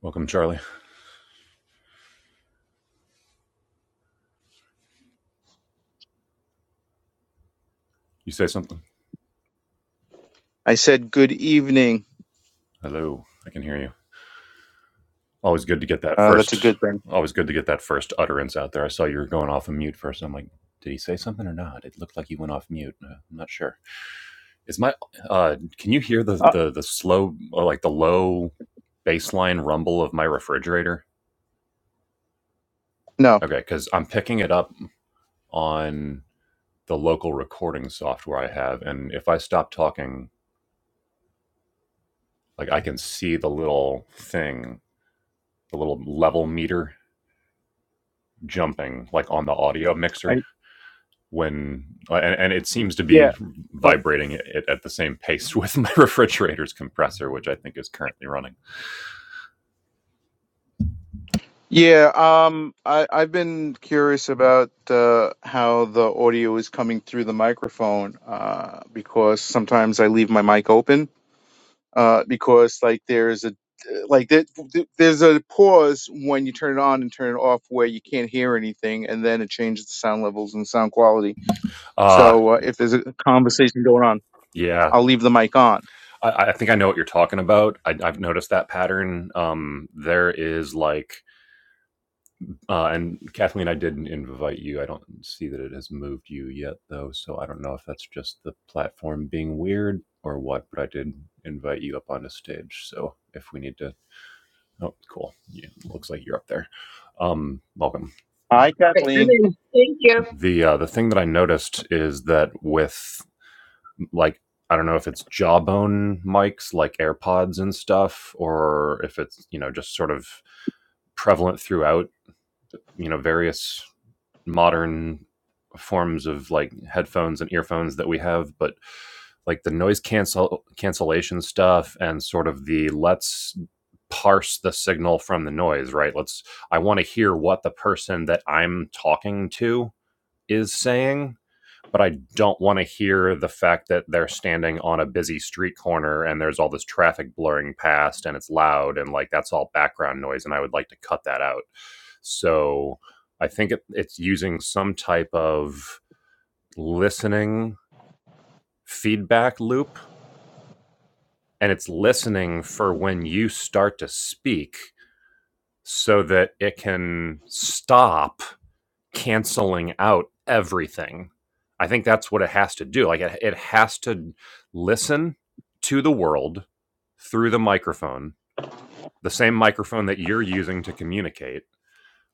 Welcome, Charlie. You say something? I said good evening. Hello. I can hear you. Always good to get that Uh, that's a first. good thing. Always good to get that first utterance out there. I saw you were going off of mute first. I'm like, did he say something or not? It looked like he went off mute. Uh, I'm not sure. Is my uh can you hear the Uh, the the slow or like the low baseline rumble of my refrigerator? no. Okay, cuz I'm picking it up on the local recording software I have and if I stop talking, like I can see the little thing, the little level meter jumping like on the audio mixer I, when uh, and, and it seems to yeah, be but vibrating it, at the same pace with my refrigerator's compressor which i think is currently running Yeah. Um. I I've been curious about uh, how the audio is coming through the microphone. Uh, because sometimes I leave my mic open. Uh, because like there's a like there, there's a pause when you turn it on and turn it off where you can't hear anything, and then it changes the sound levels and sound quality. uh So uh, if there's a conversation going on, yeah I'll leave the mic on. i, I think i know what you're talking about I, i've noticed that pattern um there is like Uh, and Kathleen, I didn't invite you. I don't see that it has moved you yet, though. So I don't know if that's just the platform being weird or what, but I did invite you up onto stage. So if we need to. Oh, cool. Yeah, looks like you're up there. Um, welcome. Hi, Right, I'm Kathleen. in. Thank you. The uh, the thing that I noticed is that with like I don't know if it's jawbone mics like AirPods and stuff, or if it's you know just sort of prevalent throughout you know various modern forms of like headphones and earphones that we have, but like the noise cancel cancellation stuff and sort of the let's parse the signal from the noise, right? Let's I want to hear what the person that I'm talking to is saying but I don't want to hear the fact that they're standing on a busy street corner and there's all this traffic blurring past and it's loud and like that's all background noise and I would like to cut that out. So I think it, it's using some type of listening feedback loop and it's listening for when you start to speak so that it can stop canceling out everything. I think that's what it has to do. Like it, it has to listen to the world through the microphone, the same microphone that you're using to communicate.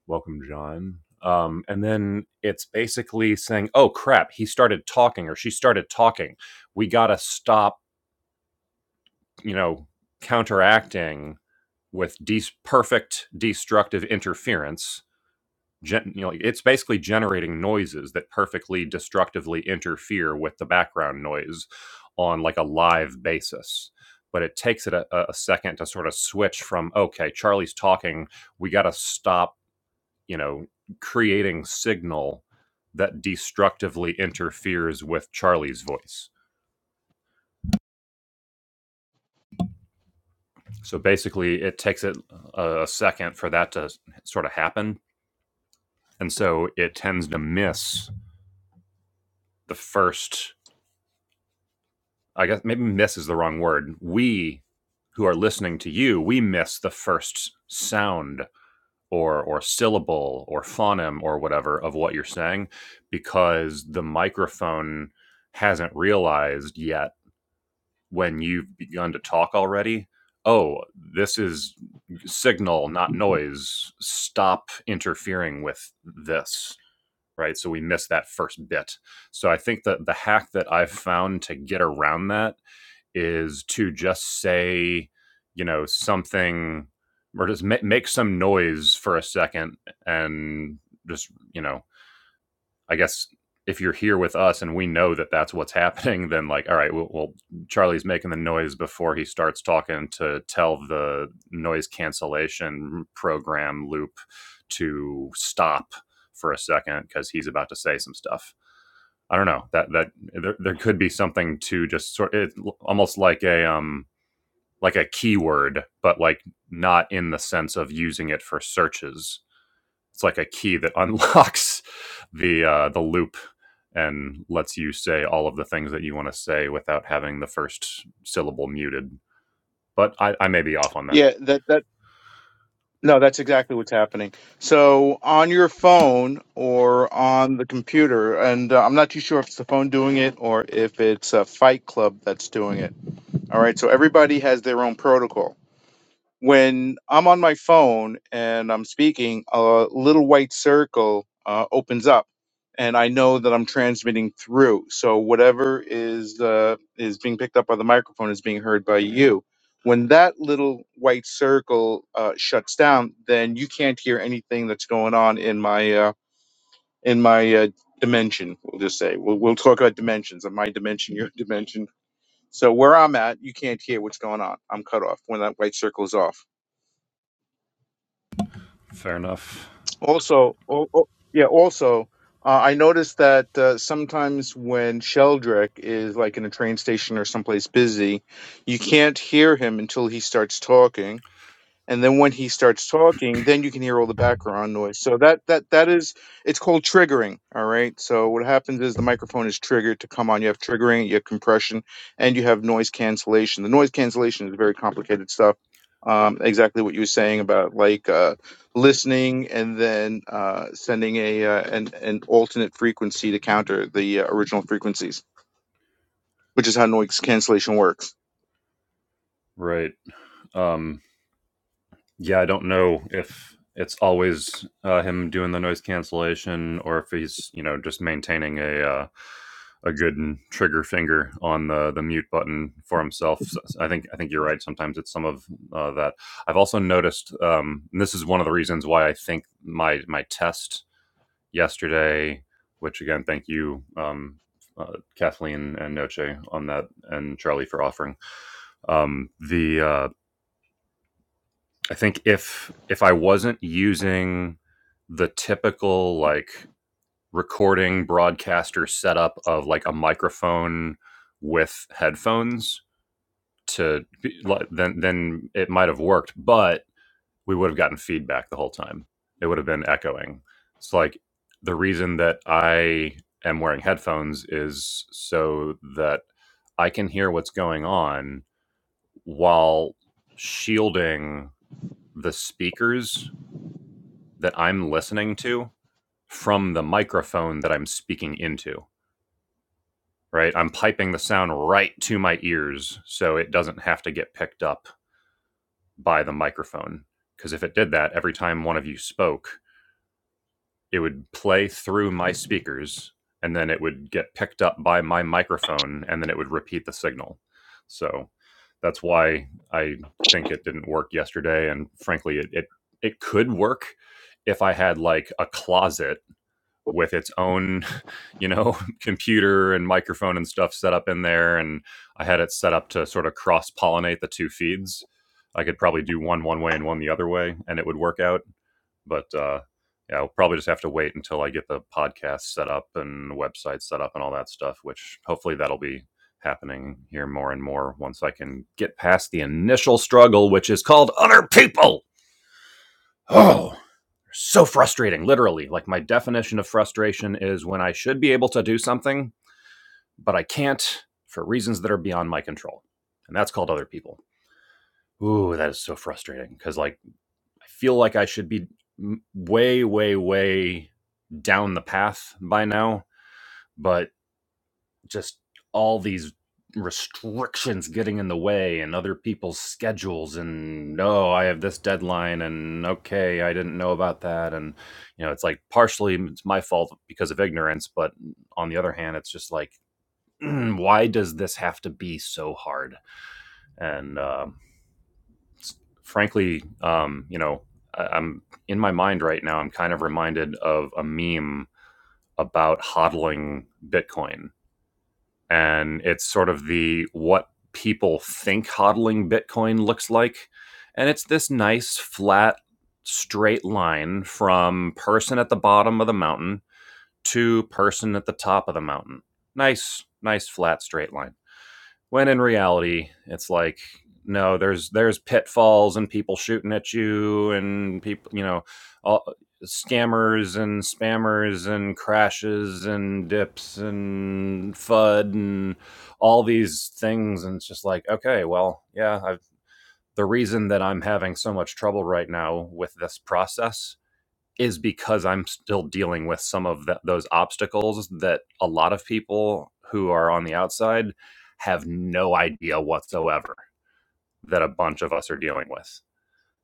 Welcome, John. Um, and then it's basically saying, "Oh crap, he started talking or she started talking. We gotta stop, you know, counteracting with de- perfect destructive interference Gen- you know, like, it's basically generating noises that perfectly destructively interfere with the background noise on like a live basis. But it takes it a, a a second to sort of switch from okay, Charlie's talking, we got to stop, you know, creating signal that destructively interferes with Charlie's voice. So basically, it takes it a, a second for that to sort of happen, and so it tends to miss the first I guess maybe miss is the wrong word. We who are listening to you, we miss the first sound or or syllable or phoneme or whatever of what you're saying because the microphone hasn't realized yet when you've begun to talk already. Oh, this is signal, not noise. Stop interfering with this right? So we miss that first bit. So I think that the hack that I've found to get around that is to just say, you know, something or just ma- make some noise for a second and just, you know, I guess if you're here with us and we know that that's what's happening, then like, all right, well, well Charlie's making the noise before he starts talking to tell the noise cancellation program loop to stop for a second because he's about to say some stuff. I don't know that that there, there could be something to just sort it almost like a um like a keyword, but like not in the sense of using it for searches. It's like a key that unlocks the uh, the loop and lets you say all of the things that you want to say without having the first syllable muted. But I, I may be off on that. Yeah, that that no, that's exactly what's happening. So on your phone or on the computer, and uh, I'm not too sure if it's the phone doing it or if it's a Fight Club that's doing it. All right, so everybody has their own protocol. when I'm on my phone and I'm speaking, a little white circle uh, opens up, and I know that I'm transmitting through. So whatever is uh, is being picked up by the microphone is being heard by you. When that little white circle uh, shuts down, then you can't hear anything that's going on in my uh, in my uh, dimension. We'll just say we'll we'll talk about dimensions. In my dimension, your dimension. So where I'm at, you can't hear what's going on. I'm cut off when that white circle is off. Fair enough. Also, oh, oh, yeah, also, uh, I noticed that uh, sometimes when Sheldrick is like in a train station or someplace busy, you can't hear him until he starts talking and then when he starts talking then you can hear all the background noise so that that that is it's called triggering all right so what happens is the microphone is triggered to come on you have triggering you have compression and you have noise cancellation the noise cancellation is very complicated stuff um, exactly what you were saying about like uh, listening and then uh, sending a uh, an, an alternate frequency to counter the uh, original frequencies which is how noise cancellation works Right. Um, yeah, I don't know if it's always uh, him doing the noise cancellation or if he's you know just maintaining a uh, a good trigger finger on the the mute button for himself. So I think I think you're right. Sometimes it's some of uh, that. I've also noticed, um, and this is one of the reasons why I think my my test yesterday, which again, thank you, um, uh, Kathleen and Noche on that, and Charlie for offering um, the. Uh, I think if if I wasn't using the typical like recording broadcaster setup of like a microphone with headphones to like, then then it might have worked but we would have gotten feedback the whole time it would have been echoing it's like the reason that i am wearing headphones is so that i can hear what's going on while shielding the speakers that i'm listening to from the microphone that i'm speaking into right? I'm piping the sound right to my ears so it doesn't have to get picked up by the microphone. Because if it did that, every time one of you spoke, it would play through my speakers and then it would get picked up by my microphone and then it would repeat the signal. So that's why I think it didn't work yesterday. And frankly, it, it, it could work if I had like a closet with its own you know, computer and microphone and stuff set up in there. And I had it set up to sort of cross pollinate the two feeds. I could probably do one one way and one the other way, and it would work out. But uh, yeah, I'll probably just have to wait until I get the podcast set up and the website set up and all that stuff, which hopefully that'll be happening here more and more once I can get past the initial struggle, which is called other people. Oh, so frustrating, literally. Like, my definition of frustration is when I should be able to do something but I can't for reasons that are beyond my control. And that's called other people. Ooh, that is so frustrating because, like, I feel like I should be way, way, way down the path by now, but just all these restrictions getting in the way and other people's schedules and oh i have this deadline and okay i didn't know about that and you know it's like partially it's my fault because of ignorance but on the other hand it's just like why does this have to be so hard? And uh, frankly, um, you know, I, I'm in my mind right now. I'm kind of reminded of a meme about hodling Bitcoin, and it's sort of the what people think hodling Bitcoin looks like, and it's this nice flat. Straight line from person at the bottom of the mountain to person at the top of the mountain. Nice, nice flat straight line When in reality, it's like no, there's there's pitfalls and people shooting at you and people, you know, all, scammers and spammers and crashes and dips and FUD and all these things. And it's just like, okay, well, yeah, I've, the reason that I'm having so much trouble right now with this process is because I'm still dealing with some of that those obstacles that a lot of people who are on the outside have no idea whatsoever that a bunch of us are dealing with.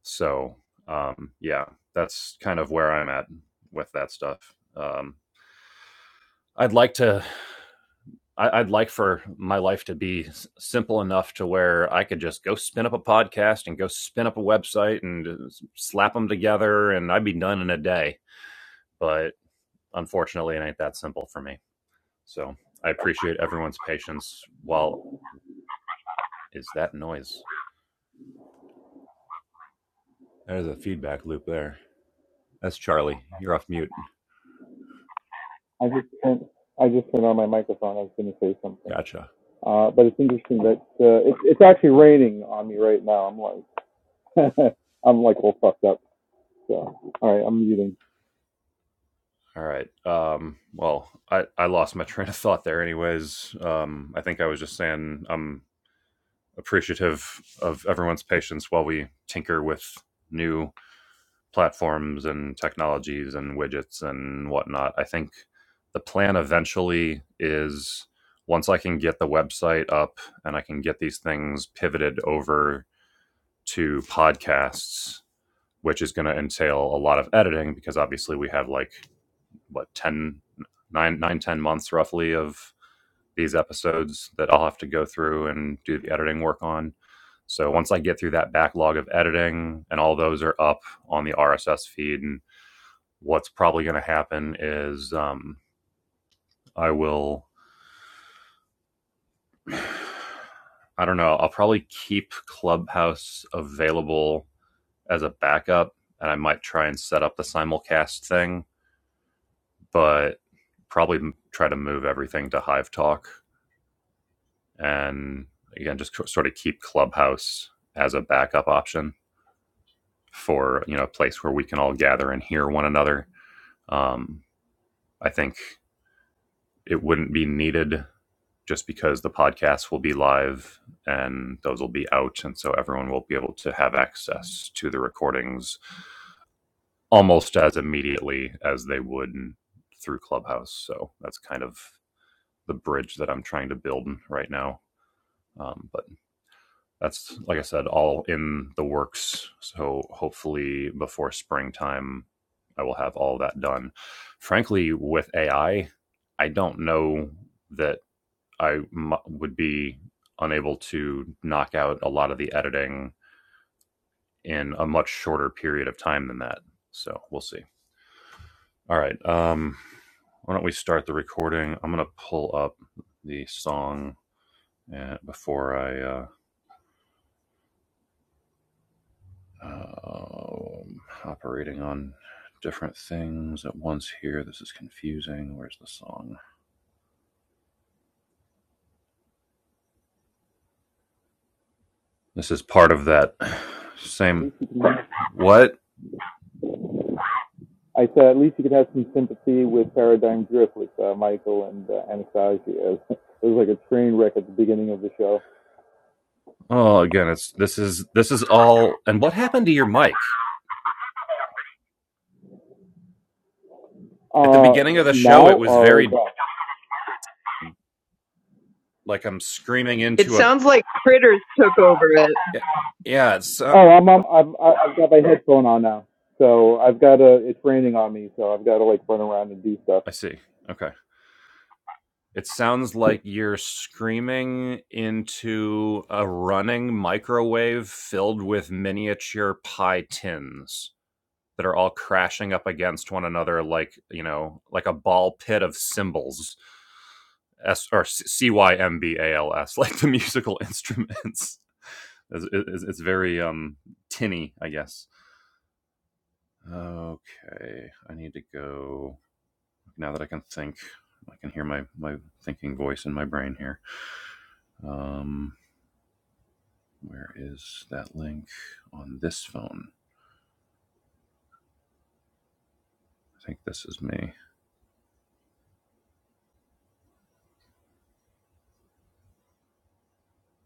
So, um, yeah, that's kind of where I'm at with that stuff. Um, I'd like to, I, I'd like for my life to be s- simple enough to where I could just go spin up a podcast and go spin up a website and uh, slap them together and I'd be done in a day But unfortunately, it ain't that simple for me. So I appreciate everyone's patience. While is that noise? There's a feedback loop there. That's Charlie. You're off mute. I just turned, I just turned on my microphone. I was going to say something. Gotcha. Uh, but it's interesting that uh, it's it's actually raining on me right now. I'm like I'm like all fucked up. So all right, I'm muting. All right. Um, well, I, I lost my train of thought there, anyways. Um, I think I was just saying I'm appreciative of everyone's patience while we tinker with new platforms and technologies and widgets and whatnot. I think the plan eventually is once I can get the website up and I can get these things pivoted over to podcasts, which is going to entail a lot of editing because obviously we have like what 10, 9, 9, 10 months roughly of these episodes that I'll have to go through and do the editing work on. So once I get through that backlog of editing and all those are up on the RSS feed and what's probably going to happen is um, I will, I don't know, I'll probably keep Clubhouse available as a backup and I might try and set up the simulcast thing, but probably try to move everything to Hive Talk and again, just sort of keep Clubhouse as a backup option for, you know, a place where we can all gather and hear one another. Um, I think it wouldn't be needed just because the podcasts will be live and those will be out. And so everyone will be able to have access to the recordings almost as immediately as they would through Clubhouse. So that's kind of the bridge that I'm trying to build right now. Um, but that's, like I said, all in the works. So hopefully before springtime, I will have all that done. Frankly, with AI, I I don't know that I m- would be unable to knock out a lot of the editing in a much shorter period of time than that. So we'll see. All right. Um, why don't we start the recording? I'm going to pull up the song uh, before I uh, um operating on different things at once here. This is confusing. Where's the song? This is part of that At same. least you can. What? I said at least you could have some sympathy with Paradigm Drift with uh, Michael and uh, Anastasia. It was like a train wreck at the beginning of the show. Oh, again, it's this is this is all. And what happened to your mic? at the Uh, beginning of the show now it was or is very like i'm screaming It into a sounds like critters took over it. yeah yeah, it's uh, oh, I'm, I'm I'm I- am i am i am i have got my headphone on now, so I've got to. It's raining on me, so I've got to like run around and do stuff. i see okay it sounds like you're screaming into a running microwave filled with miniature pie tins that are all crashing up against one another like you know like a ball pit of cymbals s or c y m b a l s like the musical instruments it's, it's, it's very um tinny i guess Okay, I need to go now that I can think. I can hear my my thinking voice in my brain here. Um, where is that link on this phone? I think this is me.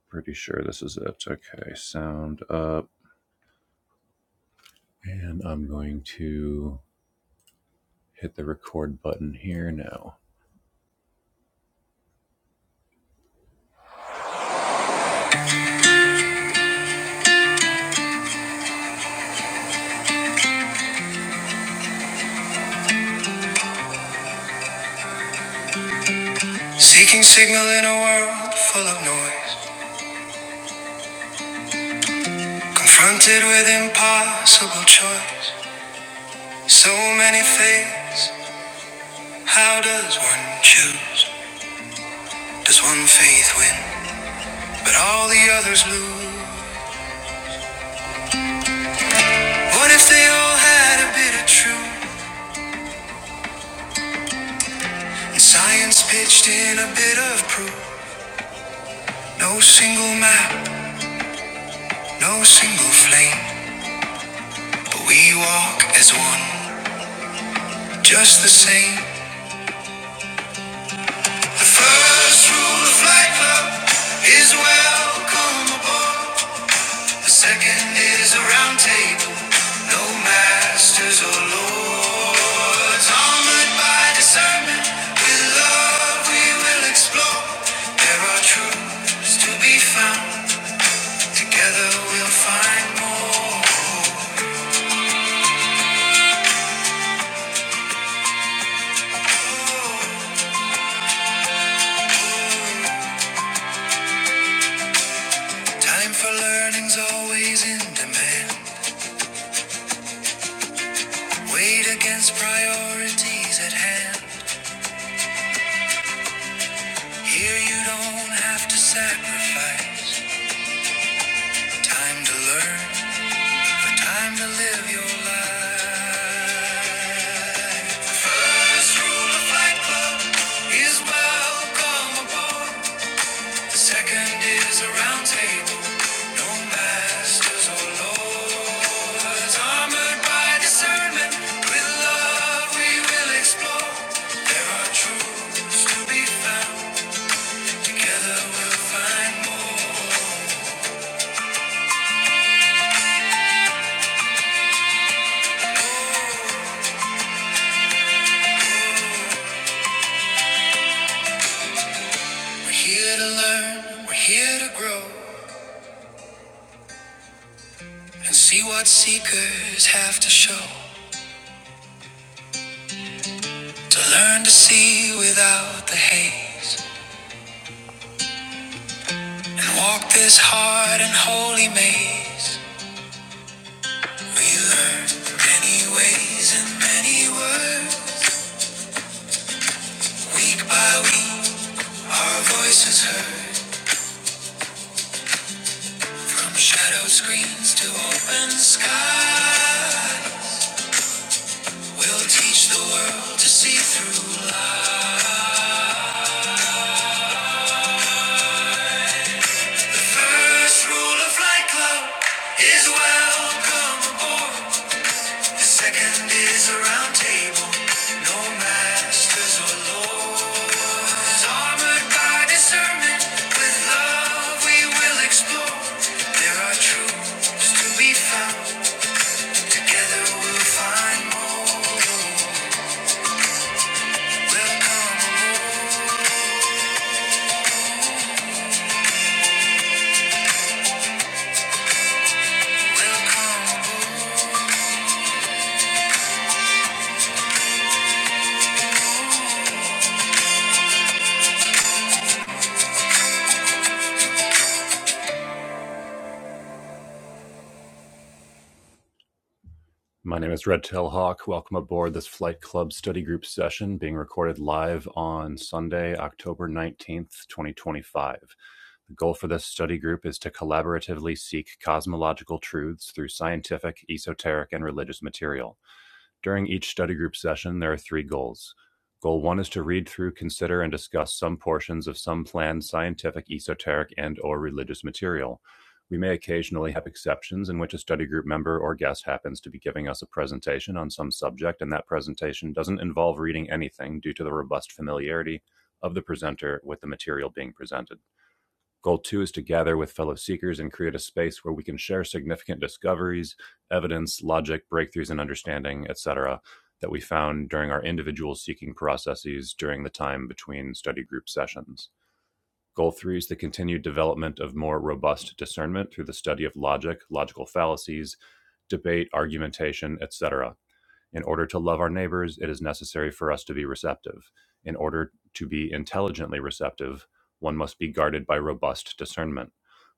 Pretty sure this is it. Okay, sound up, and I'm going to hit the record button here now. Seeking signal in a world full of noise, confronted with impossible choice. So many things. How does one choose? Does one faith win, but all the others lose? What if they all had a bit of truth? And science pitched in a bit of proof. No single map, no single flame, but we walk as one, just the same. The first rule of Flight Club is welcome aboard. The second is a round table, no masters or lords. Armored by discernment, with love we will explore. There are truths to be found, together we'll find more. Time for learning's always in demand. Weight against priorities at hand. Here you don't have to sacrifice. Time to learn, Time to live your life. First rule of Fight Club is welcome aboard. The second is a round table, no masters or lords. Armored by discernment, with love we will explore. There are truths to be found. Together we'll find more. We're here to learn, we're here to grow. and see what seekers have to show to learn to see without the haze and walk this hard and holy maze. We learn many ways and many words, week by week, our voices heard from shadow screens to open sky. We'll teach the world to see through light. First rule of Flight Club is welcome aboard. The second is a round table, no masters or lords. Armored by discernment, with love we will explore. There are truths to be found. Together we'll find more. Welcome aboard. Welcome. My name is Red Tail Hawk. Welcome aboard this Flight Club study group session being recorded live on Sunday, October 19th, 2025. The goal for this study group is to collaboratively seek cosmological truths through scientific, esoteric, and religious material. During each study group session, there are three goals. Goal one is to read through, consider, and discuss some portions of some planned scientific, esoteric, and/or religious material. We may occasionally have exceptions in which a study group member or guest happens to be giving us a presentation on some subject, and that presentation doesn't involve reading anything due to the robust familiarity of the presenter with the material being presented. Goal two is to gather with fellow seekers and create a space where we can share significant discoveries, evidence, logic, breakthroughs in understanding, etc., that we found during our individual seeking processes during the time between study group sessions. Goal three is the continued development of more robust discernment through the study of logic, logical fallacies, debate, argumentation, etc. In order to love our neighbors, it is necessary for us to be receptive. In order to be intelligently receptive, one must be guarded by robust discernment.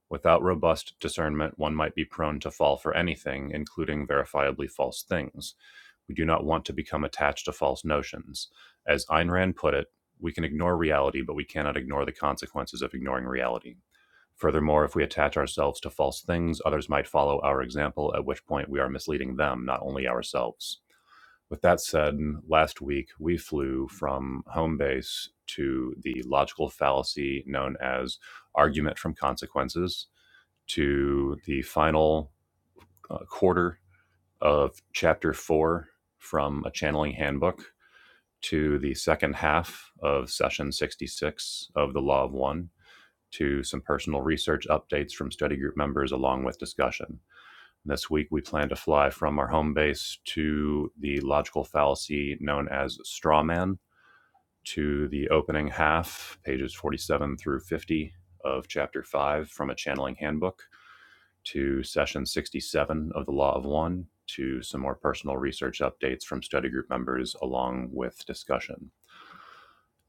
Without robust discernment, one might be prone to fall for anything, including verifiably false things. We do not want to become attached to false notions. As Ayn Rand put it, we can ignore reality, but we cannot ignore the consequences of ignoring reality. Furthermore, if we attach ourselves to false things, others might follow our example, at which point we are misleading them, not only ourselves. With that said, last week we flew from home base to the logical fallacy known as argument from consequences, to the final uh, quarter of chapter four from a channeling handbook to the second half of session 66 of the Law of One to some personal research updates from study group members along with discussion. This week, we plan to fly from our home base to the logical fallacy known as strawman to the opening half, pages 47 through 50 of chapter 5 from a channeling handbook, to session 67 of the Law of One to some more personal research updates from study group members along with discussion.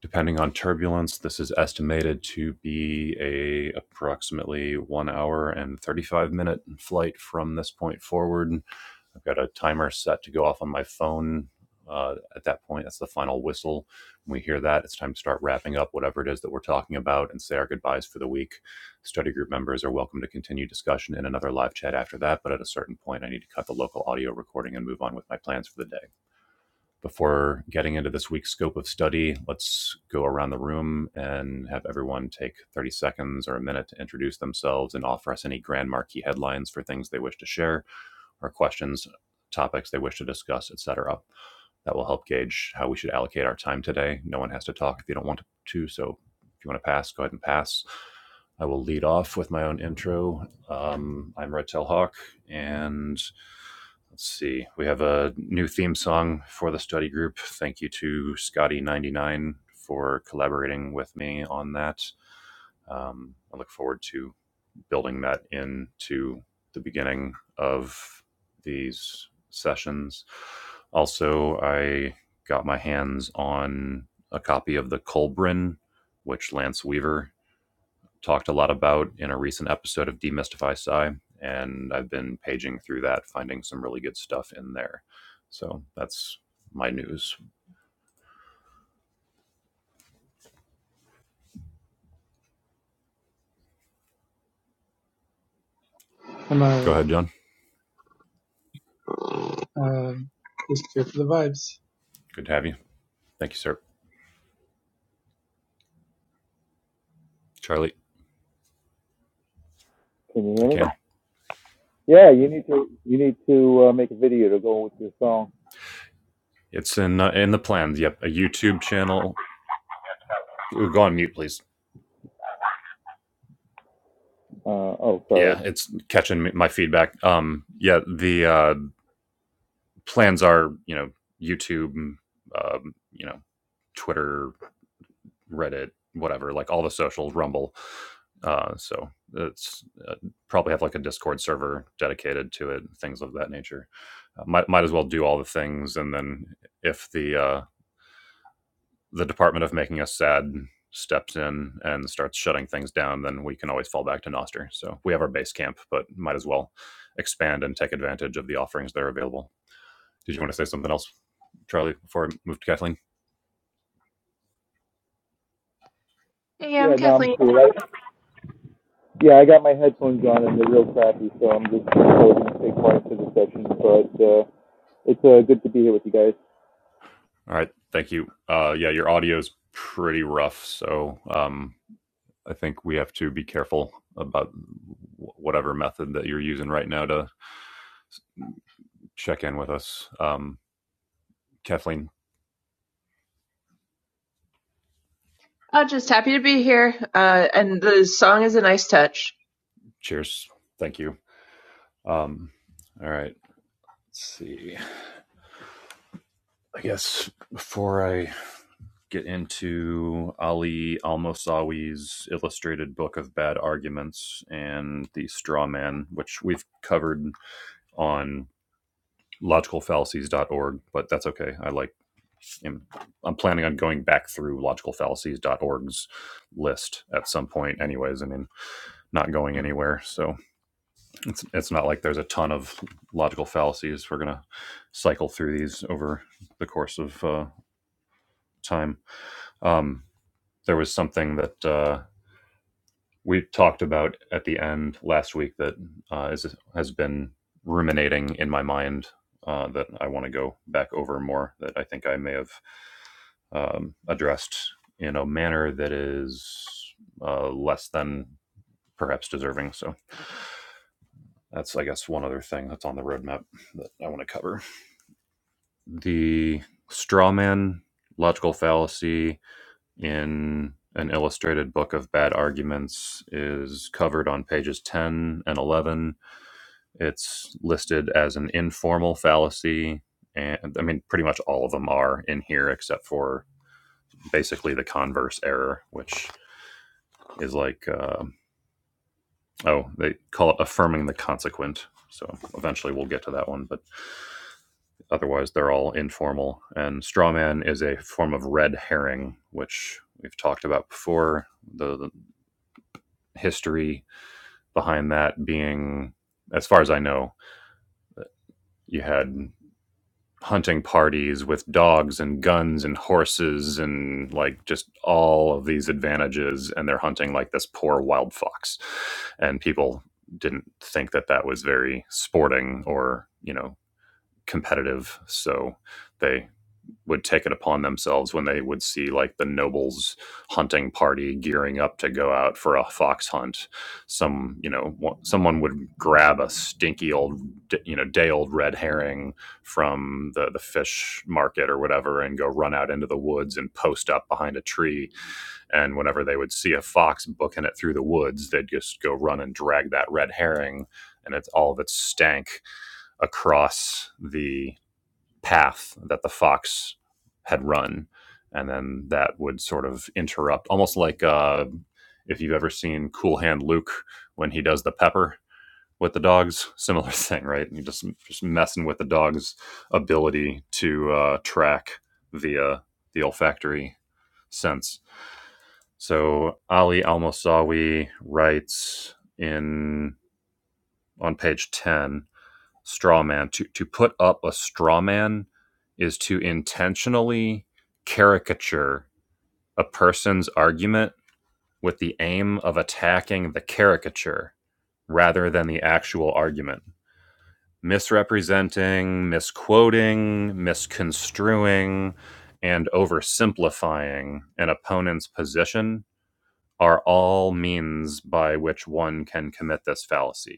Depending on turbulence, this is estimated to be a approximately 1 hour and 35 minute flight from this point forward I've got a timer set to go off on my phone. Uh, at that point, that's the final whistle. When we hear that, it's time to start wrapping up whatever it is that we're talking about and say our goodbyes for the week. Study group members are welcome to continue discussion in another live chat after that, but at a certain point, I need to cut the local audio recording and move on with my plans for the day. Before getting into this week's scope of study, let's go around the room and have everyone take 30 seconds or a minute to introduce themselves and offer us any Grand Marquee headlines for things they wish to share or questions, topics they wish to discuss, etc. That will help gauge how we should allocate our time today. No one has to talk if you don't want to. So if you want to pass, go ahead and pass. I will lead off with my own intro. Um, I'm Red Tail Hawk, and let's see, we have a new theme song for the study group. Thank you to Scotty99 for collaborating with me on that. Um, I look forward to building that into the beginning of these sessions. Also, I got my hands on a copy of the Colbrin, which Lance Weaver talked a lot about in a recent episode of Demystify Psi, and I've been paging through that, finding some really good stuff in there. So that's my news. i uh, Go ahead, John. uh, just here for the vibes. Good to have you. Thank you, sir. Charlie, Can you hear I me? can. Yeah, you need to you need to uh, make a video to go with your song. It's in uh, in the plans. Yep, a YouTube channel. Ooh, go on mute, please. Uh, oh, sorry. yeah it's catching my feedback um yeah the uh plans are you know youtube mm, um you know twitter reddit whatever like all the socials rumble uh so it's uh, probably have like a discord server dedicated to it things of that nature uh, might, might as well do all the things and then if the uh the department of making us sad steps in and starts shutting things down, then we can always fall back to Nostr. So we have our base camp, but might as well expand and take advantage of the offerings that are available. Did you want to say something else, Charlie, before I move to Kathleen? Hey, Yeah, I'm no, I'm Kathleen. cool. I, yeah, I got my headphones on and they're real crappy, so I'm just going to take part to the session. But uh, it's uh, good to be here with you guys. All right, thank you. Uh, yeah, your audio is pretty rough, so um, I think we have to be careful about whatever method that you're using right now to check in with us. Um, Kathleen, I'm just happy to be here. Uh, and the song is a nice touch. cheers. Thank you. Um, all right, let's see. I guess before I get into Ali Al Mosawi's illustrated book of bad arguments and the straw man, which we've covered on logicalfallacies.org, but that's okay. I like am I'm planning on going back through logicalfallacies.org's list at some point anyways. I mean, not going anywhere. So It's it's not like there's a ton of logical fallacies. We're gonna cycle through these over the course of uh, time. Um, there was something that uh, we talked about at the end last week that uh, is, has been ruminating in my mind uh, that I want to go back over more. That I think I may have um, addressed in a manner that is uh, less than perhaps deserving. So that's I guess one other thing that's on the roadmap that I want to cover. the straw man logical fallacy in an illustrated book of bad arguments is covered on pages 10 and 11 it's listed as an informal fallacy and i mean pretty much all of them are in here except for basically the converse error which is like uh, oh they call it affirming the consequent so eventually we'll get to that one but Otherwise, they're all informal. And strawman is a form of red herring, which we've talked about before. The, the history behind that being, as far as I know, you had hunting parties with dogs and guns and horses and like just all of these advantages and they're hunting like this poor wild fox and people didn't think that that was very sporting or you know competitive so they would take it upon themselves when they would see like the nobles hunting party gearing up to go out for a fox hunt some you know someone would grab a stinky old you know day old red herring from the the fish market or whatever and go run out into the woods and post up behind a tree and whenever they would see a fox booking it through the woods they'd just go run and drag that red herring and it's all of its stank across the path that the fox had run, and then that would sort of interrupt, almost like uh, if you've ever seen Cool Hand Luke when he does the pepper with the dogs, similar thing, right? You just just messing with the dog's ability to uh, track via the olfactory sense. So Ali Al Mosawi writes in on page ten straw man to to put up a straw man is to intentionally caricature a person's argument with the aim of attacking the caricature rather than the actual argument misrepresenting misquoting misconstruing and oversimplifying an opponent's position are all means by which one can commit this fallacy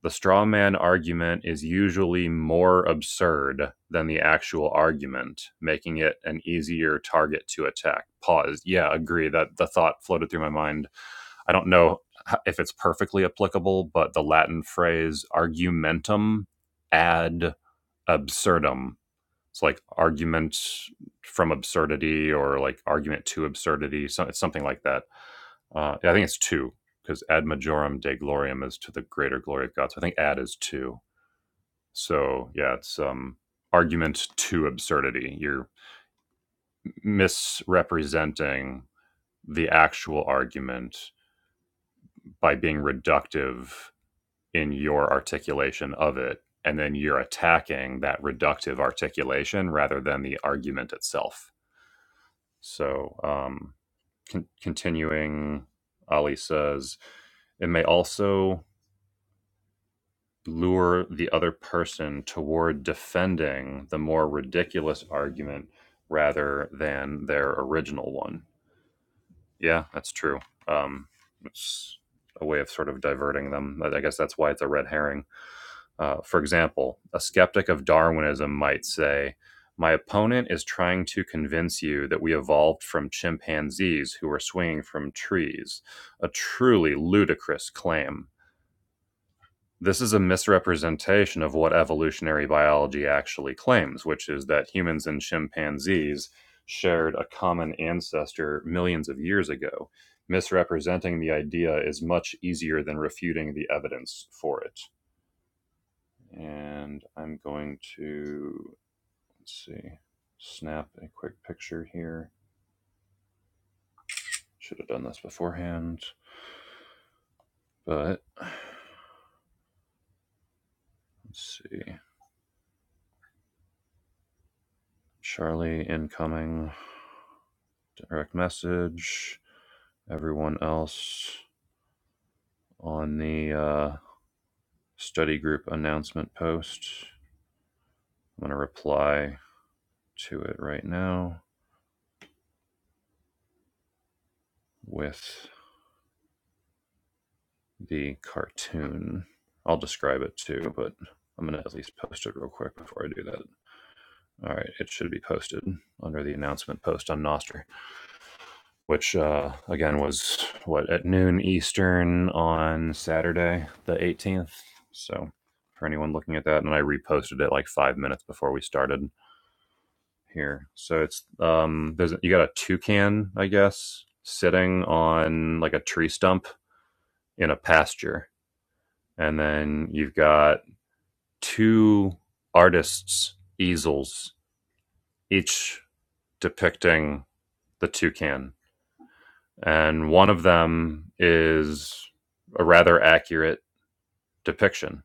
The straw man argument is usually more absurd than the actual argument, making it an easier target to attack. Pause. Yeah, agree. That the thought floated through my mind. I don't know if it's perfectly applicable, but the Latin phrase argumentum ad absurdum. It's like argument from absurdity or like argument to absurdity. So it's something like that. Uh, yeah, I think it's two because ad majorem de gloriam is to the greater glory of God. So I think ad is two. So yeah, it's um argument to absurdity. You're misrepresenting the actual argument by being reductive in your articulation of it. And then you're attacking that reductive articulation rather than the argument itself. So, um, con- continuing, Ali says, it may also lure the other person toward defending the more ridiculous argument rather than their original one. Yeah, that's true. Um, it's a way of sort of diverting them. I guess that's why it's a red herring. Uh, for example, a skeptic of Darwinism might say, My opponent is trying to convince you that we evolved from chimpanzees who were swinging from trees. A truly ludicrous claim. This is a misrepresentation of what evolutionary biology actually claims, which is that humans and chimpanzees shared a common ancestor millions of years ago. Misrepresenting the idea is much easier than refuting the evidence for it. And I'm going to, let's see, snap a quick picture here. Should have done this beforehand, but let's see. Charlie incoming direct message. everyone else on the uh, study group announcement post. I'm going to reply to it right now with the cartoon. I'll describe it too, but I'm going to at least post it real quick before I do that. All right, it should be posted under the announcement post on Nostr, which uh, again was what at noon Eastern on Saturday, the 18th. So for anyone looking at that, and I reposted it like five minutes before we started. here. So it's um there's you got a toucan, I guess, sitting on like a tree stump in a pasture. And then you've got two artists' easels, each depicting the toucan. And one of them is a rather accurate depiction.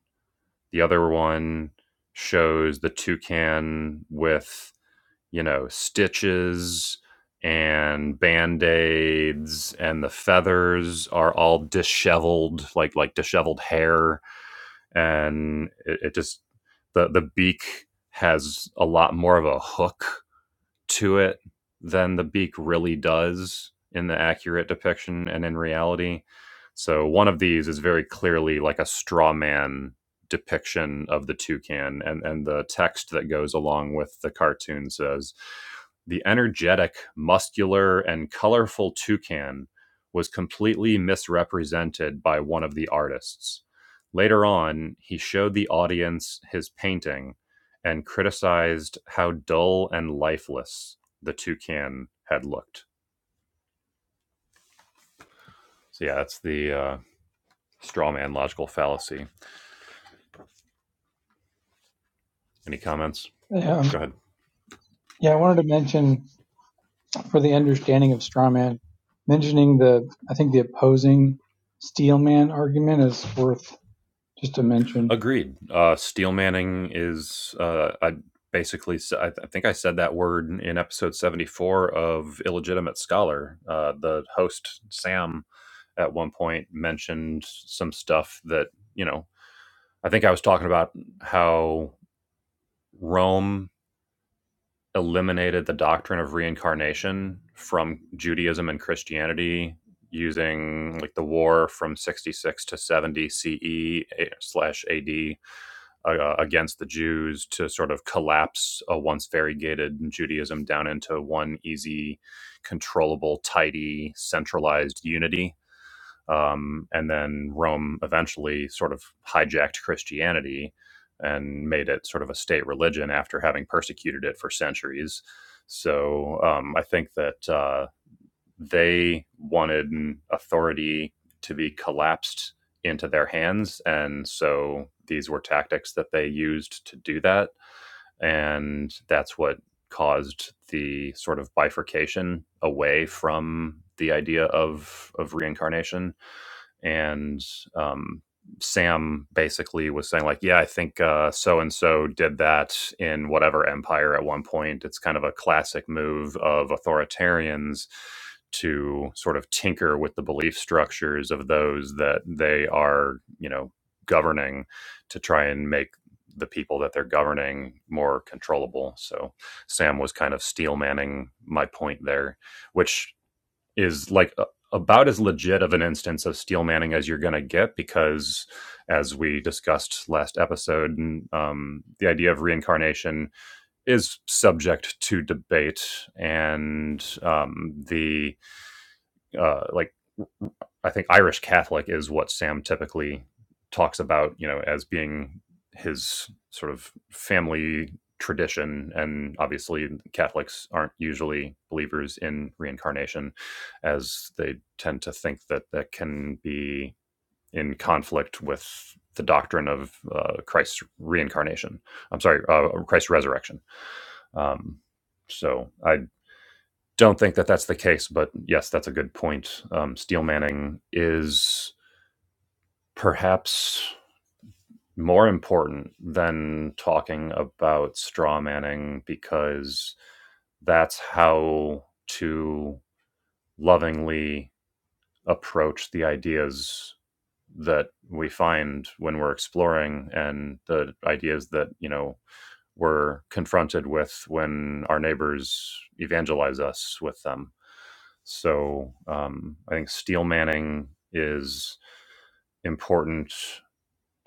The other one shows the toucan with you know, stitches and band-aids and the feathers are all disheveled, like like disheveled hair. And it, it just the the beak has a lot more of a hook to it than the beak really does in the accurate depiction and in reality. So one of these is very clearly like a straw man depiction of the toucan and and the text that goes along with the cartoon says the energetic, muscular, and colorful toucan was completely misrepresented by one of the artists. Later on, he showed the audience his painting and criticized how dull and lifeless the toucan had looked. So yeah, that's the uh, straw man logical fallacy. Any comments? Go Um, ahead. yeah, I wanted to mention for the understanding of straw man, mentioning the I think the opposing steel man argument is worth just a mention. Agreed. Uh, steel manning is uh, I basically I th- I think I said that word in in episode seventy four of illegitimate scholar. Uh, the host Sam at one point mentioned some stuff that you know I think I was talking about how. Rome eliminated the doctrine of reincarnation from Judaism and Christianity using like the war from 66 to 70 CE eh, slash AD uh, against the Jews to sort of collapse a once variegated Judaism down into one easy, controllable, tidy, centralized unity um, and then Rome eventually sort of hijacked Christianity and made it sort of a state religion after having persecuted it for centuries. So um, I think that uh, they wanted authority to be collapsed into their hands, and so these were tactics that they used to do that, and that's what caused the sort of bifurcation away from the idea of of reincarnation and um, Sam basically was saying like, yeah, I think so and so did that in whatever empire at one point. It's kind of a classic move of authoritarians to sort of tinker with the belief structures of those that they are, you know, governing to try and make the people that they're governing more controllable. So Sam was kind of steel manning my point there, which is like a- about as legit of an instance of steel manning as you're going to get because as we discussed last episode um, the idea of reincarnation is subject to debate and um, the uh, like I think Irish Catholic is what Sam typically talks about, you know, as being his sort of family tradition. And obviously, Catholics aren't usually believers in reincarnation, as they tend to think that that can be in conflict with the doctrine of uh, Christ's reincarnation. I'm sorry, uh, Christ's resurrection. Um, so I don't think that that's the case, but yes, that's a good point. Um, Steel Manning is perhaps more important than talking about straw manning because that's how to lovingly approach the ideas that we find when we're exploring and the ideas that you know we're confronted with when our neighbors evangelize us with them so um, i think steel manning is important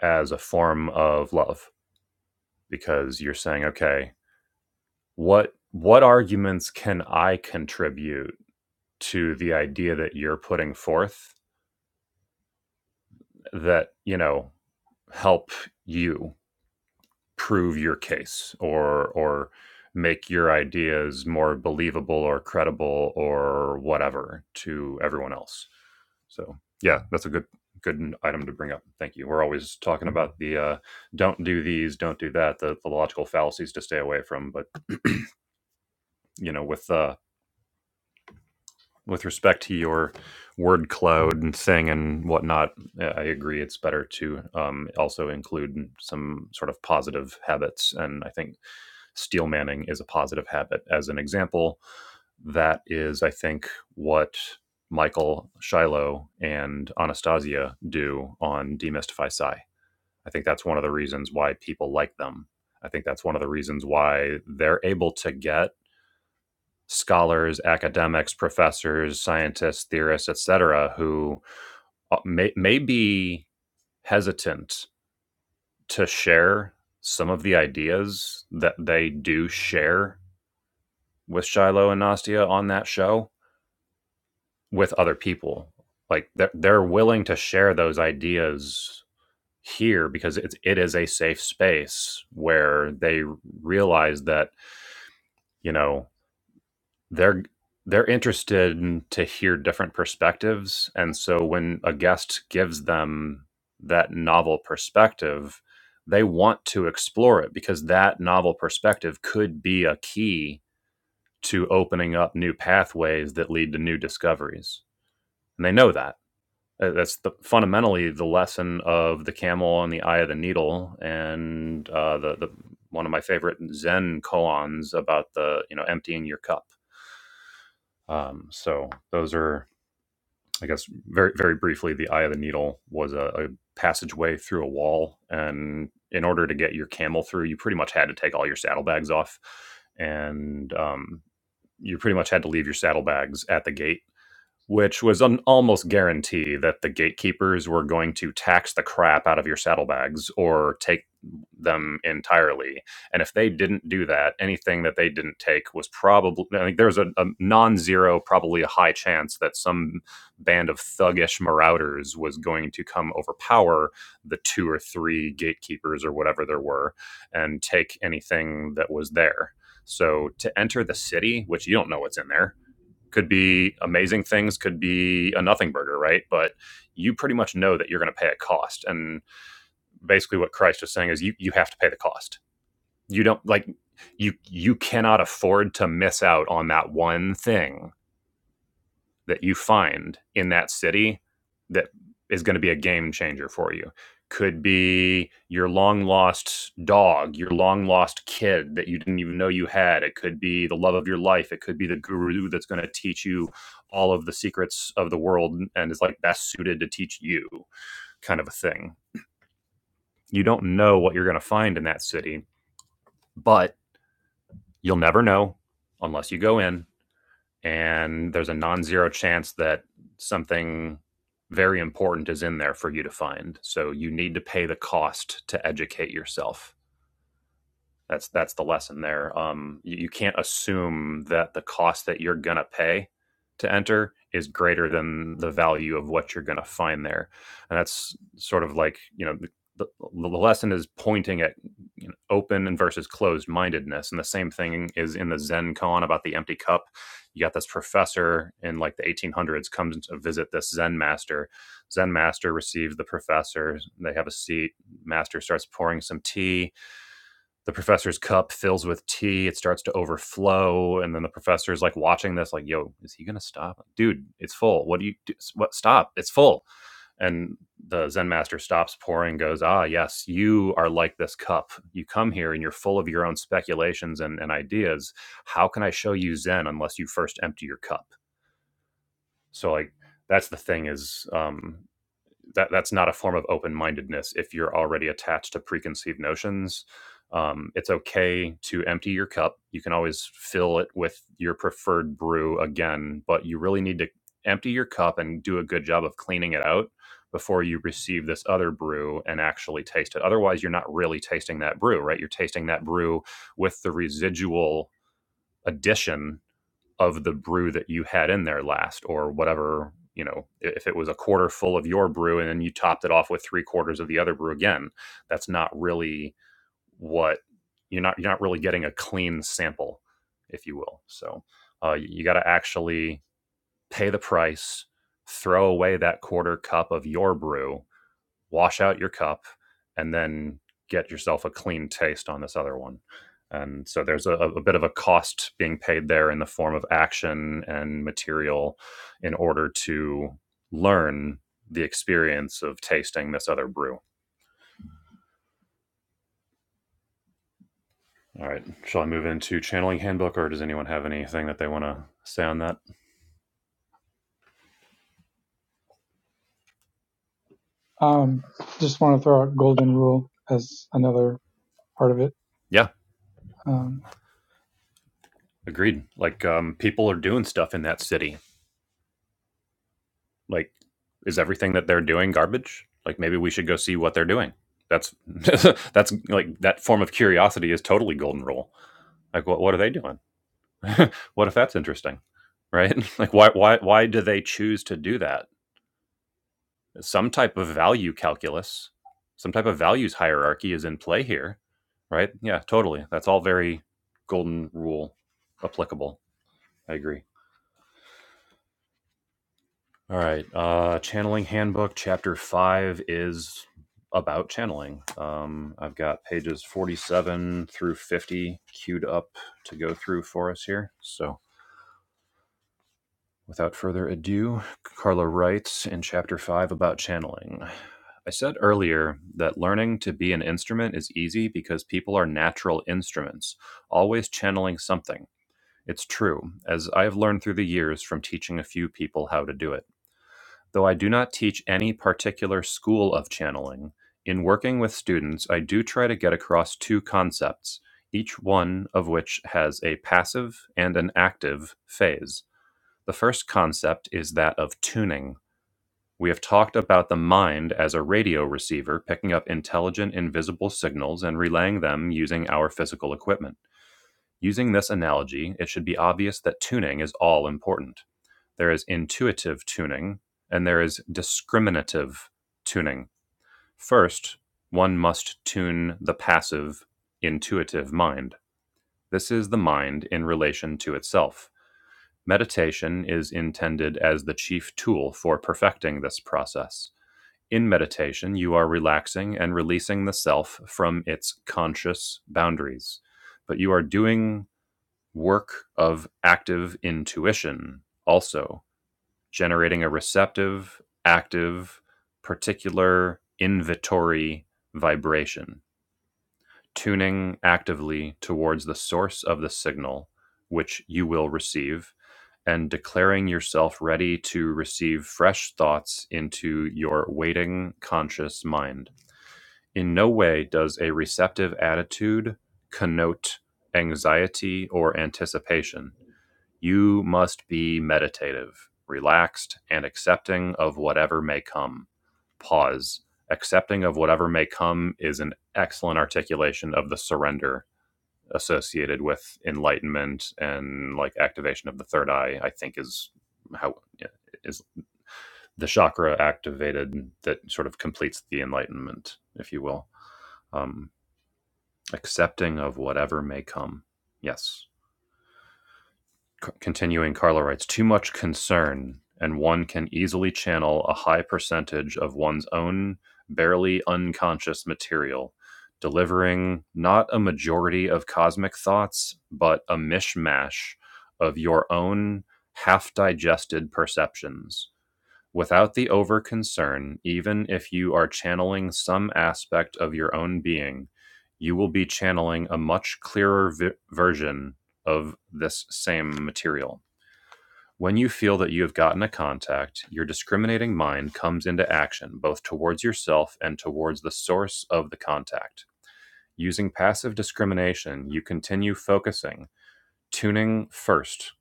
as a form of love because you're saying, okay, what what arguments can I contribute to the idea that you're putting forth that, you know, help you prove your case or or make your ideas more believable or credible or whatever to everyone else. So, yeah, that's a good good item to bring up. Thank you. We're always talking about the uh, don't do these, don't do that, the, the logical fallacies to stay away from. But you know, with uh, with respect to your word cloud and thing and whatnot, I agree. It's better to um, also include some sort of positive habits. And I think steel manning is a positive habit. As an example, that is, I think, what Michael, Shiloh, and Anastasia do on Demystify Psy. I think that's one of the reasons why people like them. I think that's one of the reasons why they're able to get scholars, academics, professors, scientists, theorists, etc., who uh, may, may be hesitant to share some of the ideas that they do share with Shiloh and Nastia on that show with other people. Like they're, they're willing to share those ideas here because it's, it is a safe space where they realize that, you know, they're they're interested in, to hear different perspectives and so when a guest gives them that novel perspective they want to explore it because that novel perspective could be a key to opening up new pathways that lead to new discoveries and they know that Uh, that's the, fundamentally the lesson of the camel and the eye of the needle and uh, the, the one of my favorite zen koans about the you know emptying your cup um, so those are, I guess, very very briefly. The eye of the needle was a, a passageway through a wall, and in order to get your camel through, you pretty much had to take all your saddlebags off, and um, you pretty much had to leave your saddlebags at the gate which was an almost guarantee that the gatekeepers were going to tax the crap out of your saddlebags or take them entirely. And if they didn't do that, anything that they didn't take was probably, I think there's a, a non zero, probably a high chance that some band of thuggish marauders was going to come overpower the two or three gatekeepers or whatever there were and take anything that was there. So to enter the city, which you don't know what's in there, could be amazing things, could be a nothing burger, right? But you pretty much know that you're going to pay a cost. And basically, what Christ is saying is you you have to pay the cost. You don't like you you cannot afford to miss out on that one thing that you find in that city that is going to be a game changer for you. Could be your long lost dog, your long lost kid that you didn't even know you had. It could be the love of your life. It could be the guru that's going to teach you all of the secrets of the world and is like best suited to teach you, kind of a thing. You don't know what you're going to find in that city, but you'll never know unless you go in and there's a non-zero chance that something very important is in there for you to find. So you need to pay the cost to educate yourself. That's that's the lesson there. Um, you, you can't assume that the cost that you're gonna pay to enter is greater than the value of what you're gonna find there, and that's sort of like you know the, the, the lesson is pointing at you know, open and versus closed mindedness, and the same thing is in the Zen Con about the empty cup. You got this professor in like the 1800s comes to visit this Zen master. Zen master receives the professor. They have a seat. Master starts pouring some tea the professor's cup fills with tea it starts to overflow and then the professor's like watching this like yo is he gonna stop Like, dude it's full what do you do what stop it's full and the zen master stops pouring goes ah yes you are like this cup you come here and you're full of your own speculations and, and ideas how can i show you zen unless you first empty your cup so like that's the thing is um that that's not a form of open-mindedness if you're already attached to preconceived notions um, it's okay to empty your cup you can always fill it with your preferred brew again but you really need to empty your cup and do a good job of cleaning it out before you receive this other brew and actually taste it otherwise you're not really tasting that brew right you're tasting that brew with the residual addition of the brew that you had in there last or whatever you know if it was a quarter full of your brew and then you topped it off with three quarters of the other brew again that's not really what you're not you're not really getting a clean sample if you will so uh, you got to actually pay the price throw away that quarter cup of your brew wash out your cup and then get yourself a clean taste on this other one. And so there's a, a bit of a cost being paid there in the form of action and material in order to learn the experience of tasting this other brew. All right. Shall I move into channeling handbook or does anyone have anything that they want to say on that? Um, just want to throw out golden rule as another part of it. Yeah, Um, agreed. Like um, people are doing stuff in that city Like, is everything that they're doing garbage? Like, maybe we should go see what they're doing. That's that's like that form of curiosity is totally golden rule. Like, what what are they doing? what if that's interesting, right? like, why why why do they choose to do that? Some type of value calculus, some type of values hierarchy is in play here, right? Yeah, totally. That's all very golden rule applicable. I agree. All right. Uh, Channeling Handbook, Chapter 5 is about channeling. Um, I've got pages 47 through 50 queued up to go through for us here. So, without further ado, Carla writes in Chapter 5 about channeling. I said earlier that learning to be an instrument is easy because people are natural instruments, always channeling something. It's true, as I have learned through the years from teaching a few people how to do it. Though I do not teach any particular school of channeling, in working with students, I do try to get across two concepts, each one of which has a passive and an active phase. The first concept is that of tuning. We have talked about the mind as a radio receiver picking up intelligent, invisible signals and relaying them using our physical equipment. Using this analogy, it should be obvious that tuning is all important. There is intuitive tuning and there is discriminative tuning. First, one must tune the passive, intuitive mind. This is the mind in relation to itself. Meditation is intended as the chief tool for perfecting this process. In meditation, you are relaxing and releasing the self from its conscious boundaries, but you are doing work of active intuition also generating a receptive, active, particular, invitory vibration, tuning actively towards the source of the signal which you will receive, and declaring yourself ready to receive fresh thoughts into your waiting conscious mind. In no way does a receptive attitude connote anxiety or anticipation. You must be meditative, relaxed, and accepting of whatever may come. Pause. Accepting of whatever may come is an excellent articulation of the surrender associated with enlightenment and like activation of the third eye, I think is how yeah, is the chakra activated that sort of completes the enlightenment, if you will. Um, accepting of whatever may come. Yes. C- continuing, Carla writes too much concern, and one can easily channel a high percentage of one's own barely unconscious material, delivering not a majority of cosmic thoughts, but a mishmash of your own half digested perceptions without the over concern, even if you are channeling some aspect of your own being, you will be channeling a much clearer vi- version of this same material. When you feel that you have gotten a contact, your discriminating mind comes into action both towards yourself and towards the source of the contact. Using passive discrimination, you continue focusing, tuning first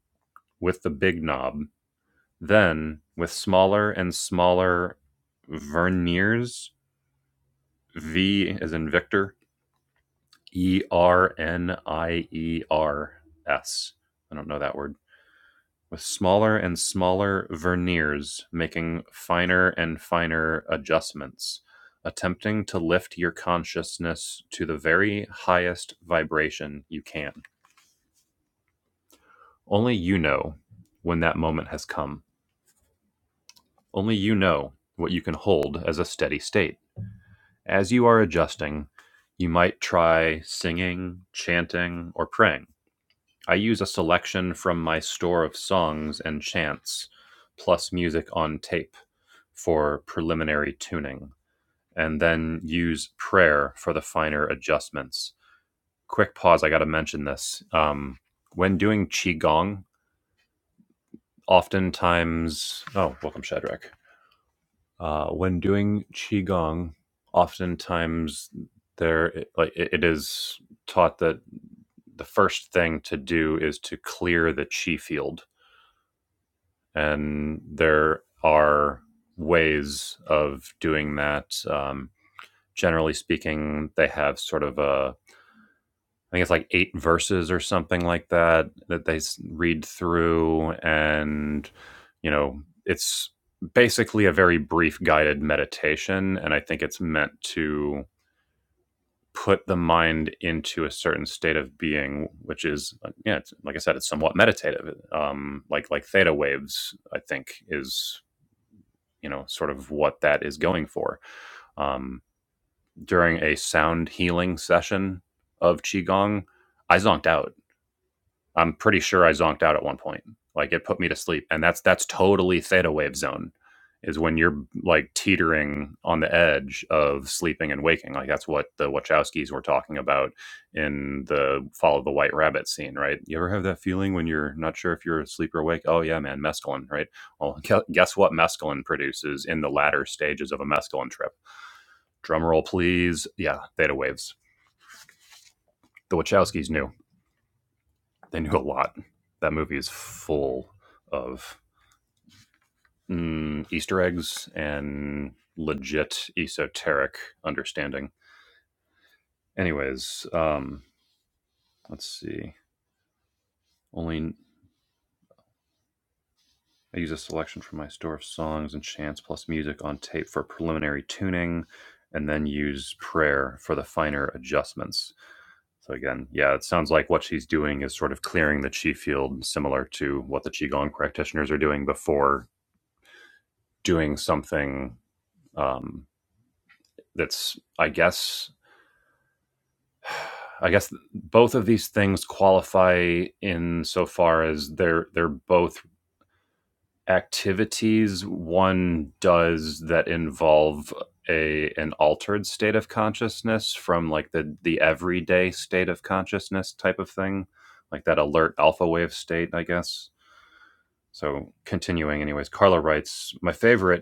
with the big knob then, with smaller and smaller verniers, V as in Victor, E R N I E R S. I don't know that word. With smaller and smaller verniers, making finer and finer adjustments, attempting to lift your consciousness to the very highest vibration you can. Only you know when that moment has come. Only you know what you can hold as a steady state. As you are adjusting, you might try singing, chanting, or praying. I use a selection from my store of songs and chants, plus music on tape for preliminary tuning, and then use prayer for the finer adjustments. Quick pause, I got to mention this. Um, when doing Qigong, oftentimes, oh, welcome, Shadrach. Uh, when doing qigong, oftentimes there it- like it it is taught that the first thing to do is to clear the chi field, and there are ways of doing that. Um, generally speaking, they have sort of a I think it's like eight verses or something like that that they s- read through, and you know, it's basically a very brief guided meditation, and I think it's meant to put the mind into a certain state of being, which is uh, yeah, it's, like I said, it's somewhat meditative. Um, like like theta waves, I think is you know sort of what that is going for. Um, during a sound healing session of qigong, I zonked out I'm pretty sure I zonked out at one point. Like it put me to sleep, and that's that's totally theta wave zone, is when you're like teetering on the edge of sleeping and waking. Like that's what the Wachowskis were talking about in the Follow the White Rabbit scene, right? You ever have that feeling when you're not sure if you're asleep or awake? Oh yeah, man, mescaline, right? Well, guess what mescaline produces in the latter stages of a mescaline trip? Drumroll, please. Yeah, theta waves. The Wachowskis knew. They knew a lot. That movie is full of mm, Easter eggs and legit esoteric understanding. Anyways, um, let's see. Only I use a selection from my store of songs and chants plus music on tape for preliminary tuning, and then use prayer for the finer adjustments. So again, yeah, it sounds like what she's doing is sort of clearing the chi field, similar to what the qigong practitioners are doing before doing something um, that's, I guess, I guess both of these things qualify in so far as they're they're both activities one does that involve a an altered state of consciousness from like the the everyday state of consciousness type of thing, like that alert alpha wave state, I guess. So continuing anyways, Carla writes, my favorite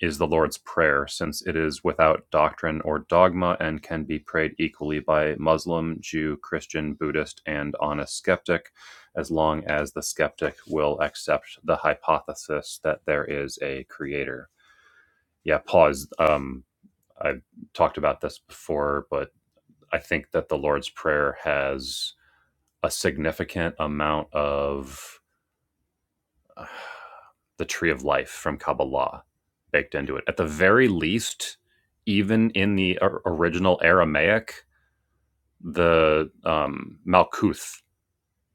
is the Lord's Prayer, since it is without doctrine or dogma and can be prayed equally by Muslim, Jew, Christian, Buddhist, and honest skeptic, as long as the skeptic will accept the hypothesis that there is a creator. Yeah, pause. Um, I've talked about this before, but I think that the Lord's Prayer has a significant amount of uh, the tree of life from Kabbalah baked into it. At the very least, even in the original Aramaic, the um, Malkuth,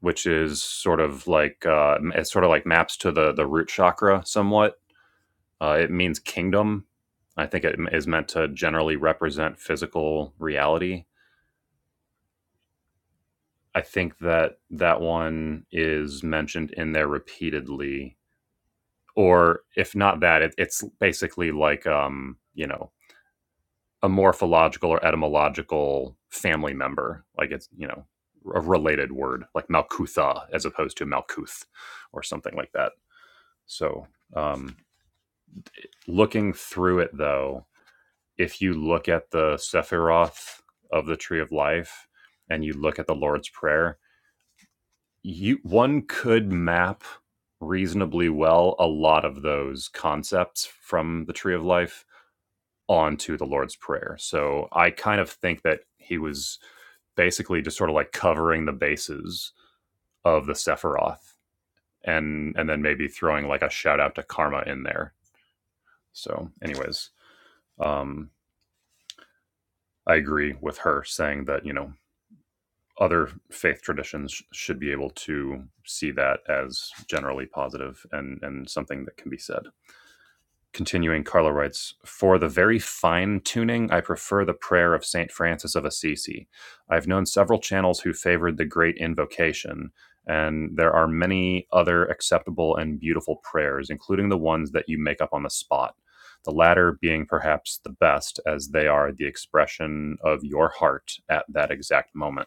which is sort of like uh, it sort of like maps to the the root chakra somewhat. Uh, it means kingdom. I think it is meant to generally represent physical reality. I think that that one is mentioned in there repeatedly or if not that, it, it's basically like um, you know a morphological or etymological family member, like it's you know a related word, like Malkutha as opposed to Malkuth or something like that. So um, looking through it though, if you look at the Sephiroth of the Tree of Life and you look at the Lord's Prayer, you one could map reasonably well a lot of those concepts from the Tree of Life onto the Lord's Prayer. So I kind of think that he was basically just sort of like covering the bases of the Sephiroth and and then maybe throwing like a shout out to Karma in there. So anyways, um I agree with her saying that, you know, other faith traditions should be able to see that as generally positive and and something that can be said. Continuing, Carlo writes, For the very fine tuning, I prefer the prayer of St. Francis of Assisi. I've known several channels who favored the great invocation, and there are many other acceptable and beautiful prayers, including the ones that you make up on the spot. The latter being perhaps the best, as they are the expression of your heart at that exact moment.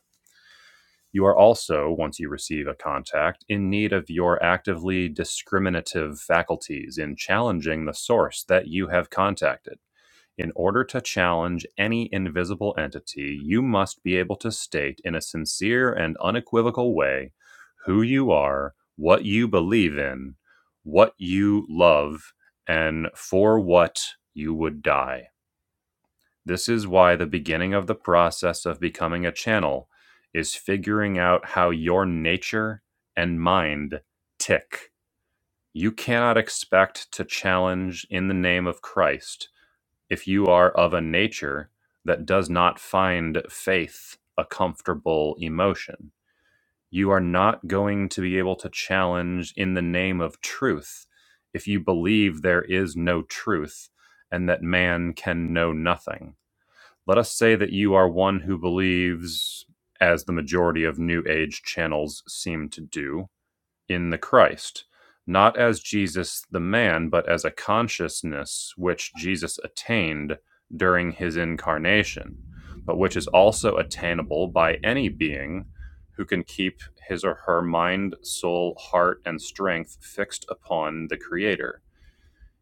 You are also, once you receive a contact, in need of your actively discriminative faculties in challenging the source that you have contacted. In order to challenge any invisible entity, you must be able to state in a sincere and unequivocal way who you are, what you believe in, what you love, and for what you would die. This is why the beginning of the process of becoming a channel is figuring out how your nature and mind tick. You cannot expect to challenge in the name of Christ if you are of a nature that does not find faith a comfortable emotion. You are not going to be able to challenge in the name of truth if you believe there is no truth and that man can know nothing let us say that you are one who believes, as the majority of New Age channels seem to do, in the Christ, not as Jesus the man, but as a consciousness which Jesus attained during his incarnation, but which is also attainable by any being who can keep his or her mind, soul, heart, and strength fixed upon the Creator.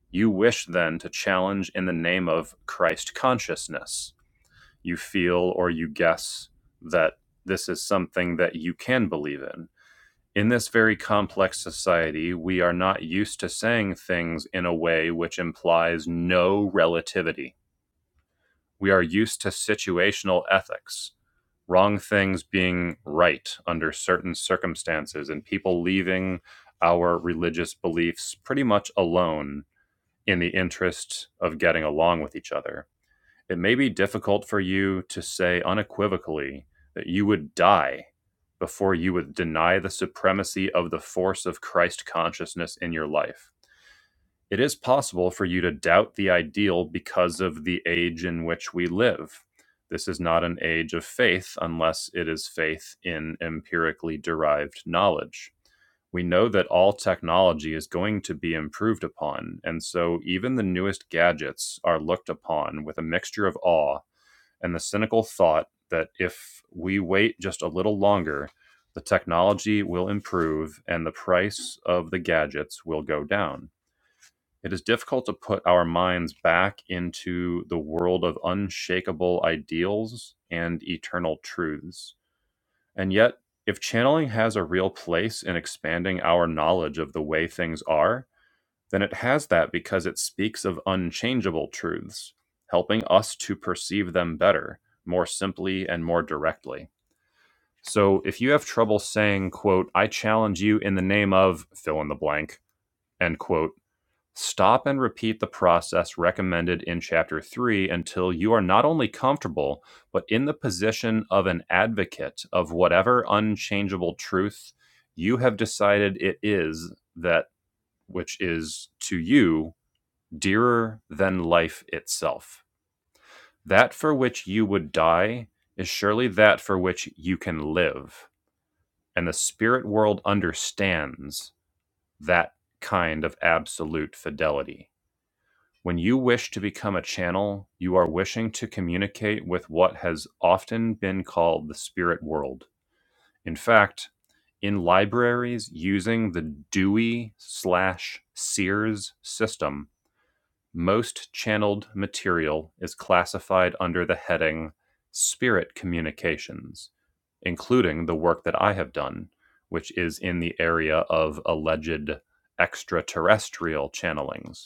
You wish then to challenge in the name of Christ consciousness you feel or you guess that this is something that you can believe in. In this very complex society, we are not used to saying things in a way which implies no relativity. We are used to situational ethics, wrong things being right under certain circumstances, and people leaving our religious beliefs pretty much alone in the interest of getting along with each other. It may be difficult for you to say unequivocally that you would die before you would deny the supremacy of the force of Christ consciousness in your life. It is possible for you to doubt the ideal because of the age in which we live. This is not an age of faith unless it is faith in empirically derived knowledge. We know that all technology is going to be improved upon, and so even the newest gadgets are looked upon with a mixture of awe and the cynical thought that if we wait just a little longer, the technology will improve and the price of the gadgets will go down. It is difficult to put our minds back into the world of unshakable ideals and eternal truths. And yet, if channeling has a real place in expanding our knowledge of the way things are, then it has that because it speaks of unchangeable truths, helping us to perceive them better, more simply and more directly. So if you have trouble saying, quote, I challenge you in the name of fill in the blank, end quote, stop and repeat the process recommended in chapter three until you are not only comfortable, but in the position of an advocate of whatever unchangeable truth you have decided it is that which is to you dearer than life itself. That for which you would die is surely that for which you can live. And the spirit world understands that kind of absolute fidelity. When you wish to become a channel, you are wishing to communicate with what has often been called the spirit world. In fact, in libraries using the Dewey slash Sears system, Most channeled material is classified under the heading "spirit communications", including the work that I have done, which is in the area of alleged extraterrestrial channelings.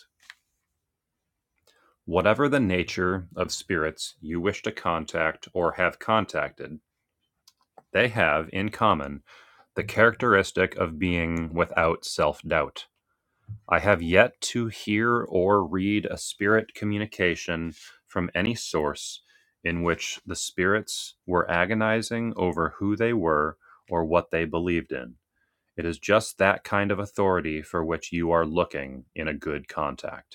Whatever the nature of spirits you wish to contact or have contacted, they have in common the characteristic of being without self doubt. I have yet to hear or read a spirit communication from any source in which the spirits were agonizing over who they were or what they believed in. It is just that kind of authority for which you are looking in a good contact.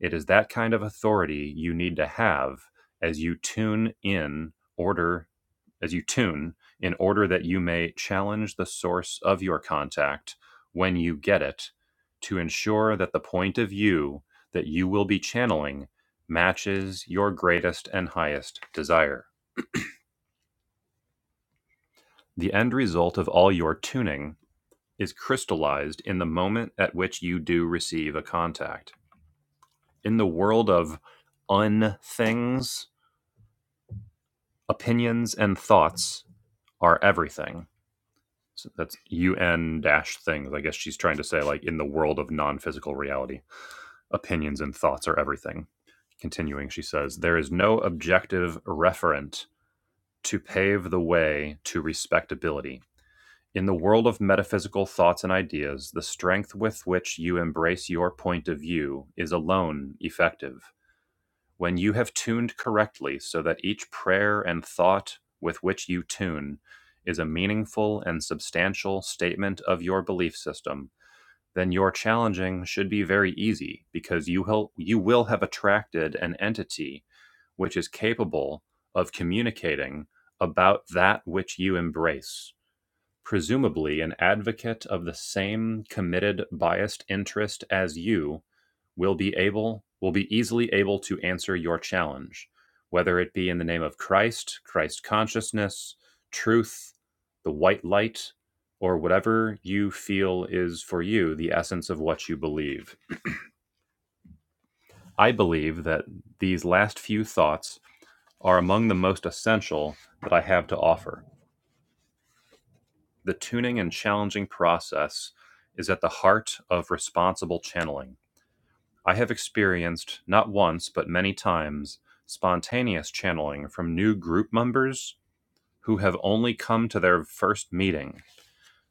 It is that kind of authority you need to have as you tune in order, as you tune in order that you may challenge the source of your contact when you get it to ensure that the point of view that you will be channeling matches your greatest and highest desire. The end result of all your tuning is crystallized in the moment at which you do receive a contact. In the world of unthings opinions and thoughts are everything. So that's UN dash things. I guess she's trying to say, like, in the world of non physical reality, opinions and thoughts are everything. Continuing, she says, there is no objective referent to pave the way to respectability. In the world of metaphysical thoughts and ideas, the strength with which you embrace your point of view is alone effective. When you have tuned correctly so that each prayer and thought with which you tune is a meaningful and substantial statement of your belief system, then your challenging should be very easy because you will, you will have attracted an entity which is capable of communicating about that which you embrace presumably an advocate of the same committed biased interest as you will be able will be easily able to answer your challenge whether it be in the name of Christ, Christ consciousness, truth, the white light, or whatever you feel is for you the essence of what you believe. I believe that these last few thoughts are among the most essential that I have to offer. The tuning and challenging process is at the heart of responsible channeling. I have experienced, not once, but many times, spontaneous channeling from new group members who have only come to their first meeting,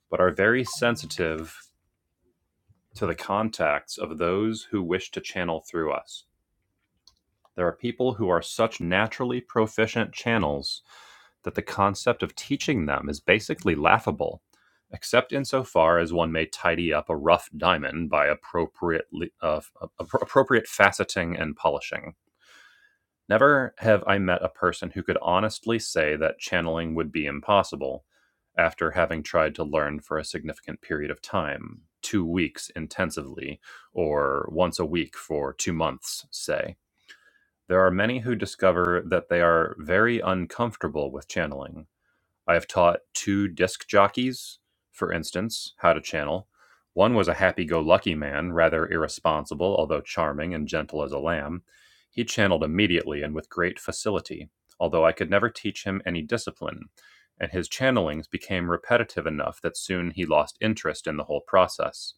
but are very sensitive to the contacts of those who wish to channel through us. There are people who are such naturally proficient channels that the concept of teaching them is basically laughable, except insofar as one may tidy up a rough diamond by appropriately, uh, appropriate faceting and polishing. Never have I met a person who could honestly say that channeling would be impossible after having tried to learn for a significant period of time, two weeks intensively, or once a week for two months, say. There are many who discover that they are very uncomfortable with channeling. I have taught two disc jockeys, for instance, how to channel. One was a happy go lucky man, rather irresponsible, although charming and gentle as a lamb. He channeled immediately and with great facility, although I could never teach him any discipline, and his channelings became repetitive enough that soon he lost interest in the whole process.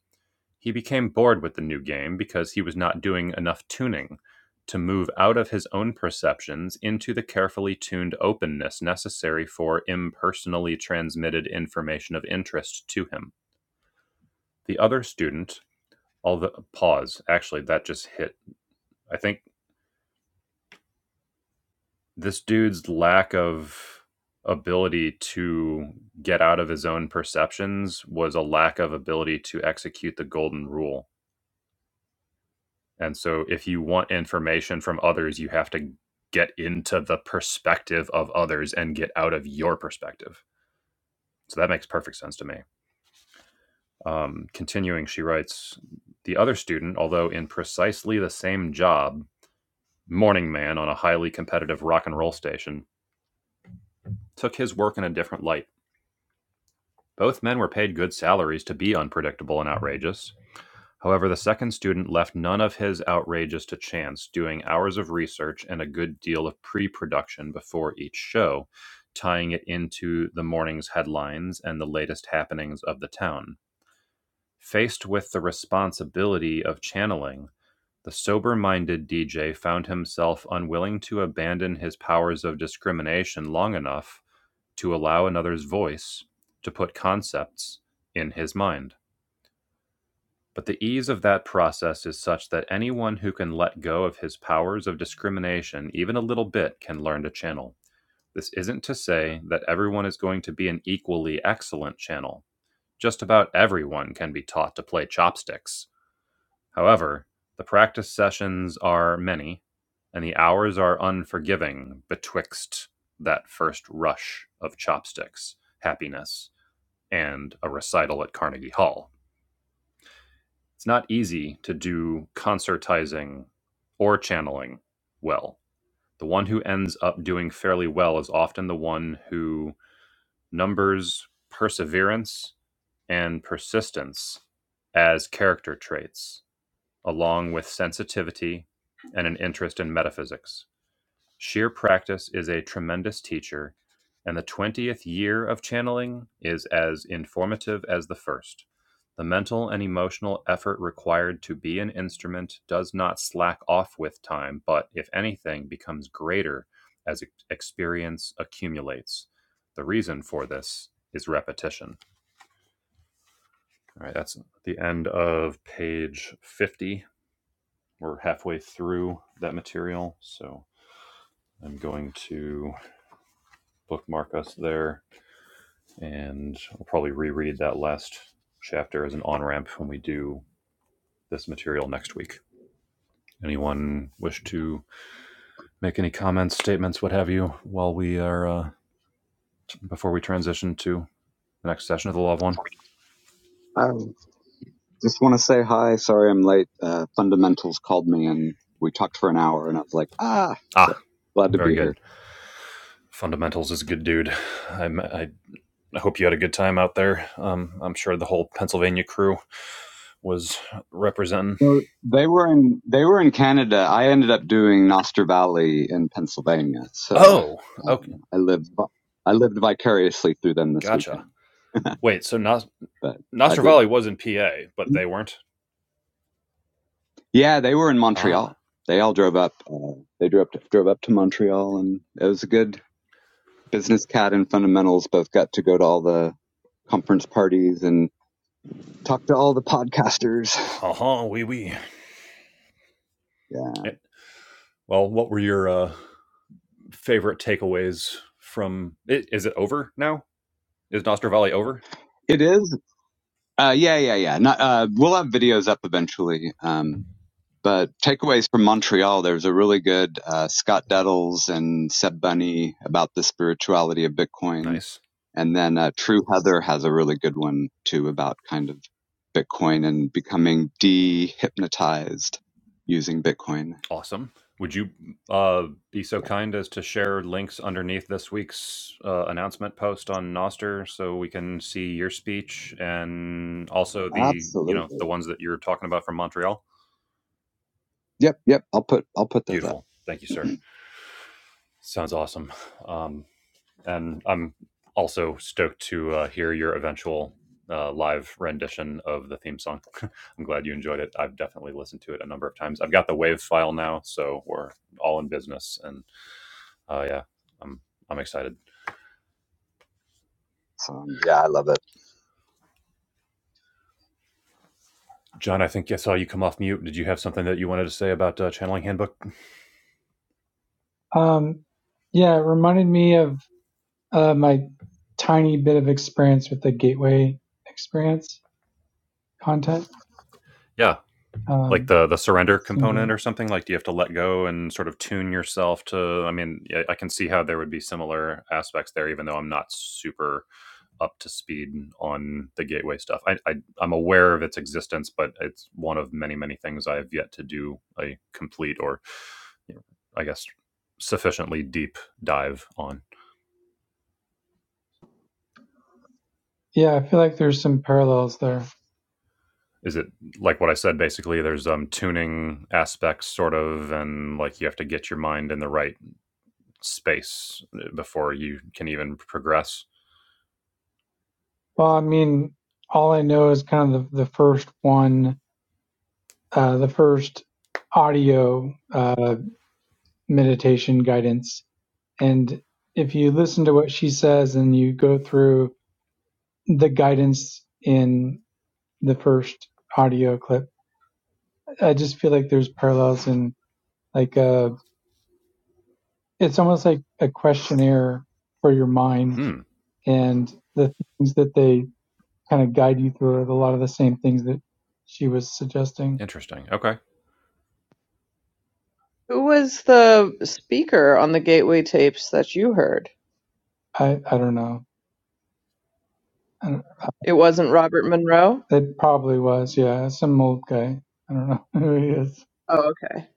He became bored with the new game because he was not doing enough tuning to move out of his own perceptions into the carefully tuned openness necessary for impersonally transmitted information of interest to him. The other student, although pause, actually that just hit. I think this dude's lack of ability to get out of his own perceptions was a lack of ability to execute the golden rule And so if you want information from others, you have to get into the perspective of others and get out of your perspective. So that makes perfect sense to me. Um, continuing, she writes The other student, although in precisely the same job, morning man on a highly competitive rock and roll station, took his work in a different light. Both men were paid good salaries to be unpredictable and outrageous. However, the second student left none of his outrages to chance, doing hours of research and a good deal of pre production before each show, tying it into the morning's headlines and the latest happenings of the town. Faced with the responsibility of channeling, the sober minded DJ found himself unwilling to abandon his powers of discrimination long enough to allow another's voice to put concepts in his mind. But the ease of that process is such that anyone who can let go of his powers of discrimination, even a little bit, can learn to channel. This isn't to say that everyone is going to be an equally excellent channel. Just about everyone can be taught to play chopsticks. However, the practice sessions are many, and the hours are unforgiving betwixt that first rush of chopsticks, happiness, and a recital at Carnegie Hall. it's not easy to do concertizing or channeling well. The one who ends up doing fairly well is often the one who numbers perseverance and persistence as character traits, along with sensitivity and an interest in metaphysics. Sheer practice is a tremendous teacher, and the 20th year of channeling is as informative as the first. The mental and emotional effort required to be an instrument does not slack off with time, but, if anything, becomes greater as experience accumulates. The reason for this is repetition. All right, that's the end of page 50. We're halfway through that material, so I'm going to bookmark us there and I'll probably reread that last chapter as an on ramp when we do this material next week. Anyone wish to make any comments, statements, what have you, while we are uh, before we transition to the next session of the Love One? I just want to say hi. Sorry I'm late. Uh, Fundamentals called me and we talked for an hour, and I was like, ah, so Ah, glad to very be here. good. Fundamentals is a good dude. I, I hope you had a good time out there. Um, I'm sure the whole Pennsylvania crew was representing. So they were in they were in Canada. I ended up doing Noster Valley in Pennsylvania, so Oh, okay, um, I lived vi- I lived vicariously through them this gotcha. weekend. Wait, so Nos- But I Nostra Valley did. was in PA, but they weren't. Yeah, they were in Ah, Montreal. They all drove up. Uh, they drove to, drove up to Montreal, and it was a good business. Cat and Fundamentals both got to go to all the conference parties and. talk to all the podcasters. uh-huh, wee wee. Yeah. Eh, Well, what were your uh, favorite takeaways from? i- Is it over now? Is Nostra Valley over? It is. Uh, yeah, yeah, yeah. Not, uh, we'll have videos up eventually. Um, but takeaways from Montreal. There's a really good uh, Scott Duddles and Seb Bunny about the spirituality of Bitcoin, Nice, and then uh, True Heather has a really good one too about kind of Bitcoin and becoming de-hypnotized using Bitcoin. awesome. Would you uh, be so kind as to share links underneath this week's uh, announcement post on Nostr so we can see your speech and also Yeah, the you know the absolutely. ones that you're talking about from Montreal? Yep, yep. I'll put I'll put those up. Beautiful. Thank you, sir. Sounds awesome. Um, and I'm also stoked to uh, hear your eventual uh, live rendition of the theme song. I'm glad you enjoyed it. I've definitely listened to it a number of times. I've got the wave file now, so we're all in business. And uh, yeah, I'm I'm excited. So um, yeah, I love it. John, I think I saw you come off mute. Did you have something that you wanted to say about uh, channeling handbook? um, yeah, it reminded me of uh, my tiny bit of experience with the gateway experience content. Yeah, like Um, the the surrender listening to component it. or something. Like, do you have to let go and sort of tune yourself to? I mean, I I can see how there would be similar aspects there, even though I'm not super up to speed on the gateway stuff. I, I I'm aware of its existence, but it's one of many many things I have yet to do a complete or you know, I guess sufficiently deep dive on. Yeah, I feel like there's some parallels there. Is it like what I said? Basically, there's um tuning aspects, sort of, and like you have to get your mind in the right space uh, before you can even progress. Well, I mean, all I know is kind of the, the first one, uh, the first audio uh, meditation guidance. And if you listen to what she says and you go through the guidance in the first audio clip, I just feel like there's parallels in like uh it's almost like a questionnaire for your mind Hmm. and the things that they kind of guide you through are a lot of the same things that she was suggesting. Interesting. Okay. Who was the speaker on the Gateway tapes that you heard? I, I don't know. And It wasn't Robert Monroe. It probably was, yeah. Some old guy. I don't know who he is. Oh, okay.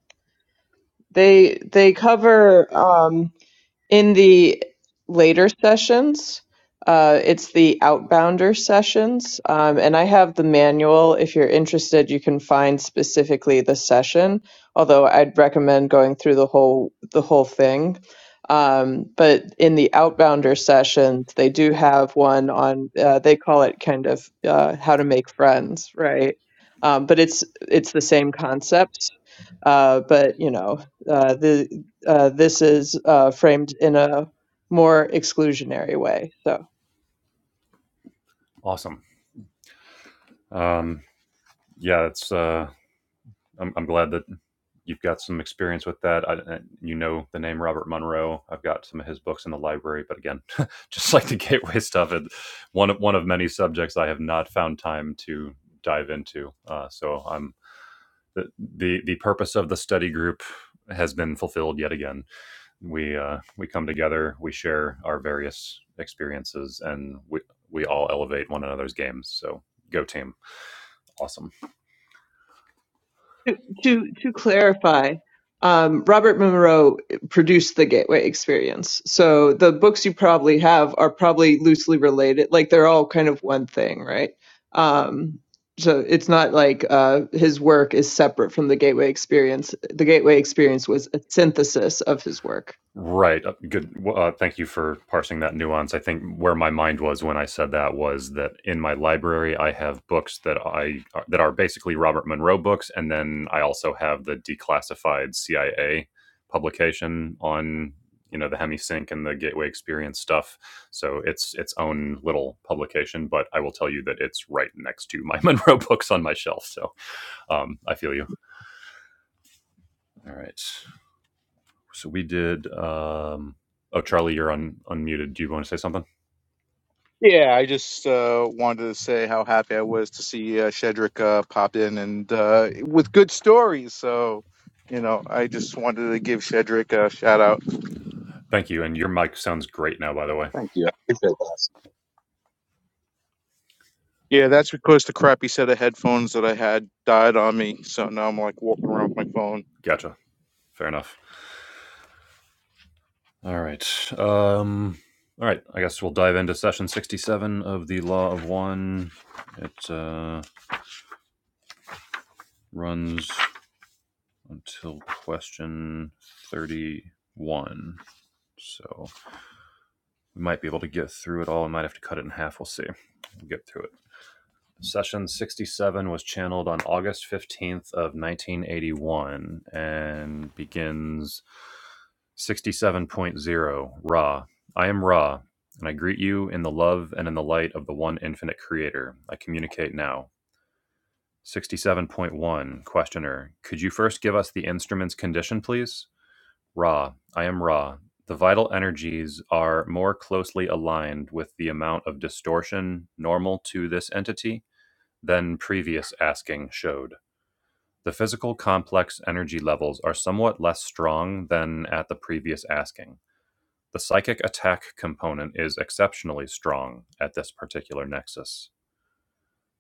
They they cover. um In the later sessions, uh, it's the outbounder sessions, um, and I have the manual. If you're interested, you can find specifically the session. Although I'd recommend going through the whole the whole thing. Um, but in the outbounder sessions, they do have one on. Uh, they call it kind of uh, how to make friends, right? Um, but it's it's the same concept. Uh, but you know, uh, the uh, this is uh, framed in a more exclusionary way. So Awesome. Um. Yeah. It's uh I'm, I'm glad that you've got some experience with that. I, you know the name Robert Monroe. I've got some of his books in the library, but again, just like the gateway stuff, it, one of one of many subjects I have not found time to dive into. Uh, so I'm the, the the purpose of the study group has been fulfilled yet again. We uh, we come together, we share our various experiences, and we we all elevate one another's games. So go team, awesome. to to, to clarify, um, Robert Monroe produced the Gateway Experience, so the books you probably have are probably loosely related. Like they're all kind of one thing, right? Um, so it's not like uh, his work is separate from the Gateway Experience. The Gateway Experience was a synthesis of his work. Right. Uh, Good. w- Uh, thank you for parsing that nuance. I think where my mind was when I said that was that in my library I have books that I uh, that are basically Robert Monroe books, and then I also have the declassified CIA publication on you know the HemiSync and the Gateway Experience stuff. So it's its own little publication, but I will tell you that it's right next to my Monroe books on my shelf. So um, I feel you. All right. So we did. Um, oh, Charlie, you're un, unmuted. Do you want to say something? Yeah, I just uh, wanted to say how happy I was to see uh, Shedrick uh, pop in and uh, with good stories. So, you know, I just wanted to give Shedrick a shout out. Thank you. And your mic sounds great now, by the way. Thank you. I appreciate that. Yeah, that's because the crappy set of headphones that I had died on me. So now I'm like walking around with my phone. Gotcha. Fair enough. All right. Um, all right. I guess we'll dive into session 67 of the Law of One. It uh, runs until question 31. So we might be able to get through it all. I might have to cut it in half. We'll see. We'll get through it. Session 67 was channeled on August 15th of 1981 and begins sixty-seven point zero. Ra. I am Ra, and I greet you in the love and in the light of the one infinite creator. I communicate now. 67.1 Questioner. Could you first give us the instrument's condition, please? Ra. I am Ra. The vital energies are more closely aligned with the amount of distortion normal to this entity than previous asking showed. The physical complex energy levels are somewhat less strong than at the previous asking. The psychic attack component is exceptionally strong at this particular nexus.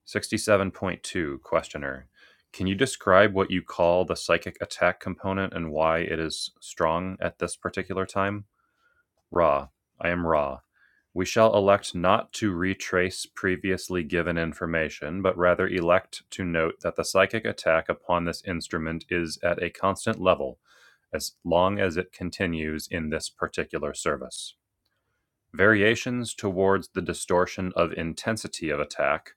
67.2 Questioner Can you describe what you call the psychic attack component and why it is strong at this particular time? Ra, I am Ra. We shall elect not to retrace previously given information, but rather elect to note that the psychic attack upon this instrument is at a constant level as long as it continues in this particular service. Variations towards the distortion of intensity of attack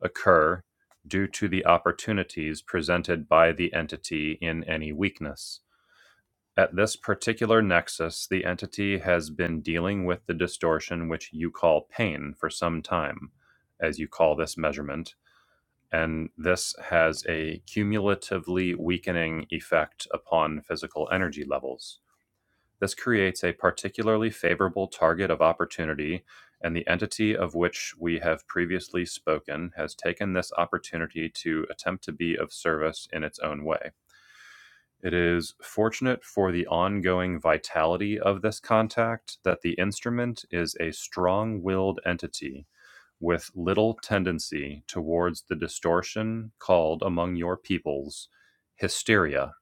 occur due to the opportunities presented by the entity in any weakness. At this particular nexus, the entity has been dealing with the distortion which you call pain for some time, as you call this measurement, and this has a cumulatively weakening effect upon physical energy levels. This creates a particularly favorable target of opportunity, and the entity of which we have previously spoken has taken this opportunity to attempt to be of service in its own way. It is fortunate for the ongoing vitality of this contact that the instrument is a strong willed entity with little tendency towards the distortion called among your peoples hysteria,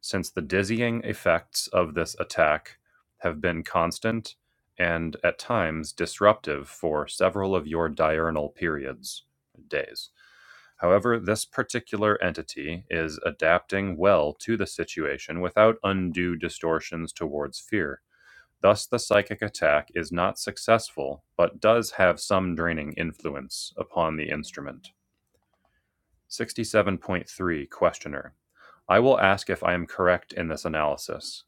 since the dizzying effects of this attack have been constant and at times disruptive for several of your diurnal periods, days. However, this particular entity is adapting well to the situation without undue distortions towards fear. Thus, the psychic attack is not successful, but does have some draining influence upon the instrument. 67.3 Questioner I will ask if I am correct in this analysis.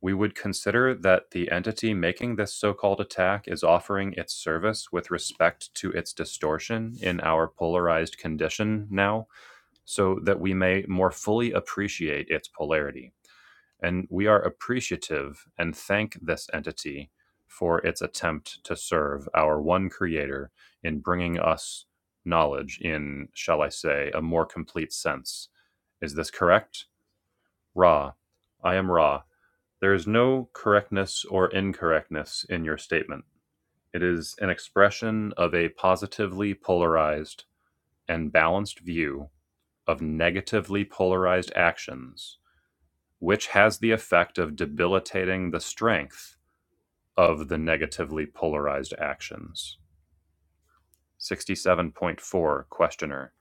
We would consider that the entity making this so called attack is offering its service with respect to its distortion in our polarized condition now? so that we may more fully appreciate its polarity. And we are appreciative and thank this entity for its attempt to serve our one creator in bringing us knowledge in, shall I say, a more complete sense. Is this correct? Ra, I am Ra. There is no correctness or incorrectness in your statement. It is an expression of a positively polarized and balanced view of negatively polarized actions, which has the effect of debilitating the strength of the negatively polarized actions. 67.4 Questioner.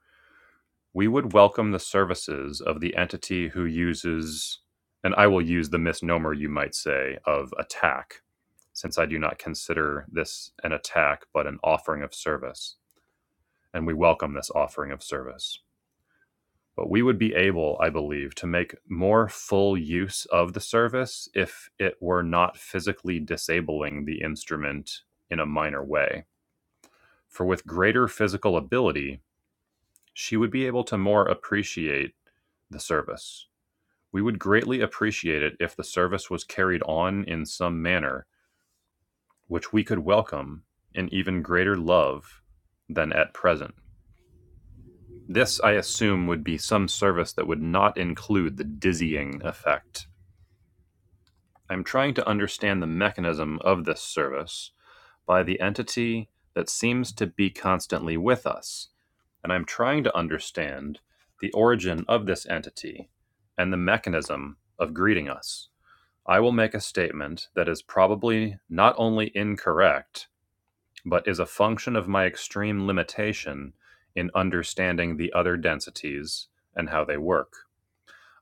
We would welcome the services of the entity who uses, and I will use the misnomer you might say, of attack, since I do not consider this an attack but an offering of service, and we welcome this offering of service. But we would be able, I believe, to make more full use of the service if it were not physically disabling the instrument in a minor way. For with greater physical ability, she would be able to more appreciate the service. We would greatly appreciate it if the service was carried on in some manner which we could welcome in even greater love than at present. This, I assume, would be some service that would not include the dizzying effect I'm trying to understand the mechanism of this service by the entity that seems to be constantly with us. And I'm trying to understand the origin of this entity and the mechanism of greeting us. I will make a statement that is probably not only incorrect, but is a function of my extreme limitation in understanding the other densities and how they work.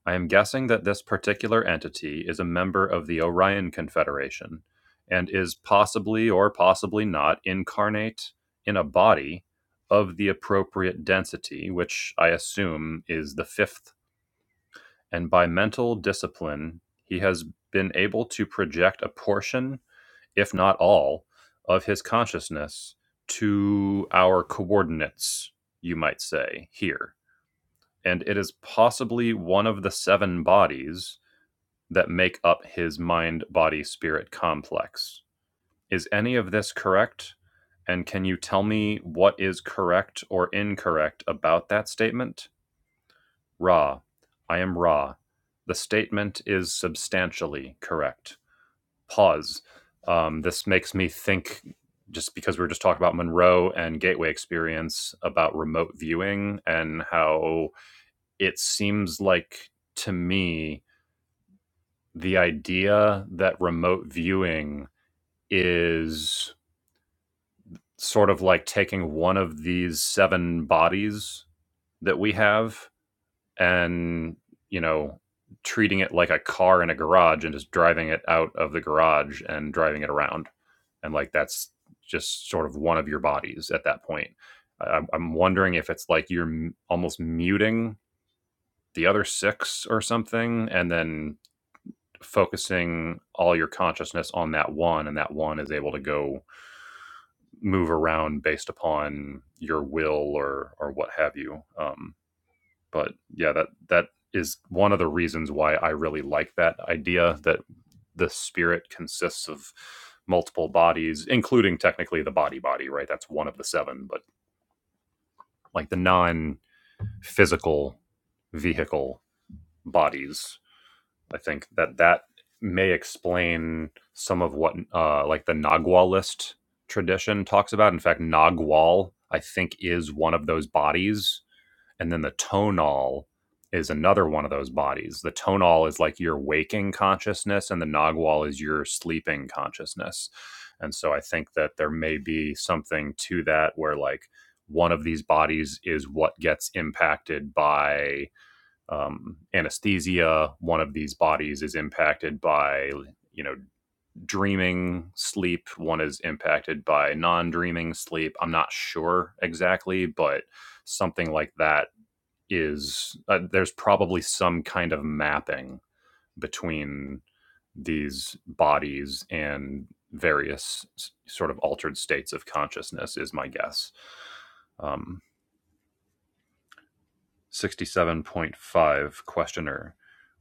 I am guessing that this particular entity is a member of the Orion Confederation and is possibly or possibly not incarnate in a body of the appropriate density, which I assume is the fifth. And by mental discipline, he has been able to project a portion, if not all, of his consciousness to our coordinates, you might say, here. And it is possibly one of the seven bodies that make up his mind body spirit complex. Is any of this correct? And can you tell me what is correct or incorrect about that statement? Ra. I am Ra. The statement is substantially correct. Pause. Um, this makes me think just because we were just talking about Monroe and Gateway Experience about remote viewing and how it seems like to me the idea that remote viewing is sort of like taking one of these seven bodies that we have and, you know, treating it like a car in a garage and just driving it out of the garage and driving it around. And like that's just sort of one of your bodies at that point. I- I'm wondering if it's like you're m- almost muting the other six or something and then focusing all your consciousness on that one and that one is able to go move around based upon your will or or what have you. Um, but yeah, that that is one of the reasons why I really like that idea that the spirit consists of multiple bodies, including technically the body body, right? That's one of the seven, but like the non physical vehicle bodies I think that that may explain some of what uh, like the Nagualist tradition talks about. In fact, Nagual I think is one of those bodies, and then the tonal is another one of those bodies. The tonal is like your waking consciousness, and the Nagual is your sleeping consciousness. And so I think that there may be something to that where like one of these bodies is what gets impacted by um, anesthesia. One of these bodies is impacted by you know dreaming sleep. One is impacted by non-dreaming sleep. I'm not sure exactly, but something like that is uh, there's probably some kind of mapping between these bodies and various sort of altered states of consciousness is my guess um, 67.5 Questioner.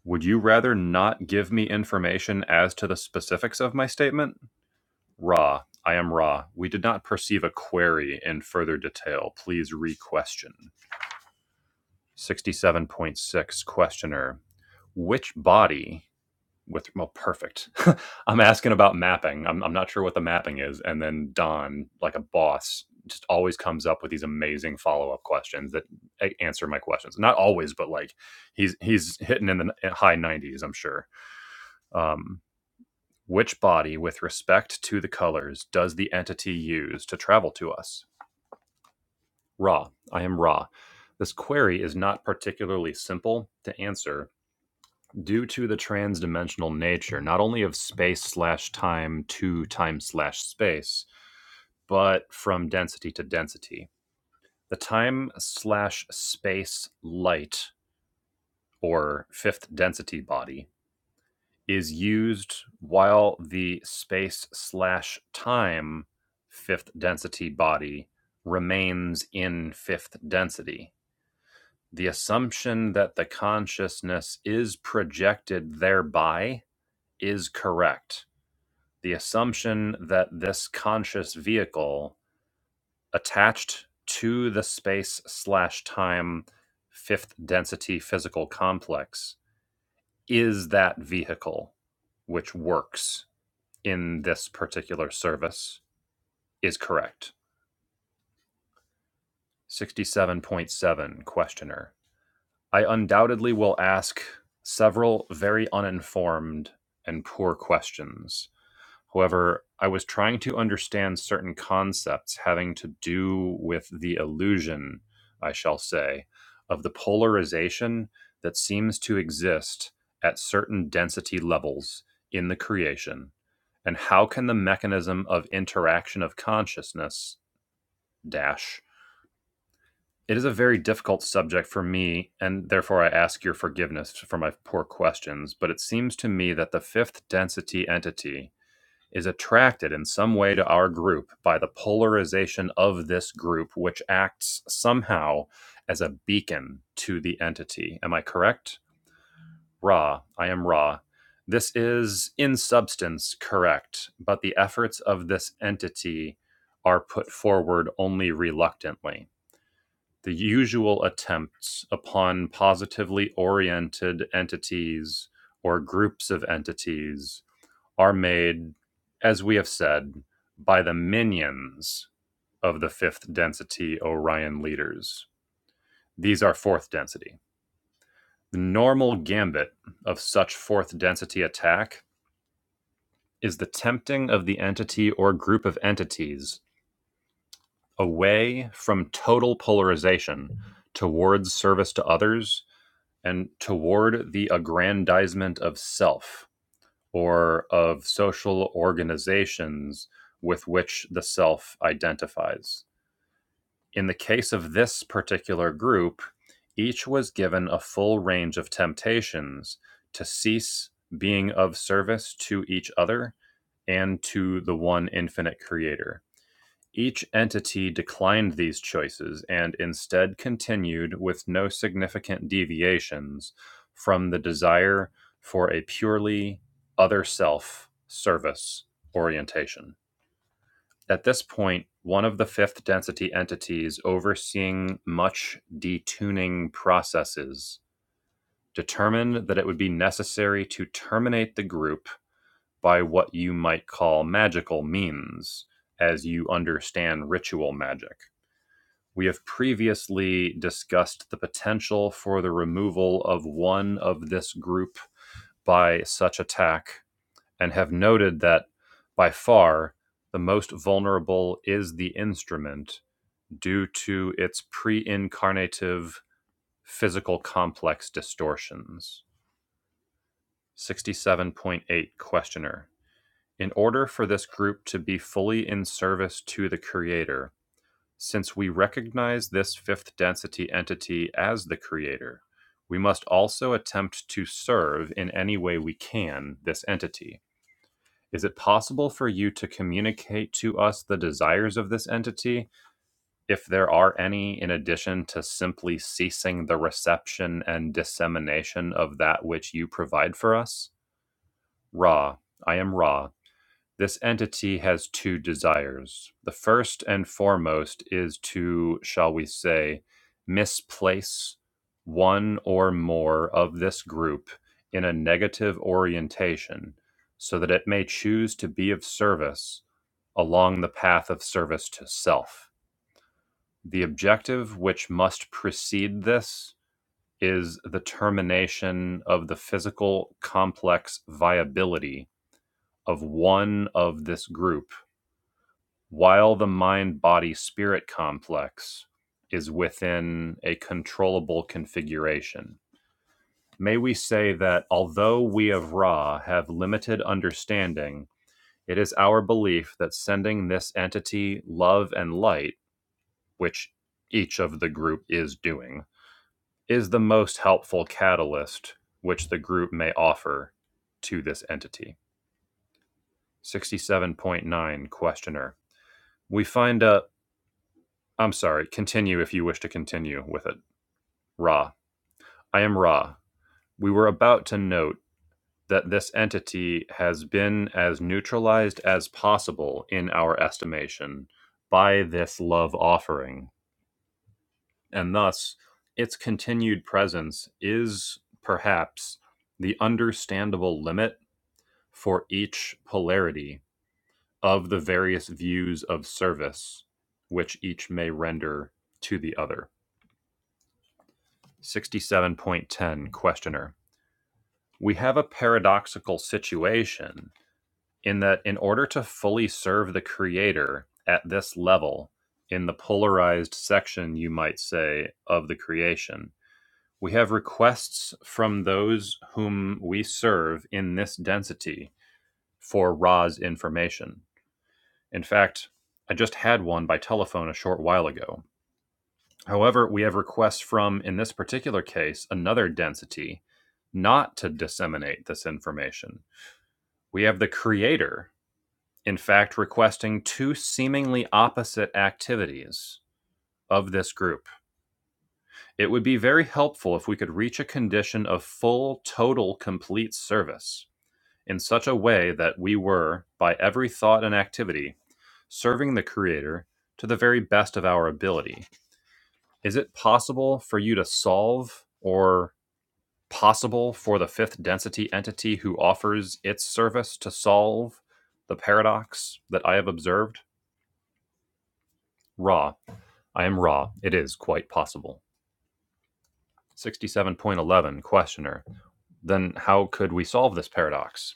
Would you rather not give me information as to the specifics of my statement? Ra, I am Ra. We did not perceive a query in further detail. Please re question. 67.6 Questioner. Which body with well perfect i'm asking about mapping I'm, I'm not sure what the mapping is and then don like a boss just always comes up with these amazing follow-up questions that a- answer my questions not always but like he's he's hitting in the n- eh, high 90s i'm sure um which body with respect to the colors does the entity use to travel to us ra i am ra this query is not particularly simple to answer Due to the transdimensional nature, not only of space slash time to time slash space, but from density to density, the time slash space light or fifth density body is used while the space slash time fifth density body remains in fifth density. The assumption that the consciousness is projected thereby is correct. the assumption that this conscious vehicle attached to the space slash time fifth density physical complex is that vehicle which works in this particular service is correct. 67.7 Questioner. I undoubtedly will ask several very uninformed and poor questions However, I was trying to understand certain concepts having to do with the illusion, I shall say, of the polarization that seems to exist at certain density levels in the creation, and how can the mechanism of interaction of consciousness dash it is a very difficult subject for me, and therefore I ask your forgiveness for my poor questions. But it seems to me that the fifth density entity is attracted in some way to our group by the polarization of this group, which acts somehow as a beacon to the entity. Am I correct? Ra, I am Ra. This is in substance correct, but the efforts of this entity are put forward only reluctantly. The usual attempts upon positively oriented entities or groups of entities are made, as we have said, by the minions of the fifth density Orion leaders. These are fourth density. The normal gambit of such fourth density attack is the tempting of the entity or group of entities away from total polarization towards service to others and toward the aggrandizement of self or of social organizations with which the self identifies. In the case of this particular group, each was given a full range of temptations to cease being of service to each other and to the one infinite creator. Each entity declined these choices and instead continued, with no significant deviations, from the desire for a purely other-self service orientation. At this point, one of the fifth density entities overseeing much detuning processes determined that it would be necessary to terminate the group by what you might call magical means, as you understand ritual magic. We have previously discussed the potential for the removal of one of this group by such attack and have noted that by far the most vulnerable is the instrument due to its pre incarnative physical complex distortions. 67.8 Questioner. In order for this group to be fully in service to the Creator, Since we recognize this fifth density entity as the creator, we must also attempt to serve in any way we can this entity. Is it possible for you to communicate to us the desires of this entity, if there are any, in addition to simply ceasing the reception and dissemination of that which you provide for us? Ra, I am Ra, this entity has two desires. The first and foremost is to, shall we say, misplace one or more of this group in a negative orientation so that it may choose to be of service along the path of service to self. The objective which must precede this is the termination of the physical complex viability of one of this group while the mind body spirit complex is within a controllable configuration. May we say that although we of Ra have limited understanding, it is our belief that sending this entity love and light, which each of the group is doing, is the most helpful catalyst which the group may offer to this entity. 67.9 Questioner. We find a I'm sorry, continue if you wish to continue with it. Ra. I am Ra. We were about to note that this entity has been as neutralized as possible in our estimation by this love offering, and thus its continued presence is perhaps the understandable limit for each polarity of the various views of service which each may render to the other. 67.10 Questioner. We have a paradoxical situation in that in order to fully serve the creator at this level, in the polarized section, you might say, of the creation, we have requests from those whom we serve in this density for Ra's information. In fact, I just had one by telephone a short while ago. However, we have requests from, in this particular case, another density not to disseminate this information. We have the creator, in fact, requesting two seemingly opposite activities of this group. It would be very helpful if we could reach a condition of full, total, complete service in such a way that we were, by every thought and activity, serving the creator to the very best of our ability. Is it possible for you to solve or possible for the fifth density entity who offers its service to solve the paradox that I have observed? Ra. I am Ra. It is quite possible. 67.11 Questioner. Then how could we solve this paradox?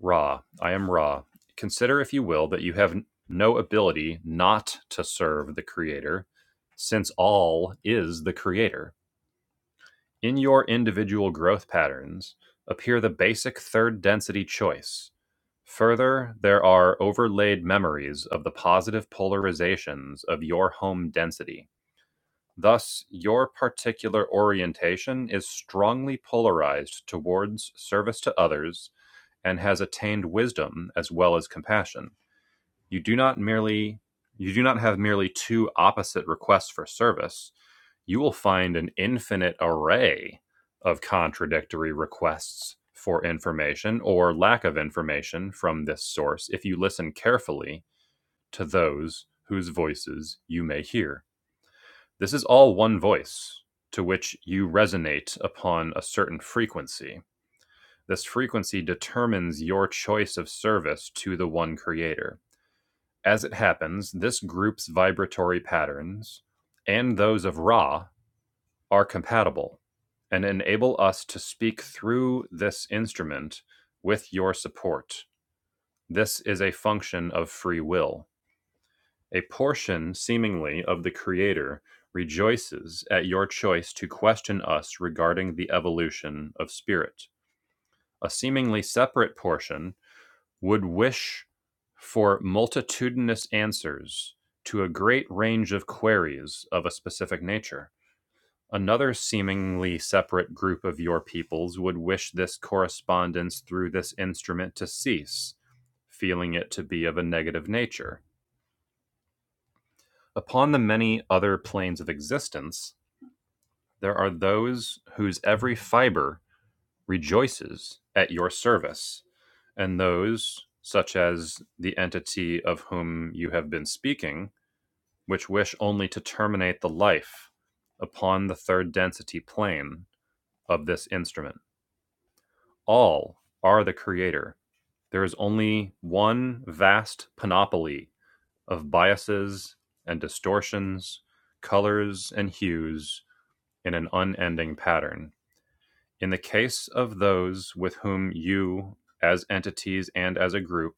Ra. I am Ra. Consider, if you will, that you have no ability not to serve the Creator, since all is the Creator. In your individual growth patterns appear the basic third density choice. Further, there are overlaid memories of the positive polarizations of your home density. Thus, your particular orientation is strongly polarized towards service to others and has attained wisdom as well as compassion you do not merely you do not have merely two opposite requests for service you will find an infinite array of contradictory requests for information or lack of information from this source if you listen carefully to those whose voices you may hear. This is all one voice to which you resonate upon a certain frequency. This frequency determines your choice of service to the one creator. As it happens, this group's vibratory patterns, and those of Ra, are compatible, and enable us to speak through this instrument with your support. This is a function of free will. A portion, seemingly, of the Creator rejoices at your choice to question us regarding the evolution of spirit. A seemingly separate portion would wish for multitudinous answers to a great range of queries of a specific nature. Another seemingly separate group of your peoples would wish this correspondence through this instrument to cease, feeling it to be of a negative nature. Upon the many other planes of existence, there are those whose every fiber rejoices at your service and those, such as the entity of whom you have been speaking, which wish only to terminate the life upon the third density plane of this instrument. All are the creator. There is only one vast panoply of biases and distortions, colors and hues in an unending pattern In the case of those with whom you, as entities and as a group,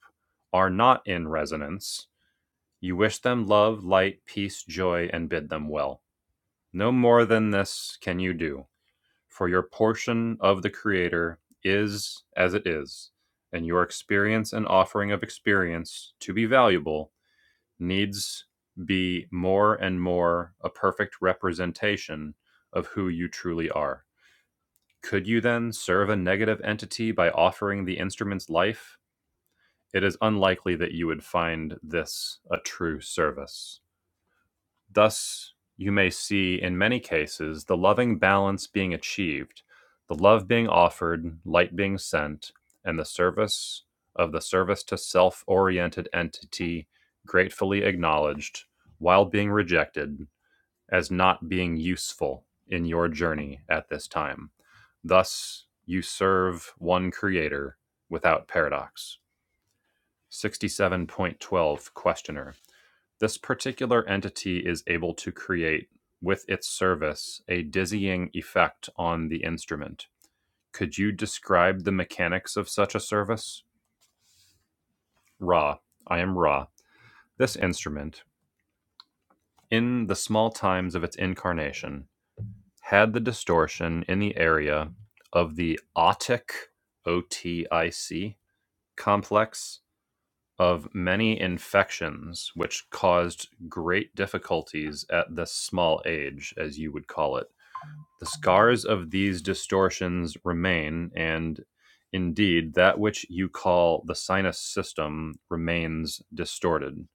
are not in resonance, you wish them love, light, peace, joy, and bid them well. No more than this can you do, for your portion of the Creator is as it is, and your experience and offering of experience, to be valuable, needs be more and more a perfect representation of who you truly are. Could you then serve a negative entity by offering the instrument's life? It is unlikely that you would find this a true service. Thus, you may see in many cases the loving balance being achieved, the love being offered, light being sent, and the service of the service to self oriented entity gratefully acknowledged while being rejected as not being useful in your journey at this time. Thus, you serve one creator without paradox. 67.12 Questioner. This particular entity is able to create with its service a dizzying effect on the instrument. Could you describe the mechanics of such a service? Ra. I am Ra. This instrument, in the small times of its incarnation, had the distortion in the area of the otic OTIC complex of many infections which caused great difficulties at this small age as you would call it the scars of these distortions remain and indeed that which you call the sinus system remains distorted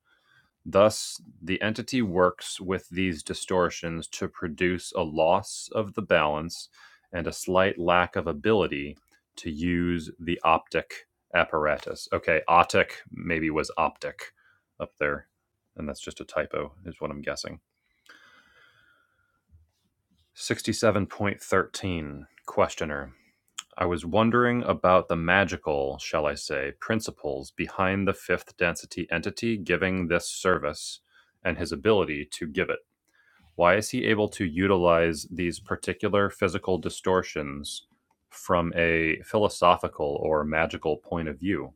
Thus, the entity works with these distortions to produce a loss of the balance and a slight lack of ability to use the optic apparatus. Okay, optic maybe was optic up there, and that's just a typo, is what I'm guessing. 67.13 Questioner. I was wondering about the magical, shall I say, principles behind the fifth density entity giving this service and his ability to give it. why is he able to utilize these particular physical distortions from a philosophical or magical point of view?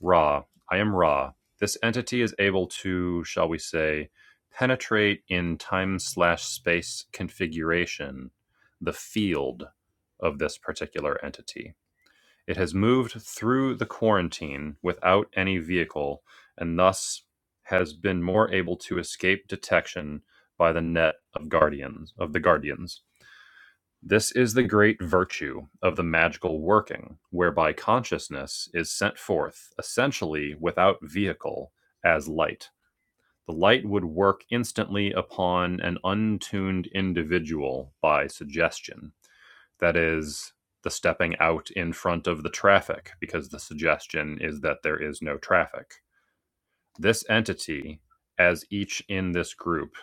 Ra, I am Ra. This entity is able to, shall we say, penetrate in time slash space configuration the field of this particular entity it has moved through the quarantine without any vehicle and thus has been more able to escape detection by the net of guardians of the guardians. This is the great virtue of the magical working, whereby consciousness is sent forth essentially without vehicle as light. The light would work instantly upon an untuned individual by suggestion that is the stepping out in front of the traffic, because the suggestion is that there is no traffic. This entity, as each in this group,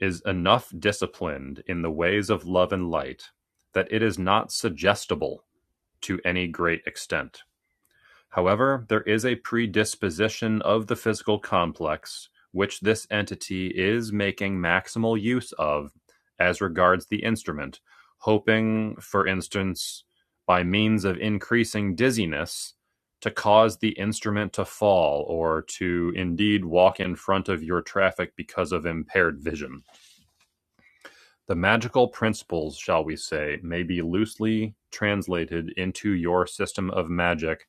is enough disciplined in the ways of love and light that it is not suggestible to any great extent. However, there is a predisposition of the physical complex, which this entity is making maximal use of as regards the instrument, hoping, for instance, by means of increasing dizziness, to cause the instrument to fall or to indeed walk in front of your traffic because of impaired vision. The magical principles, shall we say, may be loosely translated into your system of magic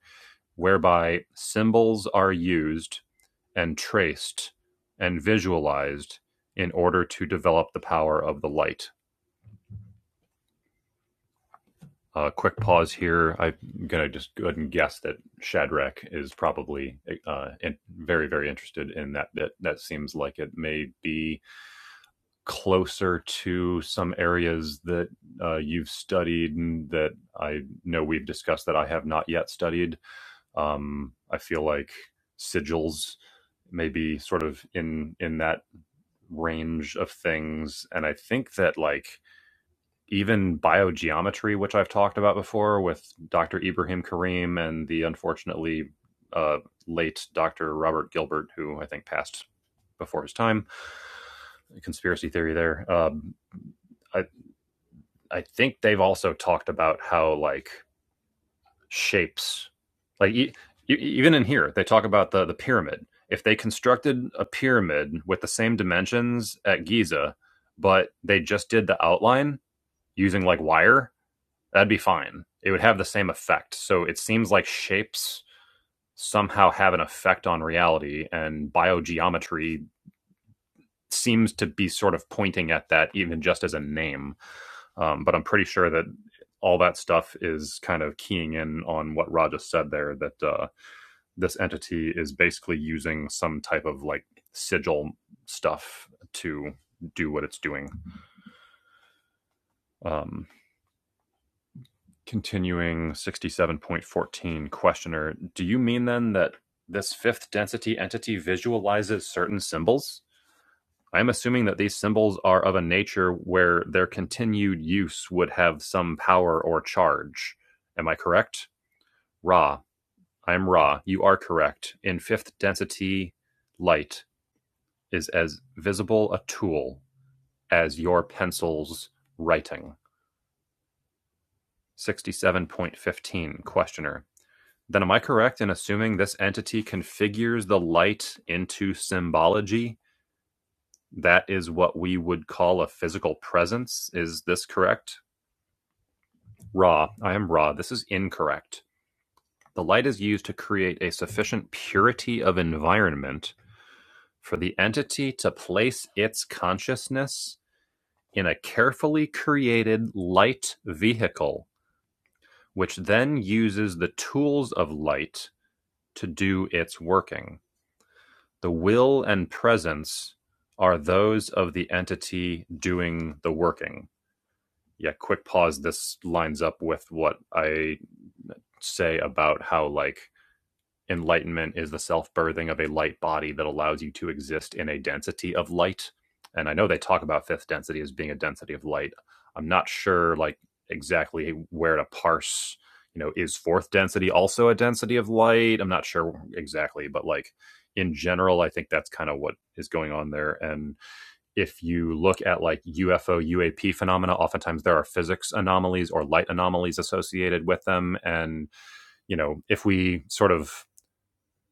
whereby symbols are used and traced and visualized in order to develop the power of the light. A Uh, quick pause here. I'm going to just go ahead and guess that Shadrach is probably uh, in, very, very interested in that bit. That seems like it may be closer to some areas that uh, you've studied and that I know we've discussed that I have not yet studied. Um, I feel like sigils maybe sort of in in that range of things and i think that like even biogeometry which i've talked about before with dr ibrahim karim and the unfortunately uh, late dr robert gilbert who i think passed before his time conspiracy theory there um, I, I think they've also talked about how like shapes. Like e- e- even in here, they talk about the the pyramid. If they constructed a pyramid with the same dimensions at Giza, but they just did the outline using like wire, that'd be fine. It would have the same effect. So it seems like shapes somehow have an effect on reality, and biogeometry seems to be sort of pointing at that, even just as a name. Um, but I'm pretty sure that all that stuff is kind of keying in on what Raja said there that uh, this entity is basically using some type of like sigil stuff to do what it's doing. Um, continuing 67.14 questioner, do you mean then that this fifth density entity visualizes certain symbols? I'm assuming that these symbols are of a nature where their continued use would have some power or charge. Am I correct? Ra, I'm Ra. You are correct. In fifth density light, is as visible a tool as your pencil's writing. 67.15 Questioner. Then am I correct in assuming this entity configures the light into symbology? That is what we would call a physical presence. Is this correct? Raw. I am raw. This is incorrect. The light is used to create a sufficient purity of environment for the entity to place its consciousness in a carefully created light vehicle which then uses the tools of light to do its working. The will and presence are those of the entity doing the working. Yeah, quick pause. This lines up with what I say about how, like, enlightenment is the self birthing of a light body that allows you to exist in a density of light. And I know they talk about fifth density as being a density of light. I'm not sure, like, exactly where to parse, you know, is fourth density also a density of light? I'm not sure exactly, but like, in general, I think that's kind of what is going on there. And if you look at like UFO, UAP phenomena, oftentimes there are physics anomalies or light anomalies associated with them. And, you know, if we sort of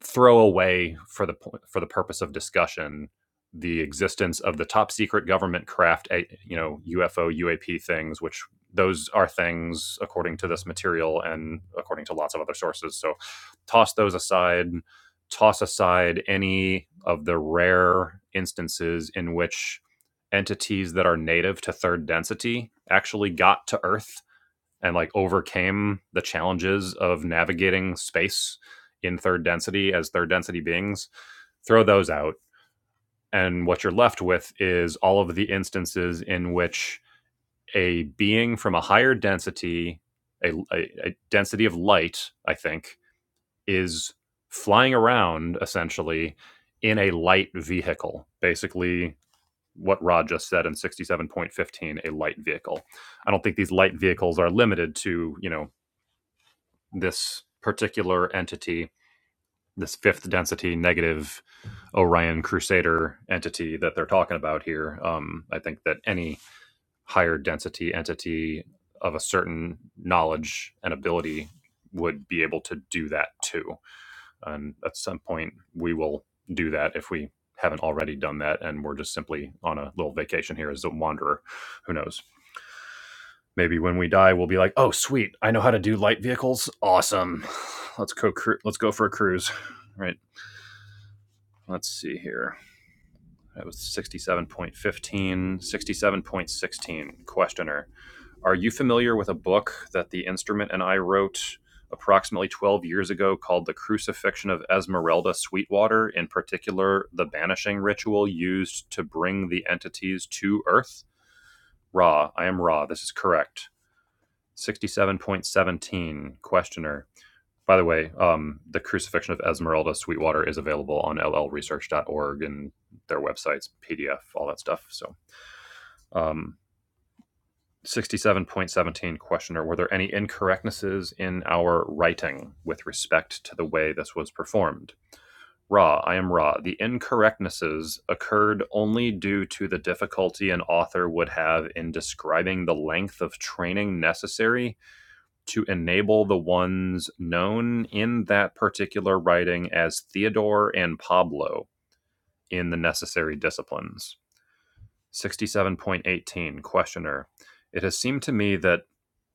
throw away for the for the purpose of discussion the existence of the top secret government craft eh, you know UFO UAP things which those are things according to this material and according to lots of other sources so toss those aside toss aside any of the rare instances in which entities that are native to third density actually got to earth and like overcame the challenges of navigating space in third density as third density beings, throw those out. And what you're left with is all of the instances in which a being from a higher density, a, a, a density of light, I think, is flying around essentially in a light vehicle, basically what Rod just said in 67.15, a light vehicle. I don't think these light vehicles are limited to, you know, this particular entity, this fifth density negative Orion Crusader entity that they're talking about here. Um, I think that any higher density entity of a certain knowledge and ability would be able to do that too. And at some point, we will do that if we haven't already done that. And we're just simply on a little vacation here as a wanderer. Who knows? Maybe when we die, we'll be like, "Oh, sweet! I know how to do light vehicles. Awesome! Let's go. Cru- let's go for a cruise." Right. Let's see here. That was sixty-seven point fifteen, sixty-seven point sixteen. Questioner: Are you familiar with a book that the instrument and I wrote approximately twelve years ago called "The Crucifixion of Esmeralda Sweetwater"? In particular, the banishing ritual used to bring the entities to Earth. Ra, I am Ra. This is correct. 67.17 questioner by the way um, the crucifixion of esmeralda sweetwater is available on l l research dot org and their websites pdf all that stuff so um, 67.17 questioner were there any incorrectnesses in our writing with respect to the way this was performed Ra, I am Ra. The incorrectnesses occurred only due to the difficulty an author would have in describing the length of training necessary to enable the ones known in that particular writing as Theodore and Pablo in the necessary disciplines. 67.18 Questioner. It has seemed to me that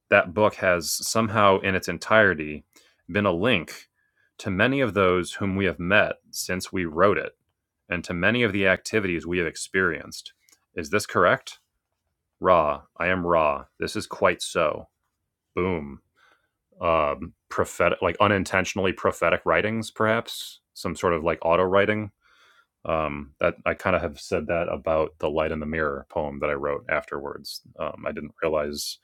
that book has somehow in its entirety been a link to many of those whom we have met since we wrote it and to many of the activities we have experienced. Is this correct? Ra, I am Ra. This is quite so. Boom. um, prophetic, like unintentionally prophetic writings, perhaps some sort of like auto writing. Um, that I kind of have said that about the light in the mirror poem that I wrote afterwards. Um, I didn't realize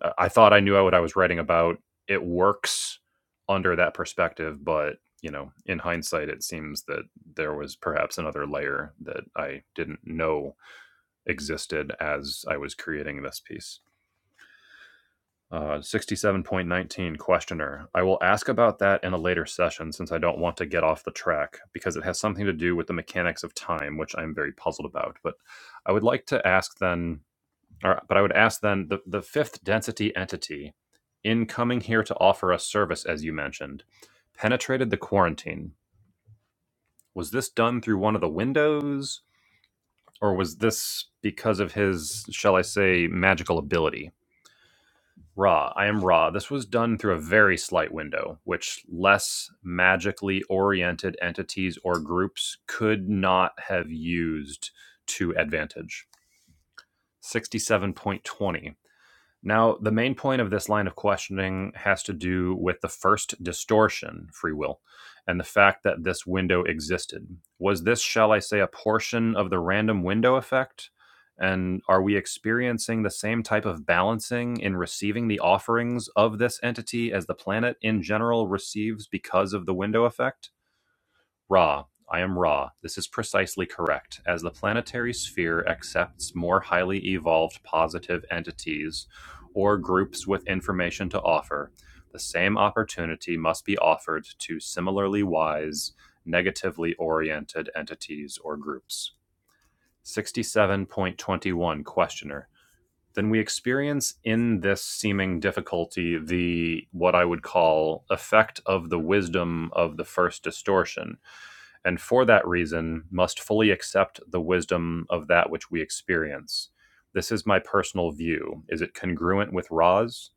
I- I thought I knew what I was writing about. It works under that perspective, but you know, in hindsight, it seems that there was perhaps another layer that I didn't know existed as I was creating this piece. Uh, 67.19 questioner. I will ask about that in a later session since I don't want to get off the track because it has something to do with the mechanics of time, which I'm very puzzled about. But I would like to ask then, or, but I would ask then the, the fifth density entity in coming here to offer us service, as you mentioned, penetrated the quarantine. Was this done through one of the windows or was this because of his, shall I say, magical ability? Ra, I am Ra. This was done through a very slight window, which less magically oriented entities or groups could not have used to advantage. 67.20. Now, the main point of this line of questioning has to do with the first distortion, free will, and the fact that this window existed. Was this, shall I say, a portion of the random window effect? And are we experiencing the same type of balancing in receiving the offerings of this entity as the planet in general receives because of the window effect? Ra, I am Ra. This is precisely correct. As the planetary sphere accepts more highly evolved positive entities or groups with information to offer, the same opportunity must be offered to similarly wise, negatively oriented entities or groups. 67.21 Questioner. Then we experience in this seeming difficulty the what I would call effect of the wisdom of the first distortion and for that reason must fully accept the wisdom of that which we experience. This is my personal view. Is it congruent with Ra's?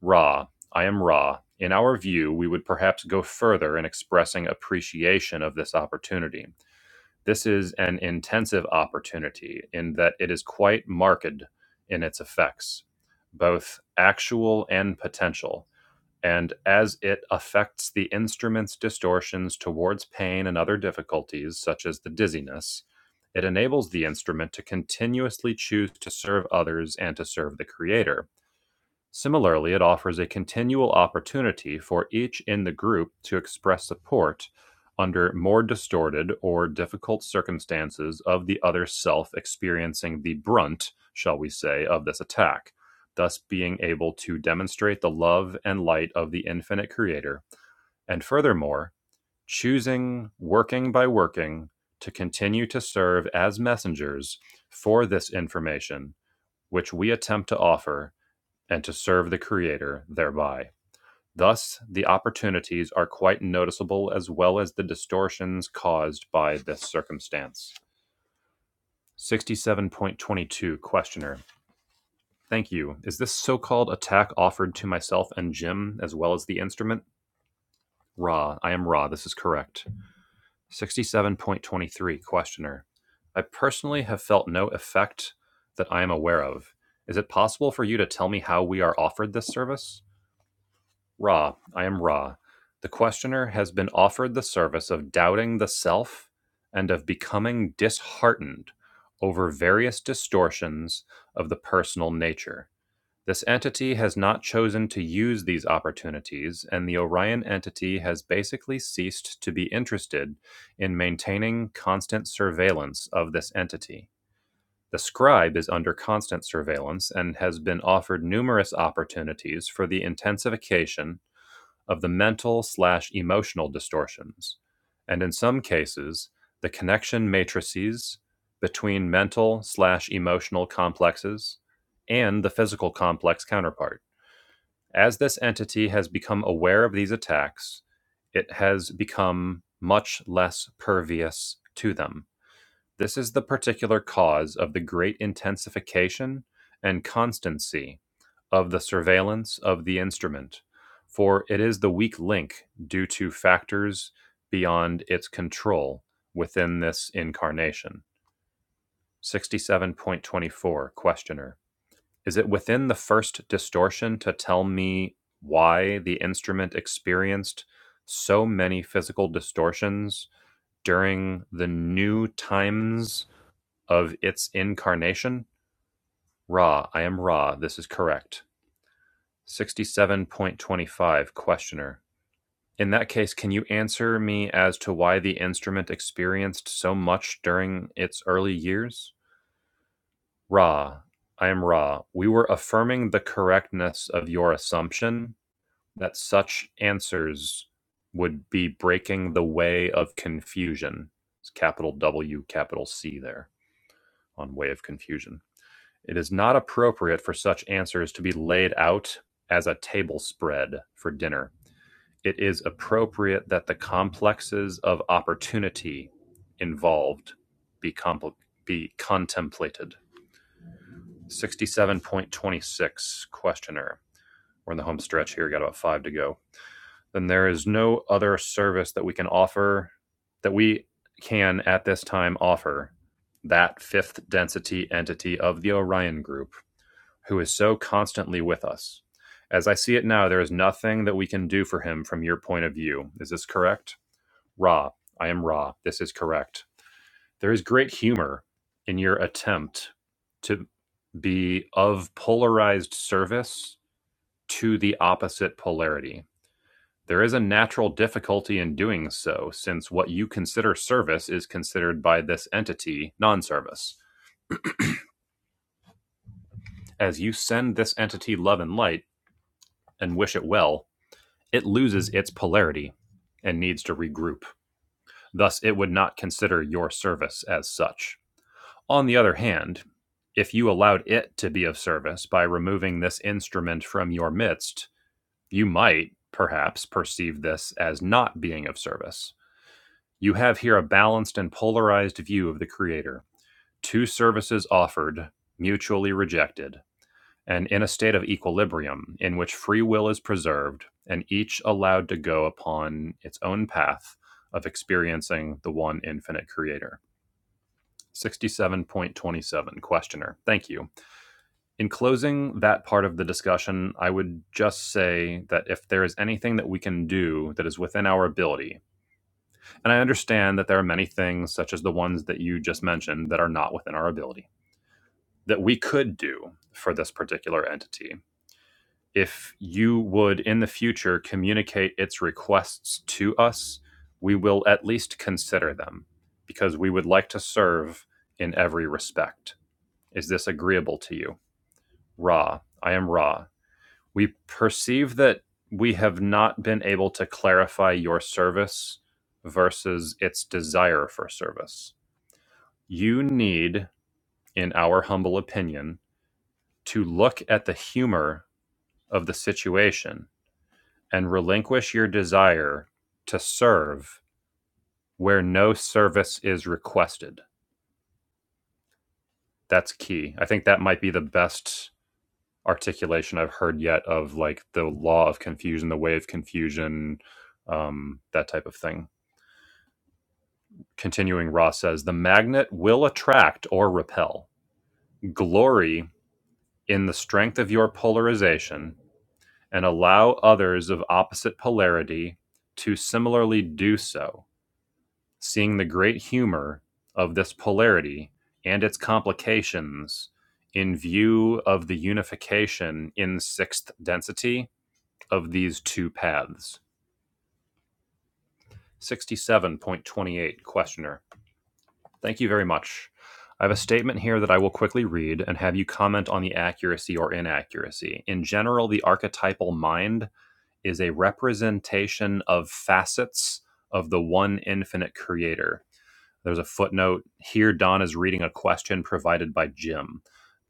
Ra, I am Ra. In our view, we would perhaps go further in expressing appreciation of this opportunity. This is an intensive opportunity in that it is quite marked in its effects, both actual and potential and as it affects the instrument's distortions towards pain and other difficulties, such as the dizziness, it enables the instrument to continuously choose to serve others and to serve the Creator. Similarly, it offers a continual opportunity for each in the group to express support under more distorted or difficult circumstances of the other self experiencing the brunt, shall we say, of this attack, thus being able to demonstrate the love and light of the infinite creator, and furthermore, choosing, working by working, to continue to serve as messengers for this information, which we attempt to offer and to serve the Creator thereby. Thus, the opportunities are quite noticeable as well as the distortions caused by this circumstance. 67.22 Questioner. Thank you. Is this so called attack offered to myself and Jim as well as the instrument? Ra. I am Ra. This is correct. 67.23 Questioner. I personally have felt no effect that I am aware of. Is it possible for you to tell me how we are offered this service? Ra, I am Ra. The questioner has been offered the service of doubting the self and of becoming disheartened over various distortions of the personal nature. This entity has not chosen to use these opportunities, and the Orion entity has basically ceased to be interested in maintaining constant surveillance of this entity. The scribe is under constant surveillance and has been offered numerous opportunities for the intensification of the mental slash emotional distortions, and in some cases, the connection matrices between mental slash emotional complexes and the physical complex counterpart. As this entity has become aware of these attacks, it has become much less pervious to them. This is the particular cause of the great intensification and constancy of the surveillance of the instrument, for it is the weak link due to factors beyond its control within this incarnation. 67.24 Questioner Is it within the first distortion to tell me why the instrument experienced so many physical distortions during the new times of its incarnation? Ra, I am Ra, this is correct. 67.25 Questioner. In that case, can you answer me as to why the instrument experienced so much during its early years? Ra. I am Ra. We were affirming the correctness of your assumption that such answers would be breaking the way of confusion. It's capital W, capital C there on way of confusion. It is not appropriate for such answers to be laid out as a table spread for dinner it is appropriate that the complexes of opportunity involved be compl- be contemplated. 67.26 questioner. We're in the home stretch here, We've got about 5 to go. Then there is no other service that we can offer that we can at this time offer that fifth density entity of the Orion group who is so constantly with us. As I see it now, there is nothing that we can do for him from your point of view. Is this correct? Ra, I am Ra. This is correct. There is great humor in your attempt to be of polarized service to the opposite polarity. There is a natural difficulty in doing so, since what you consider service is considered by this entity non service. As you send this entity love and light and wish it well, it loses its polarity and needs to regroup. Thus, it would not consider your service as such. On the other hand, if you allowed it to be of service by removing this instrument from your midst, you might, perhaps, perceive this as not being of service. You have here a balanced and polarized view of the Creator, two services offered, mutually rejected, and in a state of equilibrium in which free will is preserved and each allowed to go upon its own path of experiencing the one infinite Creator. 67.27 Questioner. Thank you. in closing that part of the discussion, I would just say that if there is anything that we can do that is within our ability, and I understand that there are many things, such as the ones that you just mentioned, that are not within our ability, that we could do for this particular entity. If you would in the future communicate its requests to us, we will at least consider them because we would like to serve in every respect. Is this agreeable to you? Ra, I am Ra We perceive that we have not been able to clarify your service versus its desire for service. You need, in our humble opinion, to look at the humor of the situation and relinquish your desire to serve where no service is requested. That's key. I think that might be the best articulation I've heard yet of like the law of confusion, the way of confusion, um, that type of thing. Continuing, Ross says the magnet will attract or repel. Glory in the strength of your polarization and allow others of opposite polarity to similarly do so, seeing the great humor of this polarity and its complications in view of the unification in sixth density of these two paths. 67.28 Questioner. Thank you very much. I have a statement here that I will quickly read and have you comment on the accuracy or inaccuracy. In general, the archetypal mind is a representation of facets of the one infinite creator. There's a footnote. Here, Don is reading a question provided by Jim.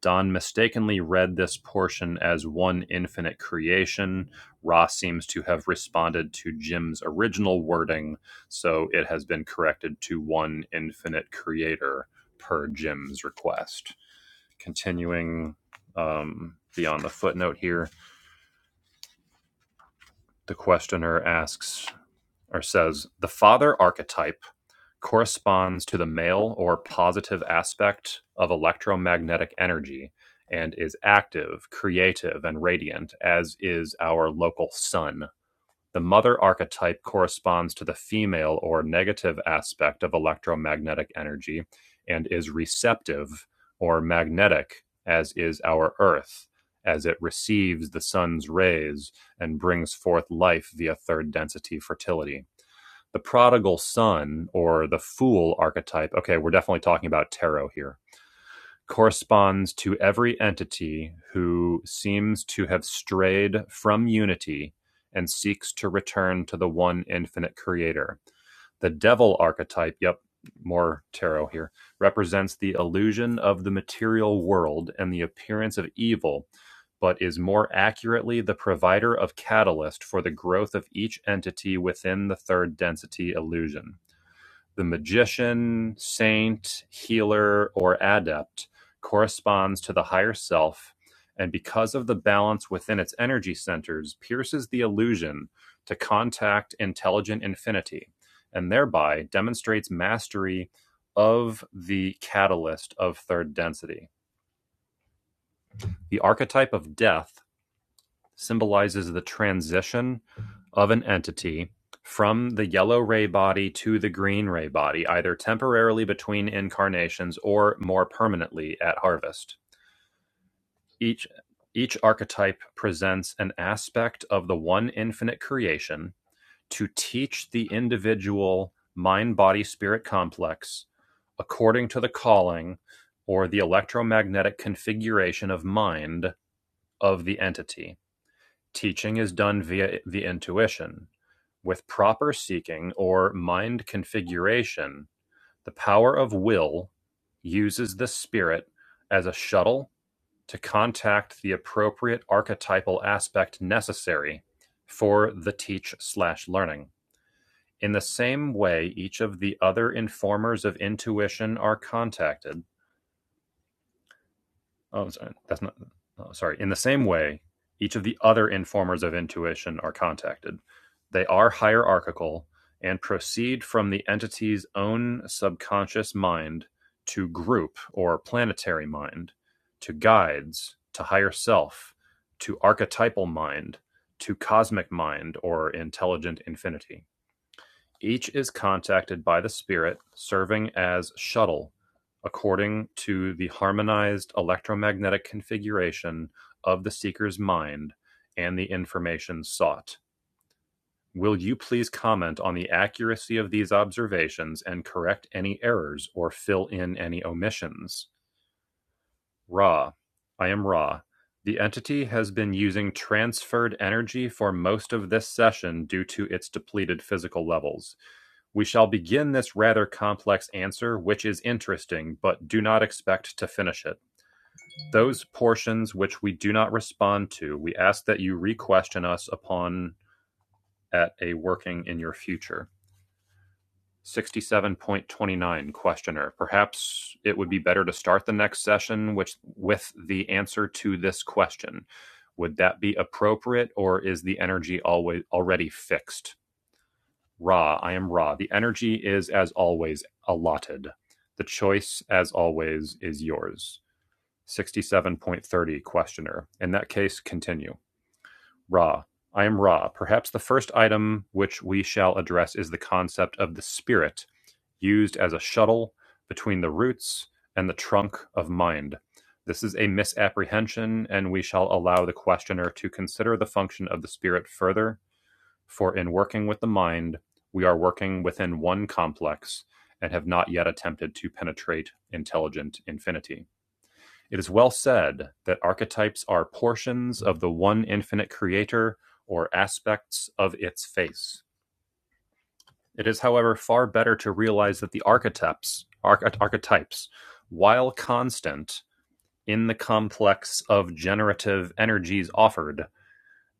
Don mistakenly read this portion as one infinite creation. Ross seems to have responded to Jim's original wording, so it has been corrected to one infinite creator per Jim's request. Continuing um, beyond the footnote here, the questioner asks or says, The father archetype corresponds to the male or positive aspect of electromagnetic energy and is active, creative, and radiant, as is our local sun. The mother archetype corresponds to the female or negative aspect of electromagnetic energy and is receptive or magnetic, as is our earth, as it receives the sun's rays and brings forth life via third density fertility the prodigal son or the fool archetype, okay, we're definitely talking about tarot here, corresponds to every entity who seems to have strayed from unity and seeks to return to the one infinite creator. The devil archetype, yep, more tarot here, represents the illusion of the material world and the appearance of evil, but is more accurately the provider of catalyst for the growth of each entity within the third density illusion. The magician, saint, healer, or adept corresponds to the higher self, and because of the balance within its energy centers, pierces the illusion to contact intelligent infinity, and thereby demonstrates mastery of the catalyst of third density. The archetype of death symbolizes the transition of an entity from the yellow ray body to the green ray body, either temporarily between incarnations or more permanently at harvest. Each each archetype presents an aspect of the one infinite creation to teach the individual mind body spirit complex according to the calling or the electromagnetic configuration of mind of the entity Teaching is done via the intuition; with proper seeking or mind configuration, the power of will uses the spirit as a shuttle to contact the appropriate archetypal aspect necessary for the teach/learning. In the same way each of the other informers of intuition are contacted. oh, sorry, that's not, oh, sorry. In the same way, each of the other informers of intuition are contacted. They are hierarchical and proceed from the entity's own subconscious mind to group or planetary mind, to guides, to higher self, to archetypal mind, to cosmic mind or intelligent infinity. Each is contacted by the spirit, serving as "shuttle" according to the harmonized electromagnetic configuration of the seeker's mind and the information sought. Will you please comment on the accuracy of these observations and correct any errors or fill in any omissions? Ra: I am Ra, the entity has been using transferred energy for most of this session due to its depleted physical levels. We shall begin this rather complex answer, which is interesting, but do not expect to finish it. Those portions which we do not respond to, we ask that you re-question us upon at a working in your future. 67.29 Questioner. Perhaps it would be better to start the next session which, with the answer to this question. Would that be appropriate or is the energy always already fixed? Ra, I am Ra. The energy is as always allotted. The choice as always is yours. 67.30 Questioner. In that case, continue. Ra, I am Ra. Perhaps the first item which we shall address is the concept of the spirit used as a shuttle between the roots and the trunk of mind. This is a misapprehension, and we shall allow the questioner to consider the function of the spirit further, for in working with the mind, we are working within one complex and have not yet attempted to penetrate intelligent infinity. It is well said that archetypes are portions of the one infinite creator or aspects of its face. It is, however, far better to realize that the archetypes, arch- archetypes, while constant in the complex of generative energies offered,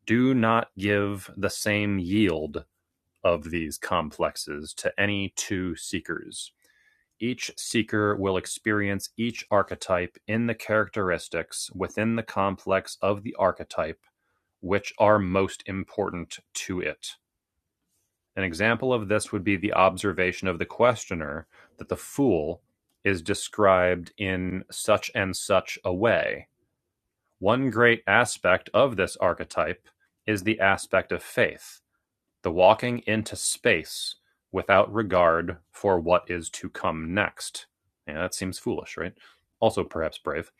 do not give the same yield of these complexes to any two seekers. Each seeker will experience each archetype in the characteristics within the complex of the archetype which are most important to it. An example of this would be the observation of the questioner that the fool is described in such and such a way. One great aspect of this archetype is the aspect of faith, the walking into space without regard for what is to come next. Yeah, that seems foolish, right? Also, perhaps brave.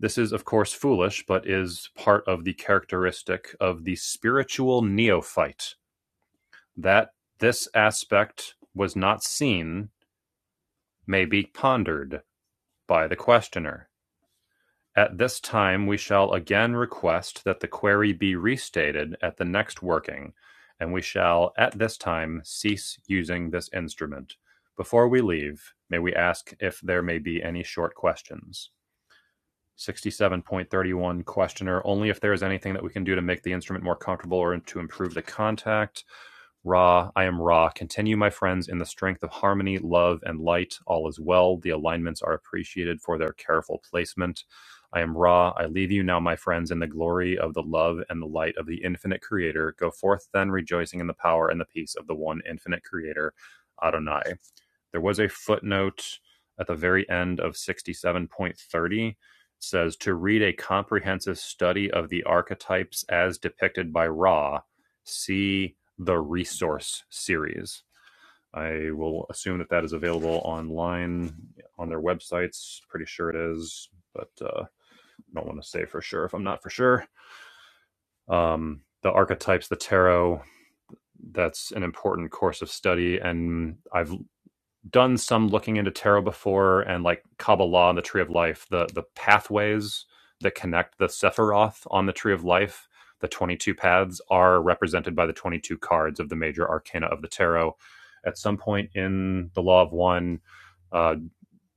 This is, of course, foolish, but is part of the characteristic of the spiritual neophyte that this aspect was not seen may be pondered by the questioner. At this time we shall again request that the query be restated at the next working, and we shall at this time cease using this instrument. Before we leave, may we ask if there may be any short questions? 67.31 Questioner, only if there is anything that we can do to make the instrument more comfortable or to improve the contact. Ra, I am Ra. Continue, my friends, in the strength of harmony, love, and light. All is well. The alignments are appreciated for their careful placement. I am Ra. I leave you now, my friends, in the glory of the love and the light of the infinite Creator. Go forth then, rejoicing in the power and the peace of the one infinite Creator, Adonai. There was a footnote at the very end of 67.30 says to read a comprehensive study of the archetypes as depicted by Ra, see the resource series. I will assume that that is available online on their websites. Pretty sure it is, but I uh, don't want to say for sure if I'm not for sure. Um, the archetypes, the tarot, that's an important course of study. And I've done some looking into tarot before and like Kabbalah and the Tree of Life, the the pathways that connect the Sephiroth on the Tree of Life, the 22 paths are represented by the 22 cards of the major arcana of the tarot. At some point in the Law of One, uh,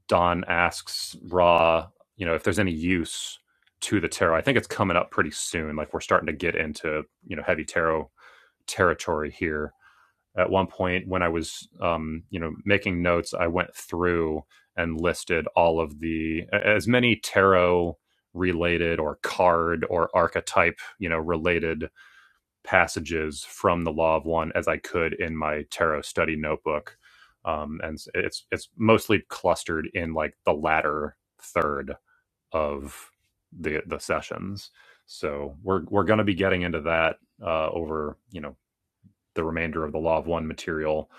Don asks Ra, you know, if there's any use to the tarot. I think it's coming up pretty soon. Like we're starting to get into, you know, heavy tarot territory here at one point when I was, um, you know, making notes, I went through and listed all of the as many tarot related or card or archetype, you know, related passages from the Law of One as I could in my tarot study notebook. Um, and it's it's mostly clustered in like the latter third of the the sessions. So we're we're going to be getting into that uh, over you know the remainder of the Law of One material.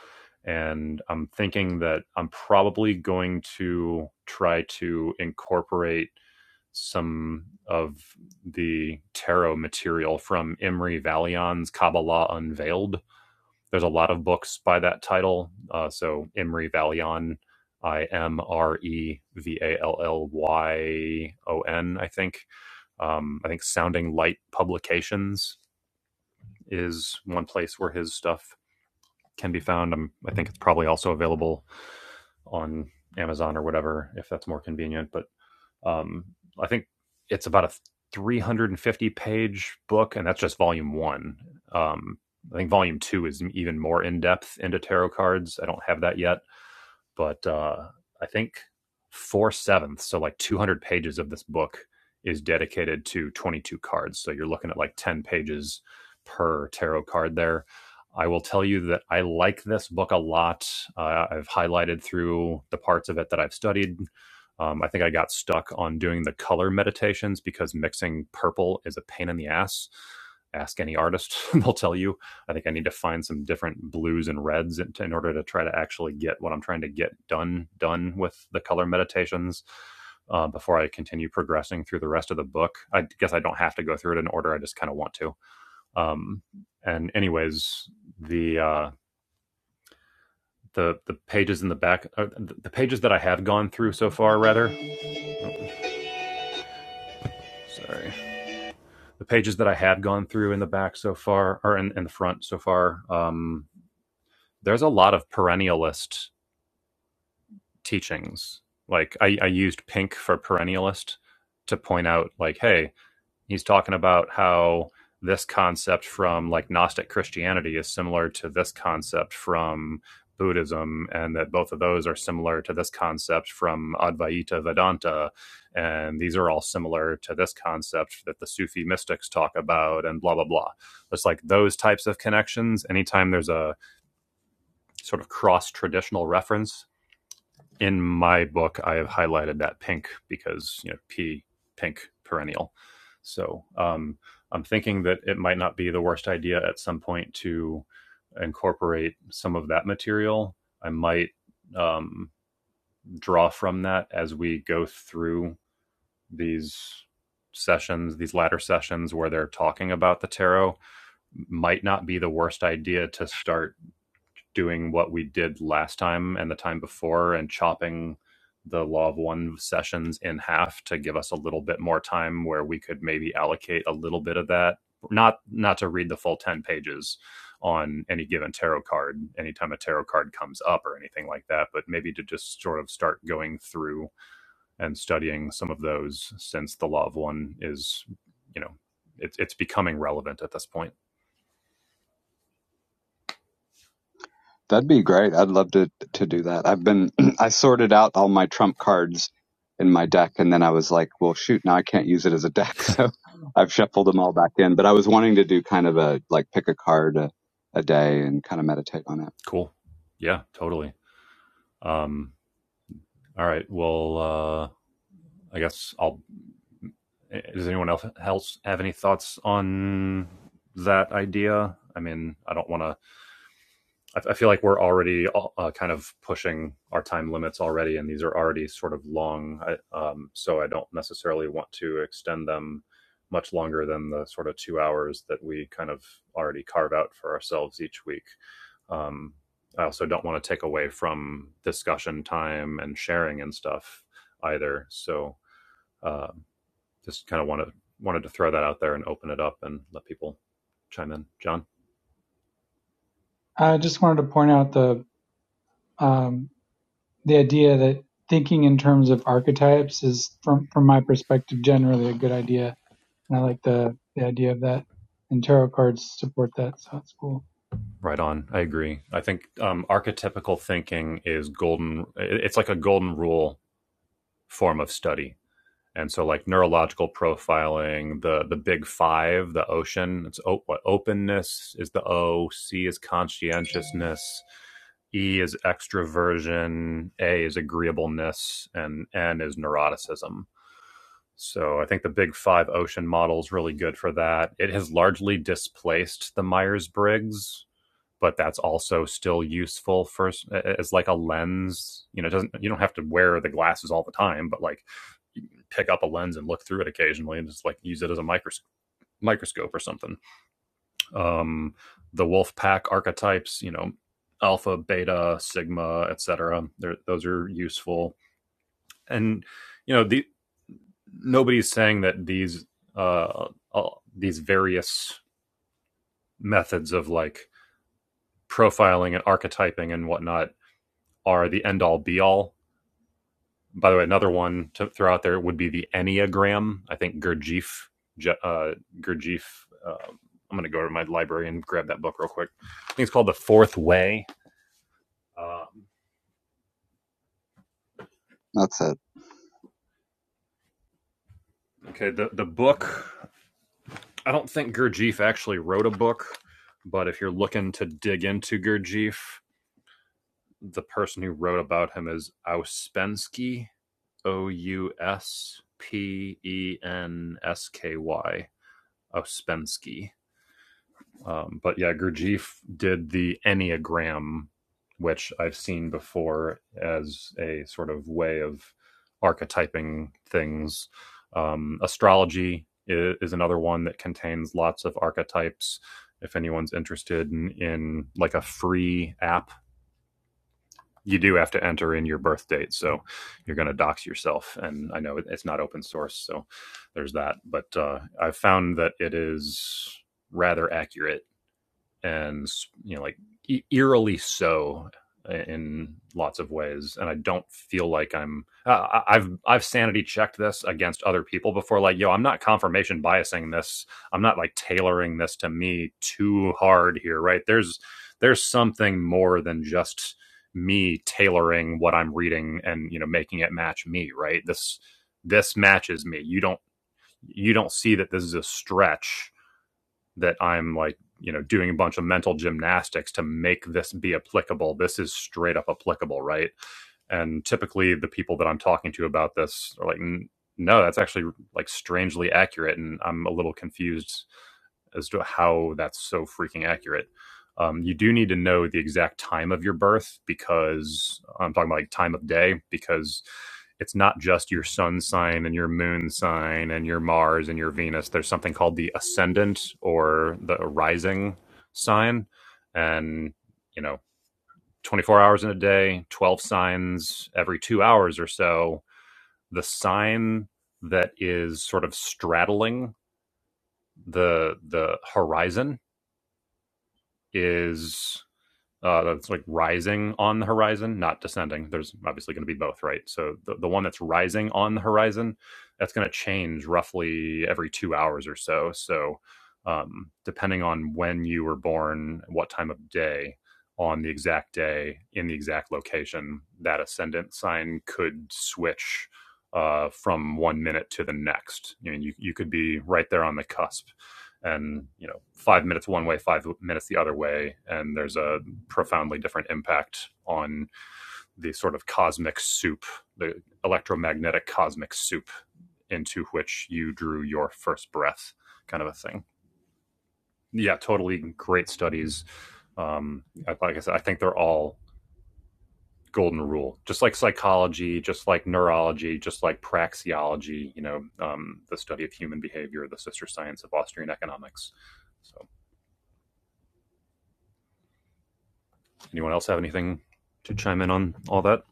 And I'm thinking that I'm probably going to try to incorporate some of the tarot material from Imri Valion's Kabbalah Unveiled. There's a lot of books by that title. Uh, so Imri Valion, I M R E V A L L Y O N, I think. Um, I think Sounding Light Publications is one place where his stuff can be found. i I think it's probably also available on Amazon or whatever if that's more convenient. But um, I think it's about a 350 page book, and that's just volume one. Um, I think volume two is even more in depth into tarot cards. I don't have that yet. But uh, I think four sevenths, so like 200 pages of this book is dedicated to 22 cards. So you're looking at like 10 pages per tarot card there. I will tell you that I like this book a lot. Uh, I've highlighted through the parts of it that I've studied. Um, I think I got stuck on doing the color meditations because mixing purple is a pain in the ass. Ask any artist, they'll tell you. I think I need to find some different blues and reds in, in order to try to actually get what I'm trying to get done done with the color meditations uh, before I continue progressing through the rest of the book. I guess I don't have to go through it in order. I just kind of want to. Um, and anyways, the uh, the the pages in the back, uh, the pages that I have gone through so far, rather, sorry, the pages that I have gone through in the back so far, or in, in the front so far, um, there's a lot of perennialist teachings. Like I, I used Pink for perennialist to point out, like, hey, he's talking about how this concept from like Gnostic Christianity is similar to this concept from Buddhism, and that both of those are similar to this concept from Advaita Vedanta, and these are all similar to this concept that the Sufi mystics talk about, and blah blah blah. It's like those types of connections. Anytime there's a sort of cross traditional reference in my book, I have highlighted that pink because you know P pink perennial. So um, I'm thinking that it might not be the worst idea at some point to incorporate some of that material. I might um, draw from that as we go through these sessions, these latter sessions where they're talking about the tarot. Might not be the worst idea to start doing what we did last time and the time before and chopping the law of one sessions in half to give us a little bit more time where we could maybe allocate a little bit of that not not to read the full 10 pages on any given tarot card anytime a tarot card comes up or anything like that but maybe to just sort of start going through and studying some of those since the law of one is you know it's it's becoming relevant at this point That'd be great. I'd love to to do that. I've been I sorted out all my trump cards in my deck and then I was like, well shoot, now I can't use it as a deck. So I've shuffled them all back in, but I was wanting to do kind of a like pick a card a, a day and kind of meditate on it. cool yeah totally Um, All right. Well, uh, I guess I'll. Does anyone else have any thoughts on that idea? I mean, I don't want to. I, I feel like we're already uh, uh, kind of pushing our time limits already, and these are already sort of long. I, um, so I don't necessarily want to extend them much longer than the sort of two hours that we kind of already carve out for ourselves each week. Um, I also don't want to take away from discussion time and sharing and stuff either. So um, just kind of wanted wanted to throw that out there and open it up and let people chime in. John, I just wanted to point out the um, the idea that thinking in terms of archetypes is, from from my perspective, generally a good idea, and I like the the idea of that. And tarot cards support that, so it's cool. right on. I agree. I think um, archetypical thinking is golden. It's like a golden rule form of study. And so, like neurological profiling, the the big five, the ocean. It's o- what openness is the O. C is conscientiousness. E is extroversion. A is agreeableness, and N is neuroticism So I think the Big Five ocean model is really good for that. It has largely displaced the Myers Briggs, but that's also still useful for as like a lens. You know, it doesn't you don't have to wear the glasses all the time, but like pick up a lens and look through it occasionally and just like use it as a micros- microscope or something. Um, the wolf pack archetypes, you know, alpha, beta, sigma, etc. Those are useful. And you know, the, nobody's saying that these uh, all- these various methods of like profiling and archetyping and whatnot are the end all be all. By the way, another one to throw out there would be the Enneagram. I think Gurdjieff, uh, Gurdjieff. Uh, I'm going to go to my library and grab that book real quick. I think it's called The Fourth Way. Um, That's it. okay, the the book. I don't think Gurdjieff actually wrote a book, but if you're looking to dig into Gurdjieff, the person who wrote about him is Ouspensky, O U S P E N S K Y, Ouspensky. Um, but yeah, Gurdjieff did the Enneagram, which I've seen before as a sort of way of archetyping things. Um, astrology i- is another one that contains lots of archetypes. If anyone's interested in, in like a free app you do have to enter in your birth date, so you're going to dox yourself. And I know it's not open source, so there's that. But uh, I've found that it is rather accurate and you know like e- eerily so uh, in lots of ways and i don't feel like i'm uh, I- i've i've sanity checked this against other people before like yo i'm not confirmation biasing this i'm not like tailoring this to me too hard here right there's there's something more than just me tailoring what i'm reading and you know making it match me right this this matches me you don't you don't see that this is a stretch that I'm like, you know, doing a bunch of mental gymnastics to make this be applicable. This is straight up applicable, right? And typically, the people that I'm talking to about this are like, no, that's actually like strangely accurate. And I'm a little confused as to how that's so freaking accurate. Um, you do need to know the exact time of your birth because I'm talking about like time of day because it's not just your sun sign and your moon sign and your Mars and your Venus. There's something called the ascendant or the rising sign. And, you know, 24 hours in a day, 12 signs every two hours or so. The sign that is sort of straddling the the horizon is uh, that's like rising on the horizon, not descending. There's obviously going to be both, right? So the, the one that's rising on the horizon, that's going to change roughly every two hours or so. So um, depending on when you were born, what time of day, on the exact day, in the exact location, that ascendant sign could switch uh, from one minute to the next. I mean, you, you could be right there on the cusp and you know five minutes one way five minutes the other way and there's a, profoundly different impact on the sort of cosmic soup, the electromagnetic cosmic soup into which you drew your first breath, kind of a thing. Yeah, totally great studies. Um, like I said, I think they're all golden rule, just like psychology, just like neurology, just like praxeology, you know, um, the study of human behavior, the sister science of Austrian economics. So, anyone else have anything to chime in on all that?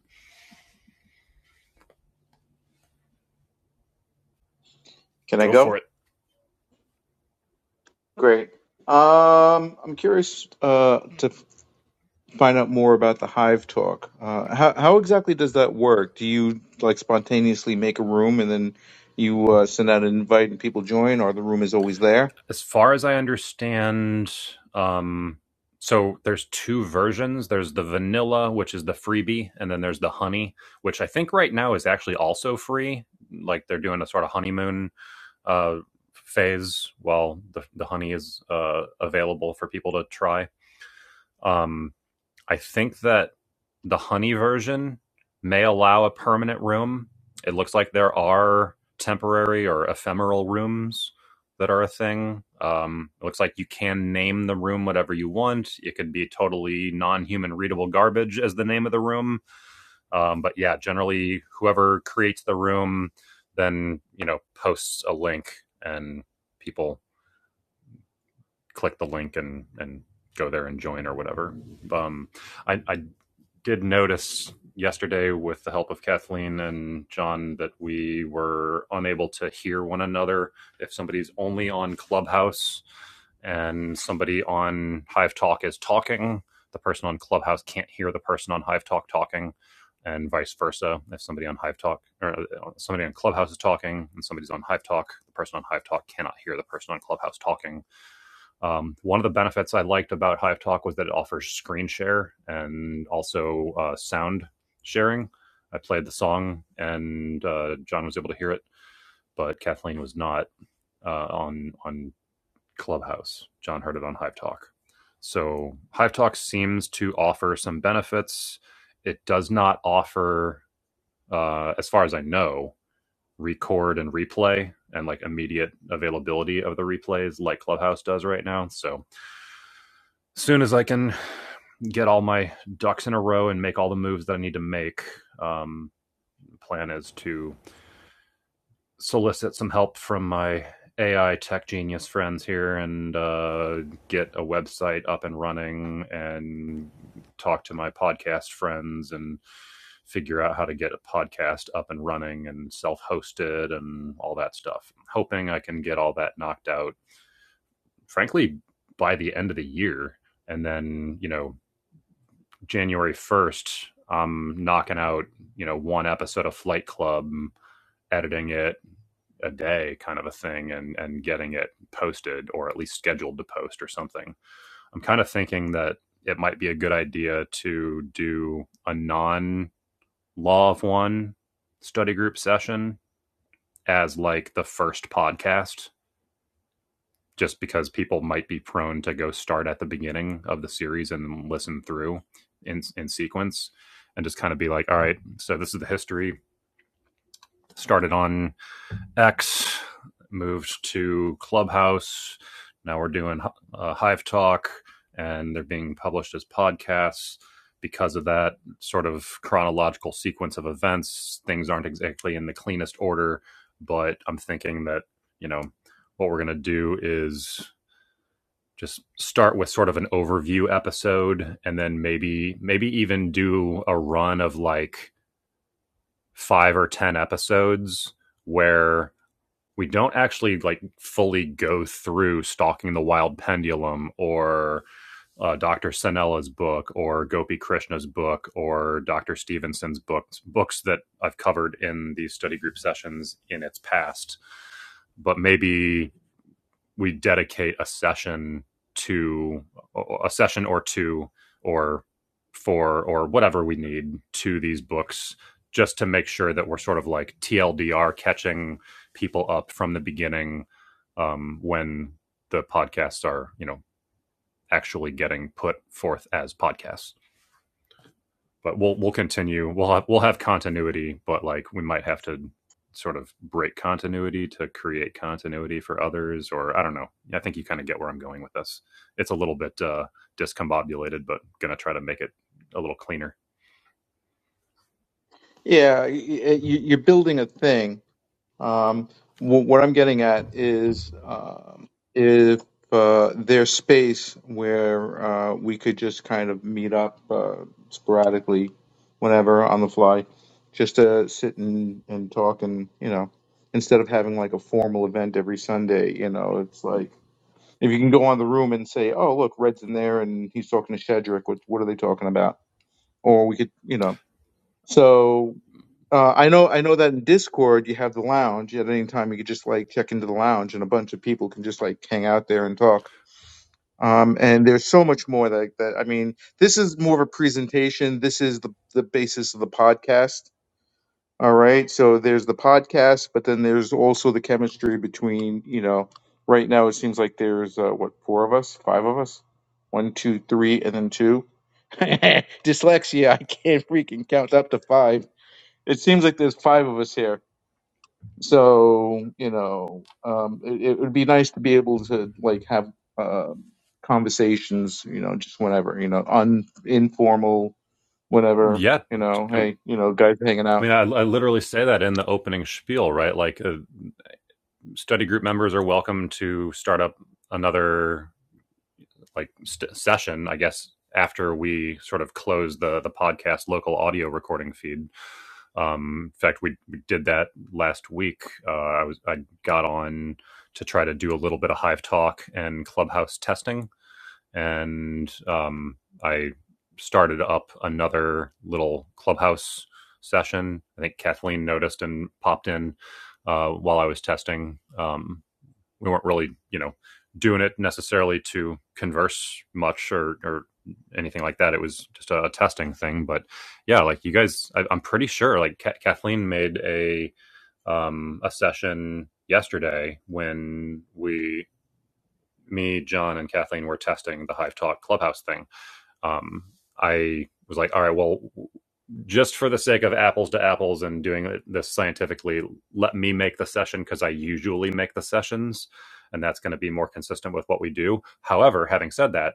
Can I Go go? for it. Great. Um, I'm curious uh, to f- find out more about the Hive Talk. Uh, how how exactly does that work? Do you like spontaneously make a room and then you uh, send out an invite and people join, or the room is always there? as far as I understand, um, so there's two versions. There's the vanilla, which is the freebie, and then there's the honey, which I think right now is actually also free. Like they're doing a sort of honeymoon uh, phase while the, the honey is uh, available for people to try. Um, I think that the honey version may allow a permanent room. It looks like there are temporary or ephemeral rooms that are a thing. Um, it looks like you can name the room whatever you want. It could be totally non human readable garbage as the name of the room. Um, but yeah, generally, whoever creates the room then, you know, posts a link and people click the link and, and go there and join or whatever. Um, I, I did notice yesterday with the help of Kathleen and John that we were unable to hear one another if somebody's only on Clubhouse and somebody on Hive Talk is talking, the person on Clubhouse can't hear the person on Hive Talk talking and vice versa. If somebody on Hive Talk or uh, somebody on Clubhouse is talking and somebody's on Hive Talk, the person on Hive Talk cannot hear the person on Clubhouse talking um, one of the benefits I liked about Hive Talk was that it offers screen share and also uh, sound sharing. I played the song, and uh, John was able to hear it, but Kathleen was not uh, on on Clubhouse. John heard it on Hive Talk. So Hive Talk seems to offer some benefits. It does not offer, uh, as far as I know, record and replay and like immediate availability of the replays like Clubhouse does right now. So as soon as I can get all my ducks in a row and make all the moves that I need to make, um, plan is to solicit some help from my AI tech genius friends here and uh, get a website up and running and talk to my podcast friends and figure out how to get a podcast up and running and self hosted and all that stuff. I'm Hoping I can get all that knocked out, frankly, by the end of the year. And then, you know, January 1st, I'm knocking out, you know, one episode of Flight Club, editing it a day kind of a thing and and getting it posted or at least scheduled to post or something. I'm kind of thinking that it might be a good idea to do a non law of one study group session as like the first podcast just because people might be prone to go start at the beginning of the series and listen through in in sequence and just kind of be like, all right, so this is the history. Started on X, moved to Clubhouse. Now we're doing uh, Hive Talk, and they're being published as podcasts. Because of that sort of chronological sequence of events, things aren't exactly in the cleanest order. But I'm thinking that, you know, what we're going to do is just start with sort of an overview episode and then maybe maybe even do a run of like 5 or 10 episodes where we don't actually like fully go through stalking the wild pendulum or uh, dr sanella's book or gopi krishna's book or dr stevenson's books books that i've covered in these study group sessions in its past but maybe we dedicate a session to a session or two or four or whatever we need to these books just to make sure that we're sort of like TLDR catching people up from the beginning um, when the podcasts are, you know, actually getting put forth as podcasts but we'll we'll continue. We'll have we'll have continuity, but like we might have to sort of break continuity to create continuity for others, or I don't know. I think you kind of get where I'm going with this. It's a little bit uh, discombobulated, but gonna try to make it a little cleaner. Yeah, y- y- you're building a thing. Um, wh- what I'm getting at is um, if uh, there's space where uh, we could just kind of meet up uh, sporadically, whenever on the fly, just to sit and, and talk and, you know, instead of having like a formal event every Sunday, you know, it's like if you can go on the room and say, oh, look, Red's in there and he's talking to Shedrick, what, what are they talking about? Or we could, you know. so. Uh, I know, I know that in Discord you have the lounge. At any time, you could just like check into the lounge, and a bunch of people can just like hang out there and talk. Um, and there's so much more that that I mean, this is more of a presentation. This is the the basis of the podcast. All right, so there's the podcast, but then there's also the chemistry between you know. Right now, it seems like there's uh, what four of us, five of us, one, two, three, and then two. Dyslexia, I can't freaking count up to five. It seems like there's five of us here so you know um it, it would be nice to be able to like have uh, conversations you know just whenever you know un informal whenever Yeah, you know I hey you know guys hanging out mean, I, I literally say that in the opening spiel, right? Like, uh, study group members are welcome to start up another like st- session, I guess, after we sort of close the the podcast local audio recording feed. Um, in fact, we, we did that last week. Uh, I was I got on to try to do a little bit of Hive Talk and Clubhouse testing, and um, I started up another little Clubhouse session. I think Kathleen noticed and popped in uh, while I was testing. because we weren't really you know doing it necessarily to converse much or or anything like that. It was just a, a testing thing. But yeah, like you guys, I, I'm pretty sure like Ca Kathleen made a um a session yesterday when we me John and Kathleen were testing the Hive Talk Clubhouse thing um, I was like, all right, well, just for the sake of apples to apples and doing this scientifically, let me make the session because I usually make the sessions, and that's going to be more consistent with what we do. However, having said that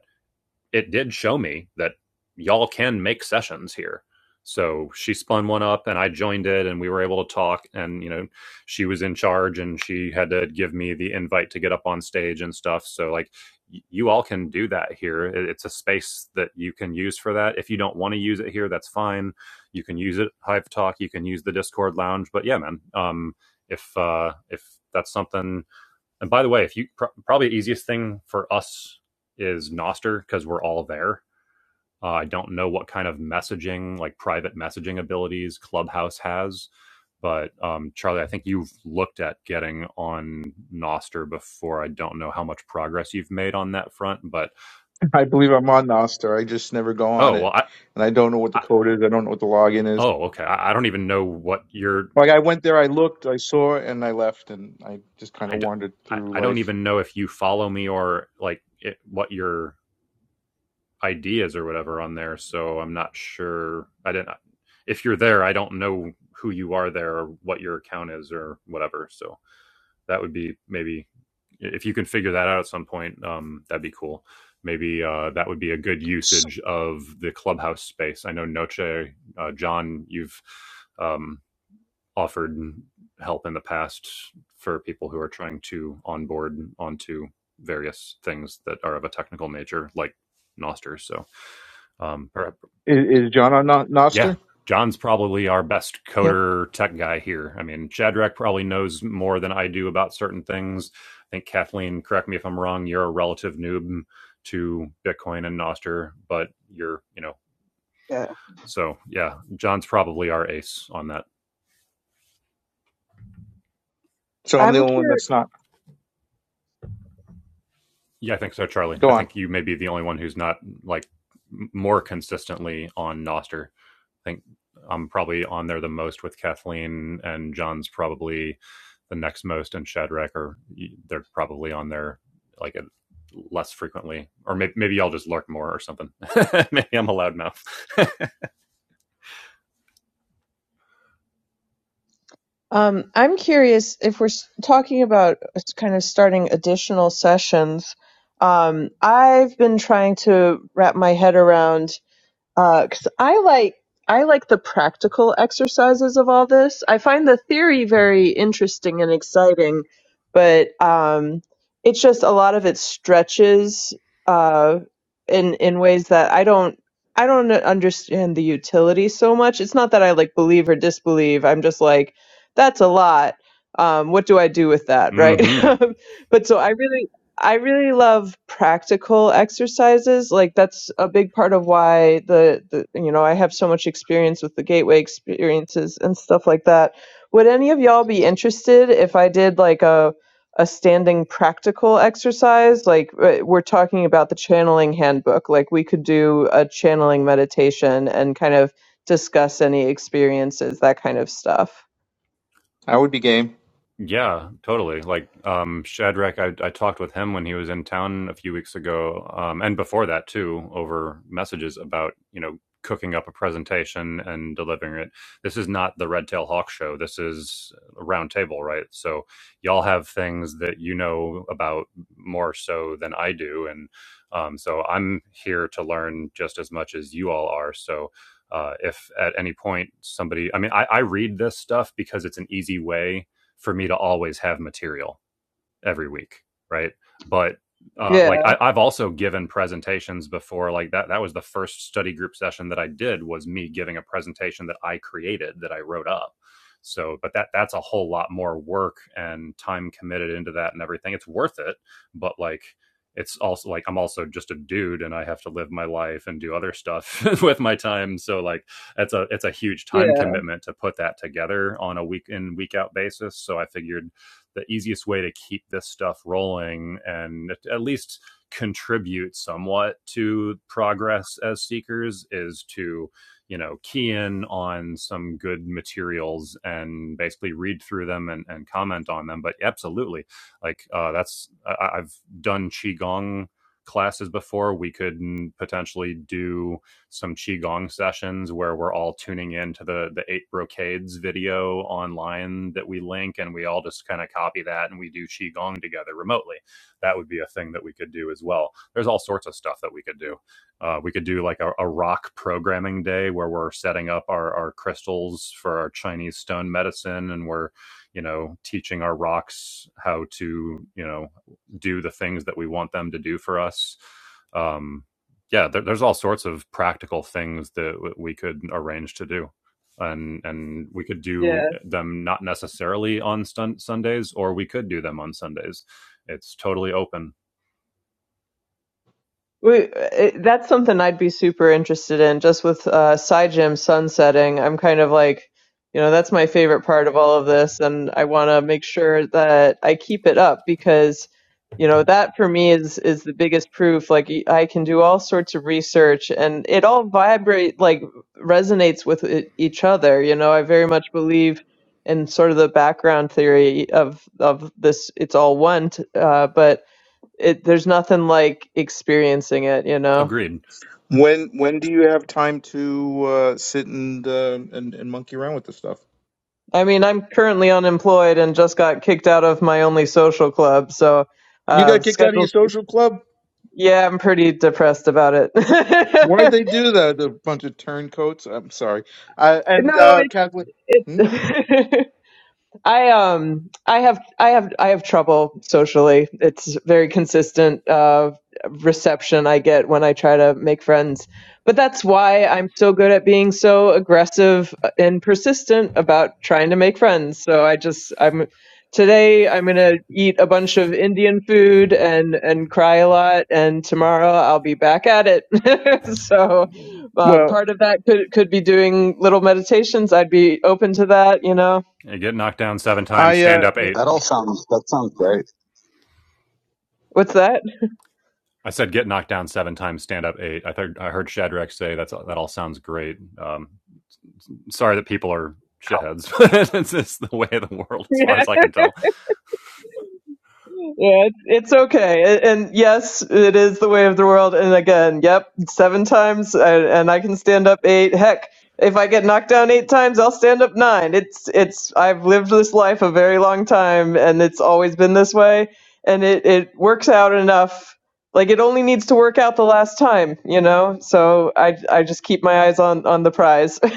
it did show me that y'all can make sessions here. So she spun one up and I joined it and we were able to talk and you know she was in charge and she had to give me the invite to get up on stage and stuff. So like y- you all can do that here. It- It's a space that you can use for that. If you don't want to use it here, that's fine. You can use it Hive Talk, you can use the Discord lounge, but yeah man, um if uh if that's something and by the way, if you pr- probably the easiest thing for us is Noster because we're all there. Uh, I don't know what kind of messaging, like private messaging abilities, Clubhouse has, but um, Charlie, I think you've looked at getting on Noster before. I don't know how much progress you've made on that front, but i believe i'm on noster i just never go on oh it well. I, and i don't know what the I code is i don't know what the login is oh okay. I, I don't even know what your like i went there i looked i saw it, and i left and i just kind I of d- wandered I through I don't life even know if you follow me or like it, what your ideas or whatever on there. So I'm not sure. I didn't. If you're there, I don't know who you are there or what your account is or whatever. So that would be maybe if you can figure that out at some point. Um, that'd be cool. Maybe uh, that would be a good S- usage of the clubhouse space. I know Noche, uh, John, you've um, offered help in the past for people who are trying to onboard onto various things that are of a technical nature, like Noster. So um, or, is, is john on No- noster yeah, John's probably our best Yep. coder tech guy here. I mean, Shadrach probably knows more than I do about certain things. I think Kathleen, correct me if I'm wrong, you're a relative noob to Bitcoin and Nostr, but you're, you know, Yeah, so yeah, John's probably our ace on that. so i'm the I'm only curious. one that's not Yeah, I think so, Charlie. go I on think you may be the only one who's not like m- more consistently on Nostr. think I'm probably on there the most with Kathleen, and John's probably the next most, and Shadrach are they're probably on there like a, less frequently, or maybe maybe y'all just lurk more or something. maybe I'm a loudmouth. Um, I'm curious if we're s- talking about uh, s- kind of starting additional sessions. Um, I've been trying to wrap my head around. Uh 'cause I like I like the practical exercises of all this. I find the theory very interesting and exciting, but um, it's just a lot of it stretches uh, in in ways that I don't I don't understand the utility so much. It's not that I like believe or disbelieve. I'm just like that's a lot. Um, what do I do with that, right? mm-hmm. but so I really I really love practical exercises. Like that's a big part of why the, the you know, I have so much experience with the gateway experiences and stuff like that. Would any of y'all be interested if I did like a a standing practical exercise? Like uh, we're talking about the channeling handbook. Like we could do a channeling meditation and kind of discuss any experiences, that kind of stuff. i would be game Yeah, totally. Like um Shadrach, I I talked with him when he was in town a few weeks ago, um, and before that too, over messages about, you know, cooking up a presentation and delivering it. This is not the Red Tail Hawk show. This is a round table, right? So y'all have things that you know about more so than I do. And um so I'm here to learn just as much as you all are. So uh, if at any point somebody i mean I, I read this stuff because it's an easy way for me to always have material every week, right? But uh, Yeah, like I, I've also given presentations before. Like that that was the first study group session that I did was me giving a presentation that I created that I wrote up. So, but that that's a whole lot more work and time committed into that and everything. It's worth it, but like it's also like I'm also just a dude and I have to live my life and do other stuff with my time. So like that's a it's a huge time yeah, commitment to put that together on a week in week out basis. So I figured the easiest way to keep this stuff rolling and at- least contribute somewhat to progress as seekers is to you know key in on some good materials and basically read through them and, and comment on them but absolutely like uh, that's I, i've done qigong classes before we could mm, potentially do some qigong sessions where we're all tuning into the the eight brocades video online that we link and we all just kind of copy that and we do qigong together remotely that would be a thing that we could do as well there's all sorts of stuff that we could do uh, we could do like a, a rock programming day where we're setting up our, our crystals for our chinese stone medicine and we're you know teaching our rocks how to you know do the things that we want them to do for us Um, yeah, there, there's all sorts of practical things that we could arrange to do, and and we could yeah. do them not necessarily on stun- Sundays, or we could do them on Sundays. It's totally open. We, uh, it, that's something I'd be super interested in. Just with uh, Saijim sunsetting, I'm kind of like, you know, that's my favorite part of all of this, and I want to make sure that I keep it up because, you know, that for me is is the biggest proof. Like y- I can do all sorts of research, and it all vibrate like resonates with e- each other. You know, I very much believe in sort of the background theory of of this. It's all one, t- uh, but it there's nothing like experiencing it, you know. Agreed. When when do you have time to uh, sit and, uh, and and monkey around with this stuff? I mean, I'm currently unemployed and just got kicked out of my only social club, so You uh got kicked out of your scheduled social club. yeah, I'm pretty depressed about it. Why'd they do that? A bunch of turncoats. I'm sorry. Uh, and no, uh, Kathleen. Hmm? it I um I have I have I have trouble socially. It's very consistent uh reception I get when I try to make friends. But that's why I'm so good at being so aggressive and persistent about trying to make friends. So I just I'm today I'm going to eat a bunch of Indian food and and cry a lot and tomorrow I'll be back at it. so uh, Well, part of that could could be doing little meditations. I'd be open to that, you know. Uh, Get knocked down seven times, I uh, stand up y- eight. That all sounds that sounds great. What's that? I said get knocked down seven times, stand up eight. I heard I heard Shadrach say that's that all sounds great. Um, sorry that people are shitheads, but it's just the way of the world, as Yeah, far as I can tell. yeah, it's, it's okay. A- And yes, it is the way of the world. And again, yep, seven times, and, and I can stand up eight. Heck, if I get knocked down eight times, I'll stand up nine. It's it's I've lived this life a very long time, and it's always been this way. And it it works out enough. Like it only needs to work out the last time, you know. So I I just keep my eyes on on the prize.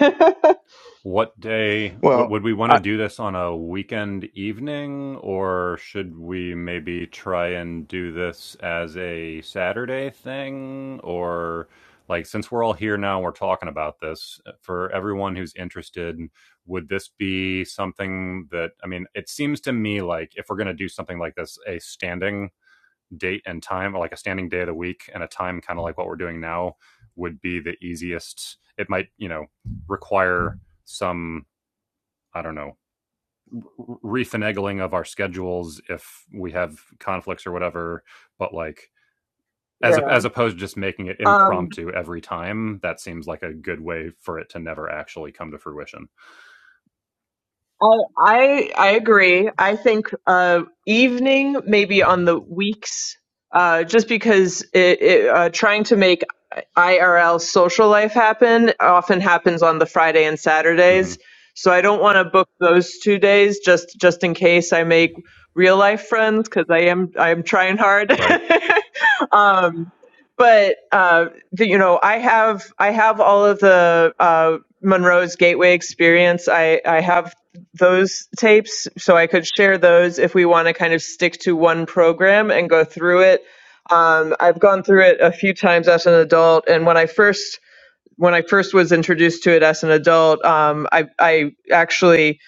what day what, well, would we want to I, do this on a weekend evening or should we maybe try and do this as a saturday thing or like since we're all here now we're talking about this uh, for everyone who's interested would this be something that i mean it seems to me like if we're going to do something like this a standing date and time, or like a standing day of the week and a time, kind of like what we're doing now, would be the easiest. It might, you know, require some, I don't know, refinagling of our schedules if we have conflicts or whatever. But like, as Yeah. as opposed to just making it Um, impromptu every time, that seems like a good way for it to never actually come to fruition I I I agree. I think uh, evening maybe on the weeks, uh, just because it, it, uh, trying to make IRL social life happen often happens on the Friday and hmm Saturdays. So I don't want to book those two days just just in case I make real life friends because I am I am trying hard. Right. um, but uh, the, you know, I have I have all of the uh, Monroe's Gateway experience. I I have those tapes, so I could share those if we want to kind of stick to one program and go through it. Um, I've gone through it a few times as an adult, and when I first when I first was introduced to it as an adult, um, I I actually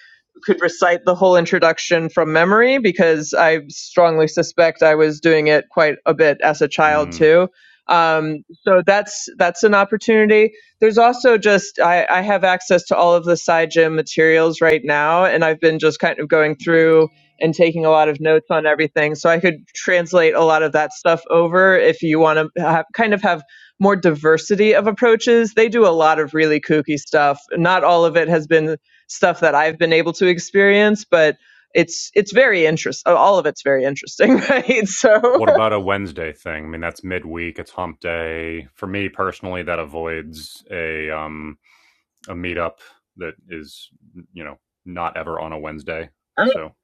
could recite the whole introduction from memory because I strongly suspect I was doing it quite a bit as a child Mm. too. Um, so that's that's an opportunity. There's also just I, I have access to all of the side gym materials right now, and I've been just kind of going through and taking a lot of notes on everything. So I could translate a lot of that stuff over if you want to have, kind of have more diversity of approaches. They do a lot of really kooky stuff. Not all of it has been stuff that I've been able to experience, but it's it's very interesting. All of it's very interesting, right? So What about a Wednesday thing? I mean, that's midweek. It's hump day. For me personally, that avoids a um a meetup that is you know not ever on a Wednesday. I- So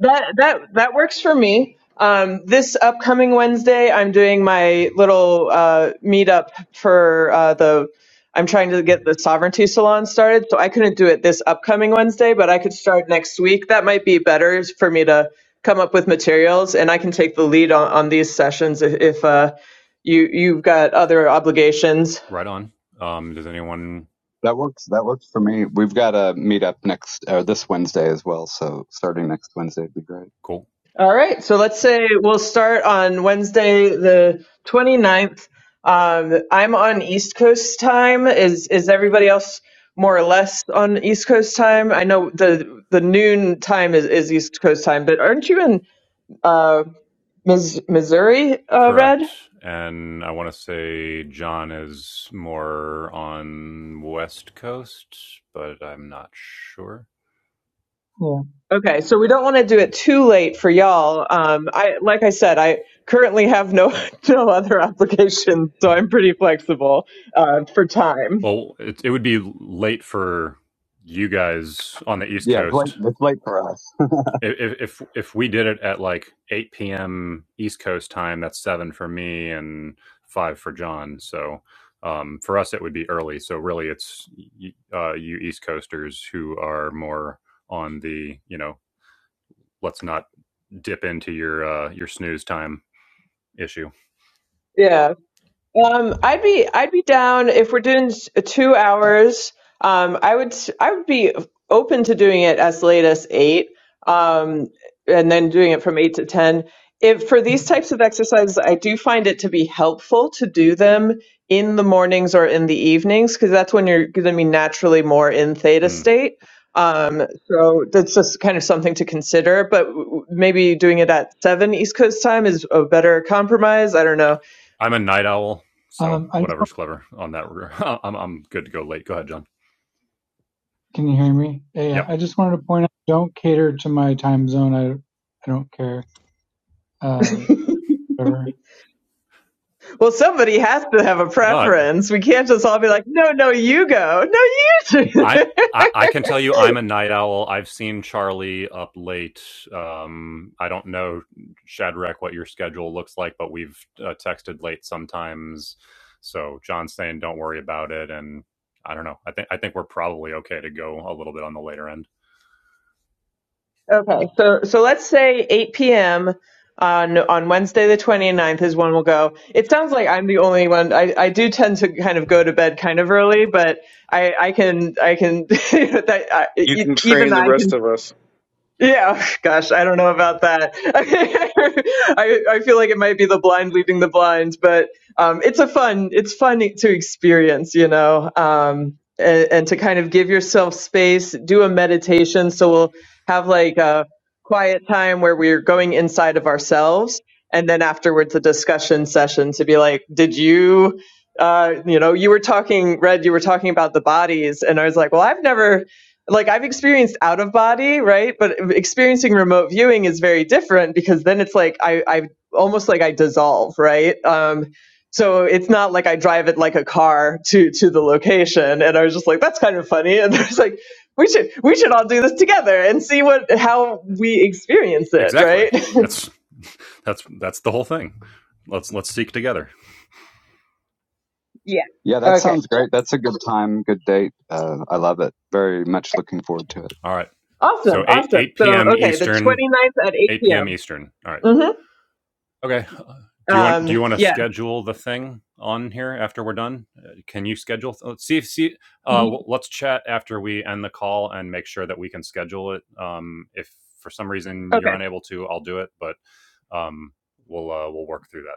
that that that works for me. Um, this upcoming Wednesday, I'm doing my little uh, meetup for uh, the. I'm trying to get the sovereignty salon started, so I couldn't do it this upcoming Wednesday, but I could start next week. That might be better for me to come up with materials, and I can take the lead on, on these sessions if, if uh, you you've got other obligations right on. Um, does anyone? That works. That works for me. We've got a meetup next or this Wednesday as well. So starting next Wednesday would be great. Cool. All right, so let's say we'll start on Wednesday the 29th. Um, I'm on East Coast time. Is is everybody else more or less on East Coast time? I know the the noon time is, is East Coast time, but aren't you in uh, Mis- Missouri, uh, Red? Correct. And I want to say John is more on West Coast, but I'm not sure. Yeah. Okay, so we don't want to do it too late for y'all. Um, I like I said, I currently have no no other obligations, so I'm pretty flexible uh, for time. Well, it, it would be late for you guys on the East Yeah, it's late. Coast. It's late for us. If, if if we did it at like 8 p.m. East Coast time, that's seven for me and five for John. So um, for us, it would be early. So really, it's uh, you East Coasters who are more on the you know let's not dip into your uh, your snooze time issue. Yeah. Um, I'd be I'd be down if we're doing s- two hours. Um, I would s- I would be open to doing it as late as eight, um, and then doing it from eight to ten. If for these types of exercises, I do find it to be helpful to do them in the mornings or in the evenings because that's when you're going to be naturally more in theta Mm. state. Um, so that's just kind of something to consider. But w- w- maybe doing it at seven East Coast time is a better compromise. I don't know I'm a night owl, so Um, I just want, whatever's clever on that. I'm I'm good to go late. Go ahead, John. can you hear me? Yeah, yeah. Yep. I just wanted to point out, don't cater to my time zone. I I don't care. Um, whatever. Well, somebody has to have a No, preference. We can't just all be like, no, no, you go. No, you do. I, I I can tell you I'm a night owl. I've seen Charlie up late. Um, I don't know Shadrach what your schedule looks like, but we've uh, texted late sometimes. So John's saying don't worry about it, and I don't know. I think I think we're probably okay to go a little bit on the later end. okay. So, so let's say 8 p.m. on, on Wednesday, the 29th is when we'll go. It sounds like I'm the only one. I, I do tend to kind of go to bed kind of early, but I, I can, I can, that, I, you e- can train even the I can rest of us. Yeah, gosh, I don't know about that. I I feel like it might be the blind leading the blind, but um, it's a fun it's fun to experience, you know, um, and, and to kind of give yourself space, do a meditation. So we'll have like a quiet time where we're going inside of ourselves, and then afterwards a discussion session to be like, did you? Uh, you know, you were talking, Red. You were talking about the bodies, and I was like, "Well, I've never like I've experienced out of body, right? But experiencing remote viewing is very different because then it's like I, I almost like I dissolve, right? Um, so it's not like I drive it like a car to to the location, and I was just like, that's kind of funny, and there's like. We should we should all do this together and see what how we experience it, Exactly. right? That's that's that's the whole thing. Let's let's seek together. yeah. Yeah, that Okay. sounds great. That's a good time, good date. Uh, I love it. Very much looking forward to it. All right. So Awesome. eight Awesome. eight So p.m. okay, the Eastern. twenty ninth at 8 Eight p.m. p.m. Eastern. All right. Okay. Mm-hmm. Do you want do Um, you want to yeah. schedule the thing on here after we're done? Uh, Can you schedule? Th- Let's see. See. Uh, let's chat after we end the call and make sure that we can schedule it. Um, if for some reason you're Okay. unable to, I'll do it. But um, we'll uh, we'll work through that.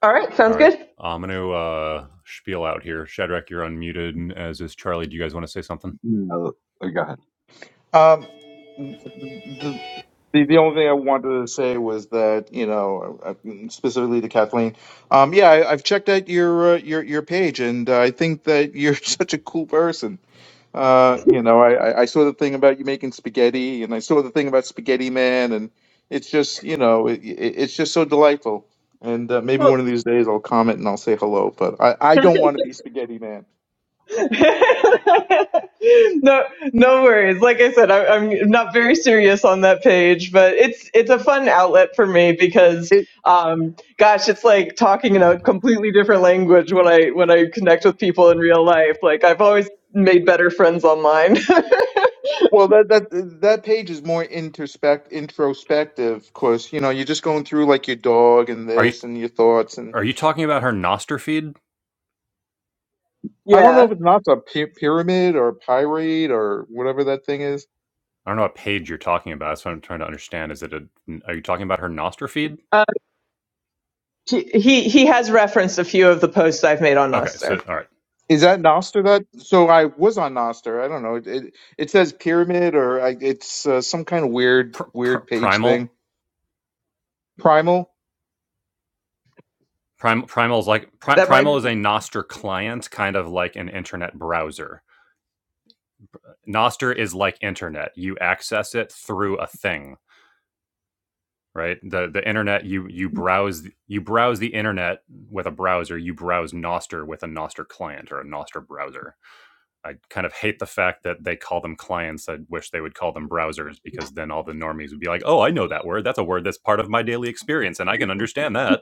All right. All Sounds right. good. I'm going to uh, spiel out here. Shadrach, you're unmuted, and as is Charlie. Do you guys want to say something? You know, oh, go ahead. Um, the, the the only thing I wanted to say was that you know uh, specifically to Kathleen. Um, yeah, I, I've checked out your uh, your your page, and uh, I think that you're such a cool person. Uh, you know, I, I I saw the thing about you making spaghetti, and I saw the thing about Spaghetti Man, and it's just, you know, it, it, it's just so delightful. And uh, Well, maybe one of these days I'll comment and I'll say hello, but I, I don't want to be Spaghetti Man. no, no worries. Like I said, I, I'm not very serious on that page, but it's it's a fun outlet for me because, It, um, gosh, it's like talking in a completely different language when I when I connect with people in real life. Like I've always made better friends online. well, that that that page is more introspect introspective, of course. You know, you're just going through like your dog and Are you this and your thoughts, and are you talking about her Nostr feed? I don't know yeah, if it's not a py- pyramid or pirate or whatever that thing is I don't know what page you're talking about. That's what I'm trying to understand. Is it a? Are you talking about her Nostr feed? uh, he he he has referenced a few of the posts I've made on Okay. So Noster. all right. Is that Noster? That so I was on Noster. I don't know. It it, it says pyramid or I, it's uh, some kind of weird Pr- pr- weird page primal. thing. Primal Prim- primal is like pri- That might, primal is a Nostr client, kind of like an internet browser. Nostr is like internet. You access it through a thing. right? The the internet you you browse you browse the internet with a browser, you browse Noster with a Noster client or a Noster browser. I kind of hate the fact that they call them clients. I wish they would call them browsers because then all the normies would be like, "Oh, I know that word. That's a word that's part of my daily experience and I can understand that."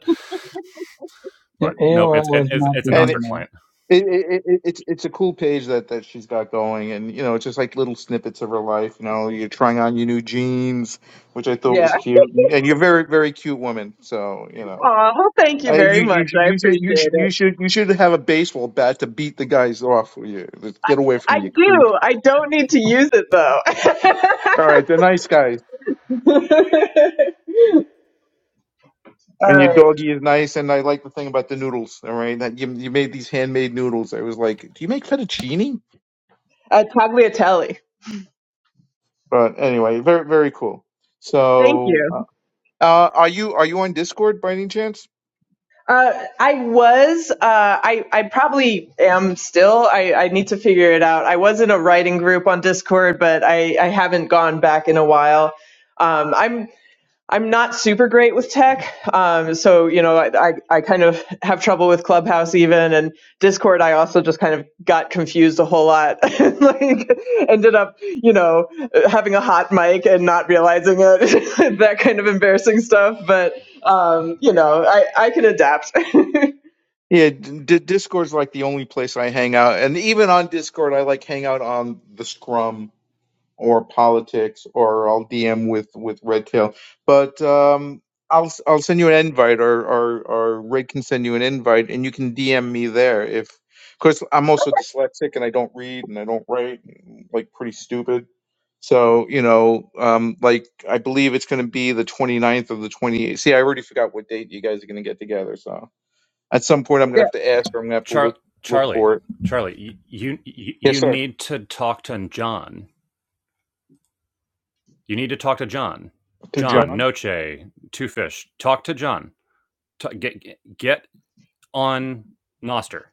Yeah, But nope, it's it, AOL is it's not it's a the and it, Nostr client. internet. it, it, it it's it's a cool page that that she's got going, and you know it's just like little snippets of her life. You know, you're trying on your new jeans, which I thought yeah. was cute, and you're a very very cute woman. So you know. Aw, well, thank you I, very you much. you should I you should appreciate you should it. you should you should have a baseball bat to beat the guys off. You get away from I me, you creep. do. I don't need to use it though. All right, they're nice guys. All And your right. doggy is nice, and I like the thing about the noodles. All right, that you you made these handmade noodles. I was like, do you make fettuccine? Uh, tagliatelle. But anyway, very very cool. Thank So, you. uh, uh, are you are you on Discord by any chance? Uh, I was, uh, I, I probably am still. I, I need to figure it out. I was in a writing group on Discord, but I, I haven't gone back in a while. Um, I'm I'm not super great with tech. Um, so, you know, I, I, I kind of have trouble with Clubhouse even and Discord. I also just kind of got confused a whole lot, like ended up, you know, having a hot mic and not realizing it, that kind of embarrassing stuff. But, um, you know, I, I can adapt. Yeah, d- d- Discord's like the only place I hang out, and even on Discord, I like hang out on the Scrum or politics, or I'll DM with with Red Tail. But um, I'll s- I'll send you an invite, or or or Ray can send you an invite, and you can DM me there. If of course I'm also dyslexic and I don't read and I don't write, and, like pretty stupid. So you know, um, like I believe it's going to be the 29th or the 28th. See, I already forgot what date you guys are going to get together. So at some point, I'm going yeah. to have to ask, or I'm going to have to Char- look look Charlie, for it. Charlie, you, you Yes, you sir. need to talk to John. You need to talk to John. To John, John. Noche, Two Fish, talk to John. Ta- get get- on Nostr.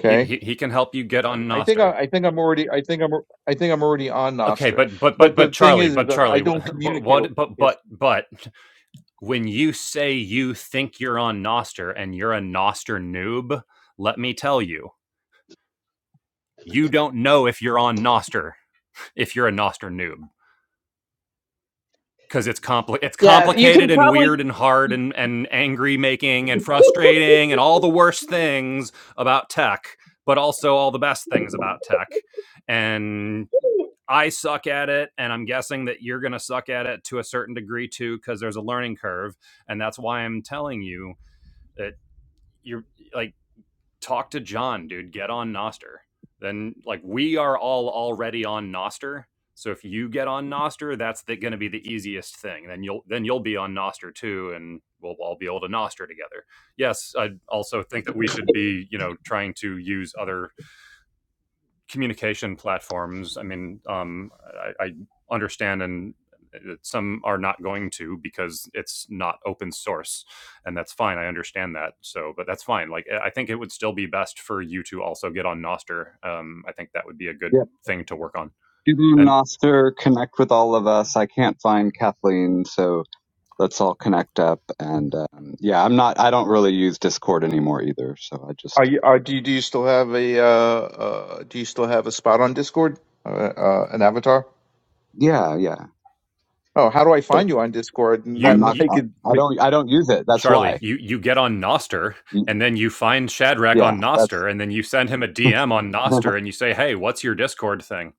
He, he he can help you get on I think I, Noster. I think I'm already I think I'm I think I'm already on Okay, Noster. but but But but the but thing Charlie, is, is but that I Charlie, don't wh- communicate. a- what but Yes. but but when you say you think you're on Noster and you're a Noster noob, let me tell you, you don't know if you're on Noster if you're a Noster noob because it's compli- it's Yeah. You complicated can and probably, weird and hard and and angry making and frustrating and all the worst things about tech, but also all the best things about tech. And I suck at it, and I'm guessing that you're going to suck at it to a certain degree too, because there's a learning curve, and that's why I'm telling you that you're like talk to John, dude. Get on Nostr. Then like we are all already on Nostr, so if you get on Nostr, that's going to be the easiest thing. Then you'll then you'll be on Nostr too, and we'll all be able to Nostr together. Yes, I also think that we should be you know trying to use other communication platforms. I mean, um, I, I understand and some are not going to because it's not open source and that's fine i understand that so but that's fine like i think it would still be best for you to also get on noster um, i think that would be a Yeah, good thing to work on do the and Noster connect with all of us. I can't find Kathleen, so let's all connect up. And um, yeah, I'm not. I don't really use Discord anymore either. So I Are just you are do you, do you still have a uh, uh do you still have a spot on Discord? Uh, uh an avatar? yeah, yeah. Oh, how do I But find you on Discord? And I'm you, then not. you I I, could I make- don't. I don't use it. That's Charlie, why. you you get on Noster, and then you find Shadrach Yeah, on that's Noster, and then you send him a DM on Noster, and you say, "Hey, what's your Discord thing?"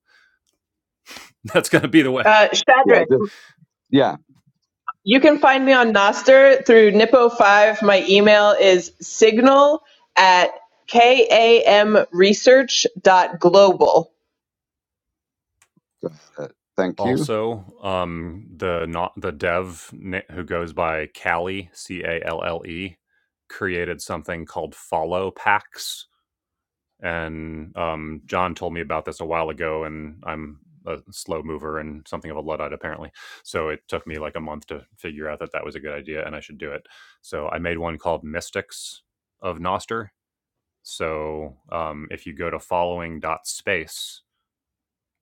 That's going to be the way. uh, yeah, Shadrach. just yeah. You can find me on Noster through Nippo5. My email is signal at kamresearch.global. Uh, thank you. Also, um, the not the dev who goes by Callie C A L L E created something called Follow Packs, and um, John told me about this a while ago, and I'm a slow mover and something of a luddite apparently. So it took me like a month to figure out that that was a good idea and I should do it. So I made one called Mystics of Noster. So um, if you go to following dot space,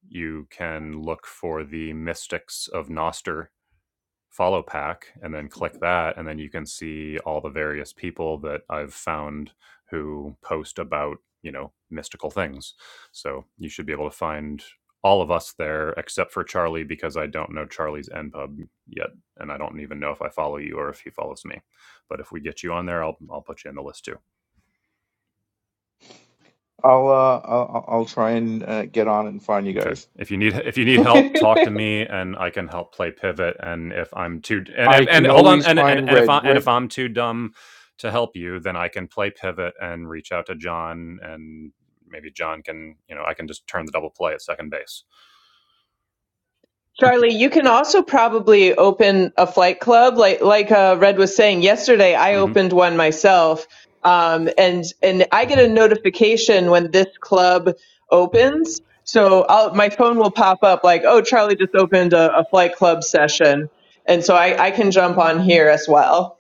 you can look for the Mystics of Noster follow pack and then click that and then you can see all the various people that I've found who post about, you know, mystical things. So you should be able to find all of us there except for Charlie because I don't know Charlie's NPub yet and I don't even know if I follow you or if he follows me. But if we get you on there, I'll I'll put you in the list too. I'll uh I'll, I'll try and uh, get on and find you Okay. guys. If you need if you need help, talk to me, and I can help play pivot. And if I'm too and I and, and can hold on, always and, and find and if Red. I and Red. if I'm too dumb to help you, then I can play pivot and reach out to John, and maybe John can you know I can just turn the double play at second base. Charlie, you can also probably open a flight club. Like like uh, Red was saying yesterday, I hmm opened one myself, um, and and I get a notification when this club opens. So I'll, my phone will pop up like, "Oh, Charlie just opened a, a flight club session," and so I, I can jump on here as well.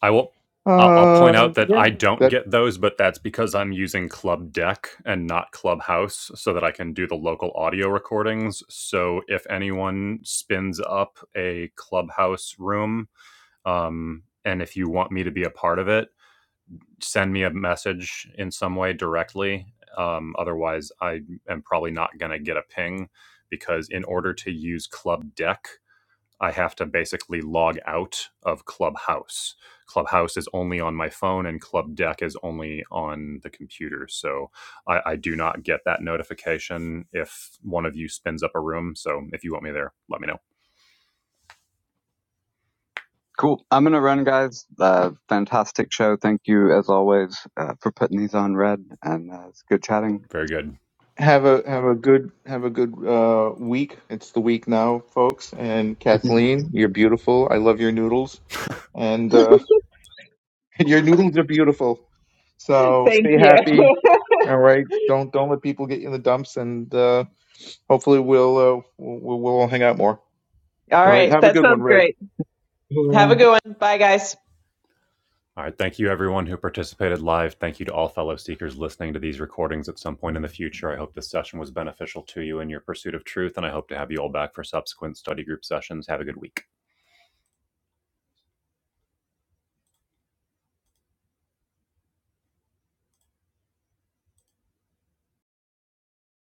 I will. I'll, I'll point Uh out that yeah. I don't get those, but that's because I'm using Club Deck and not Clubhouse, so that I can do the local audio recordings. So if anyone spins up a Clubhouse room, um, and if you want me to be a part of it, send me a message in some way directly. Um, otherwise, I am probably not going to get a ping because in order to use Club Deck, I have to basically log out of Clubhouse. Clubhouse is only on my phone and Club Deck is only on the computer. So I, I do not get that notification if one of you spins up a room. So if you want me there, let me know. Cool. I'm gonna run, guys. Uh, fantastic show. Thank you as always uh, for putting these on, Red, and uh, it's good chatting. Very good. Have a have a good have a good uh, week. It's the week now, folks. And Kathleen, you're beautiful. I love your noodles, and uh, your noodles are beautiful. So Thank stay you. happy. All right. Don't don't let people get you in the dumps, and uh, hopefully we'll, uh, we'll we'll all hang out more. All All right. right. Have a That good sounds one, Red. great. Have a Yep. good one. Bye, guys. All right. Thank you, everyone who participated live. Thank you to all fellow seekers listening to these recordings at some point in the future. I hope this session was beneficial to you in your pursuit of truth, and I hope to have you all back for subsequent study group sessions. Have a good week.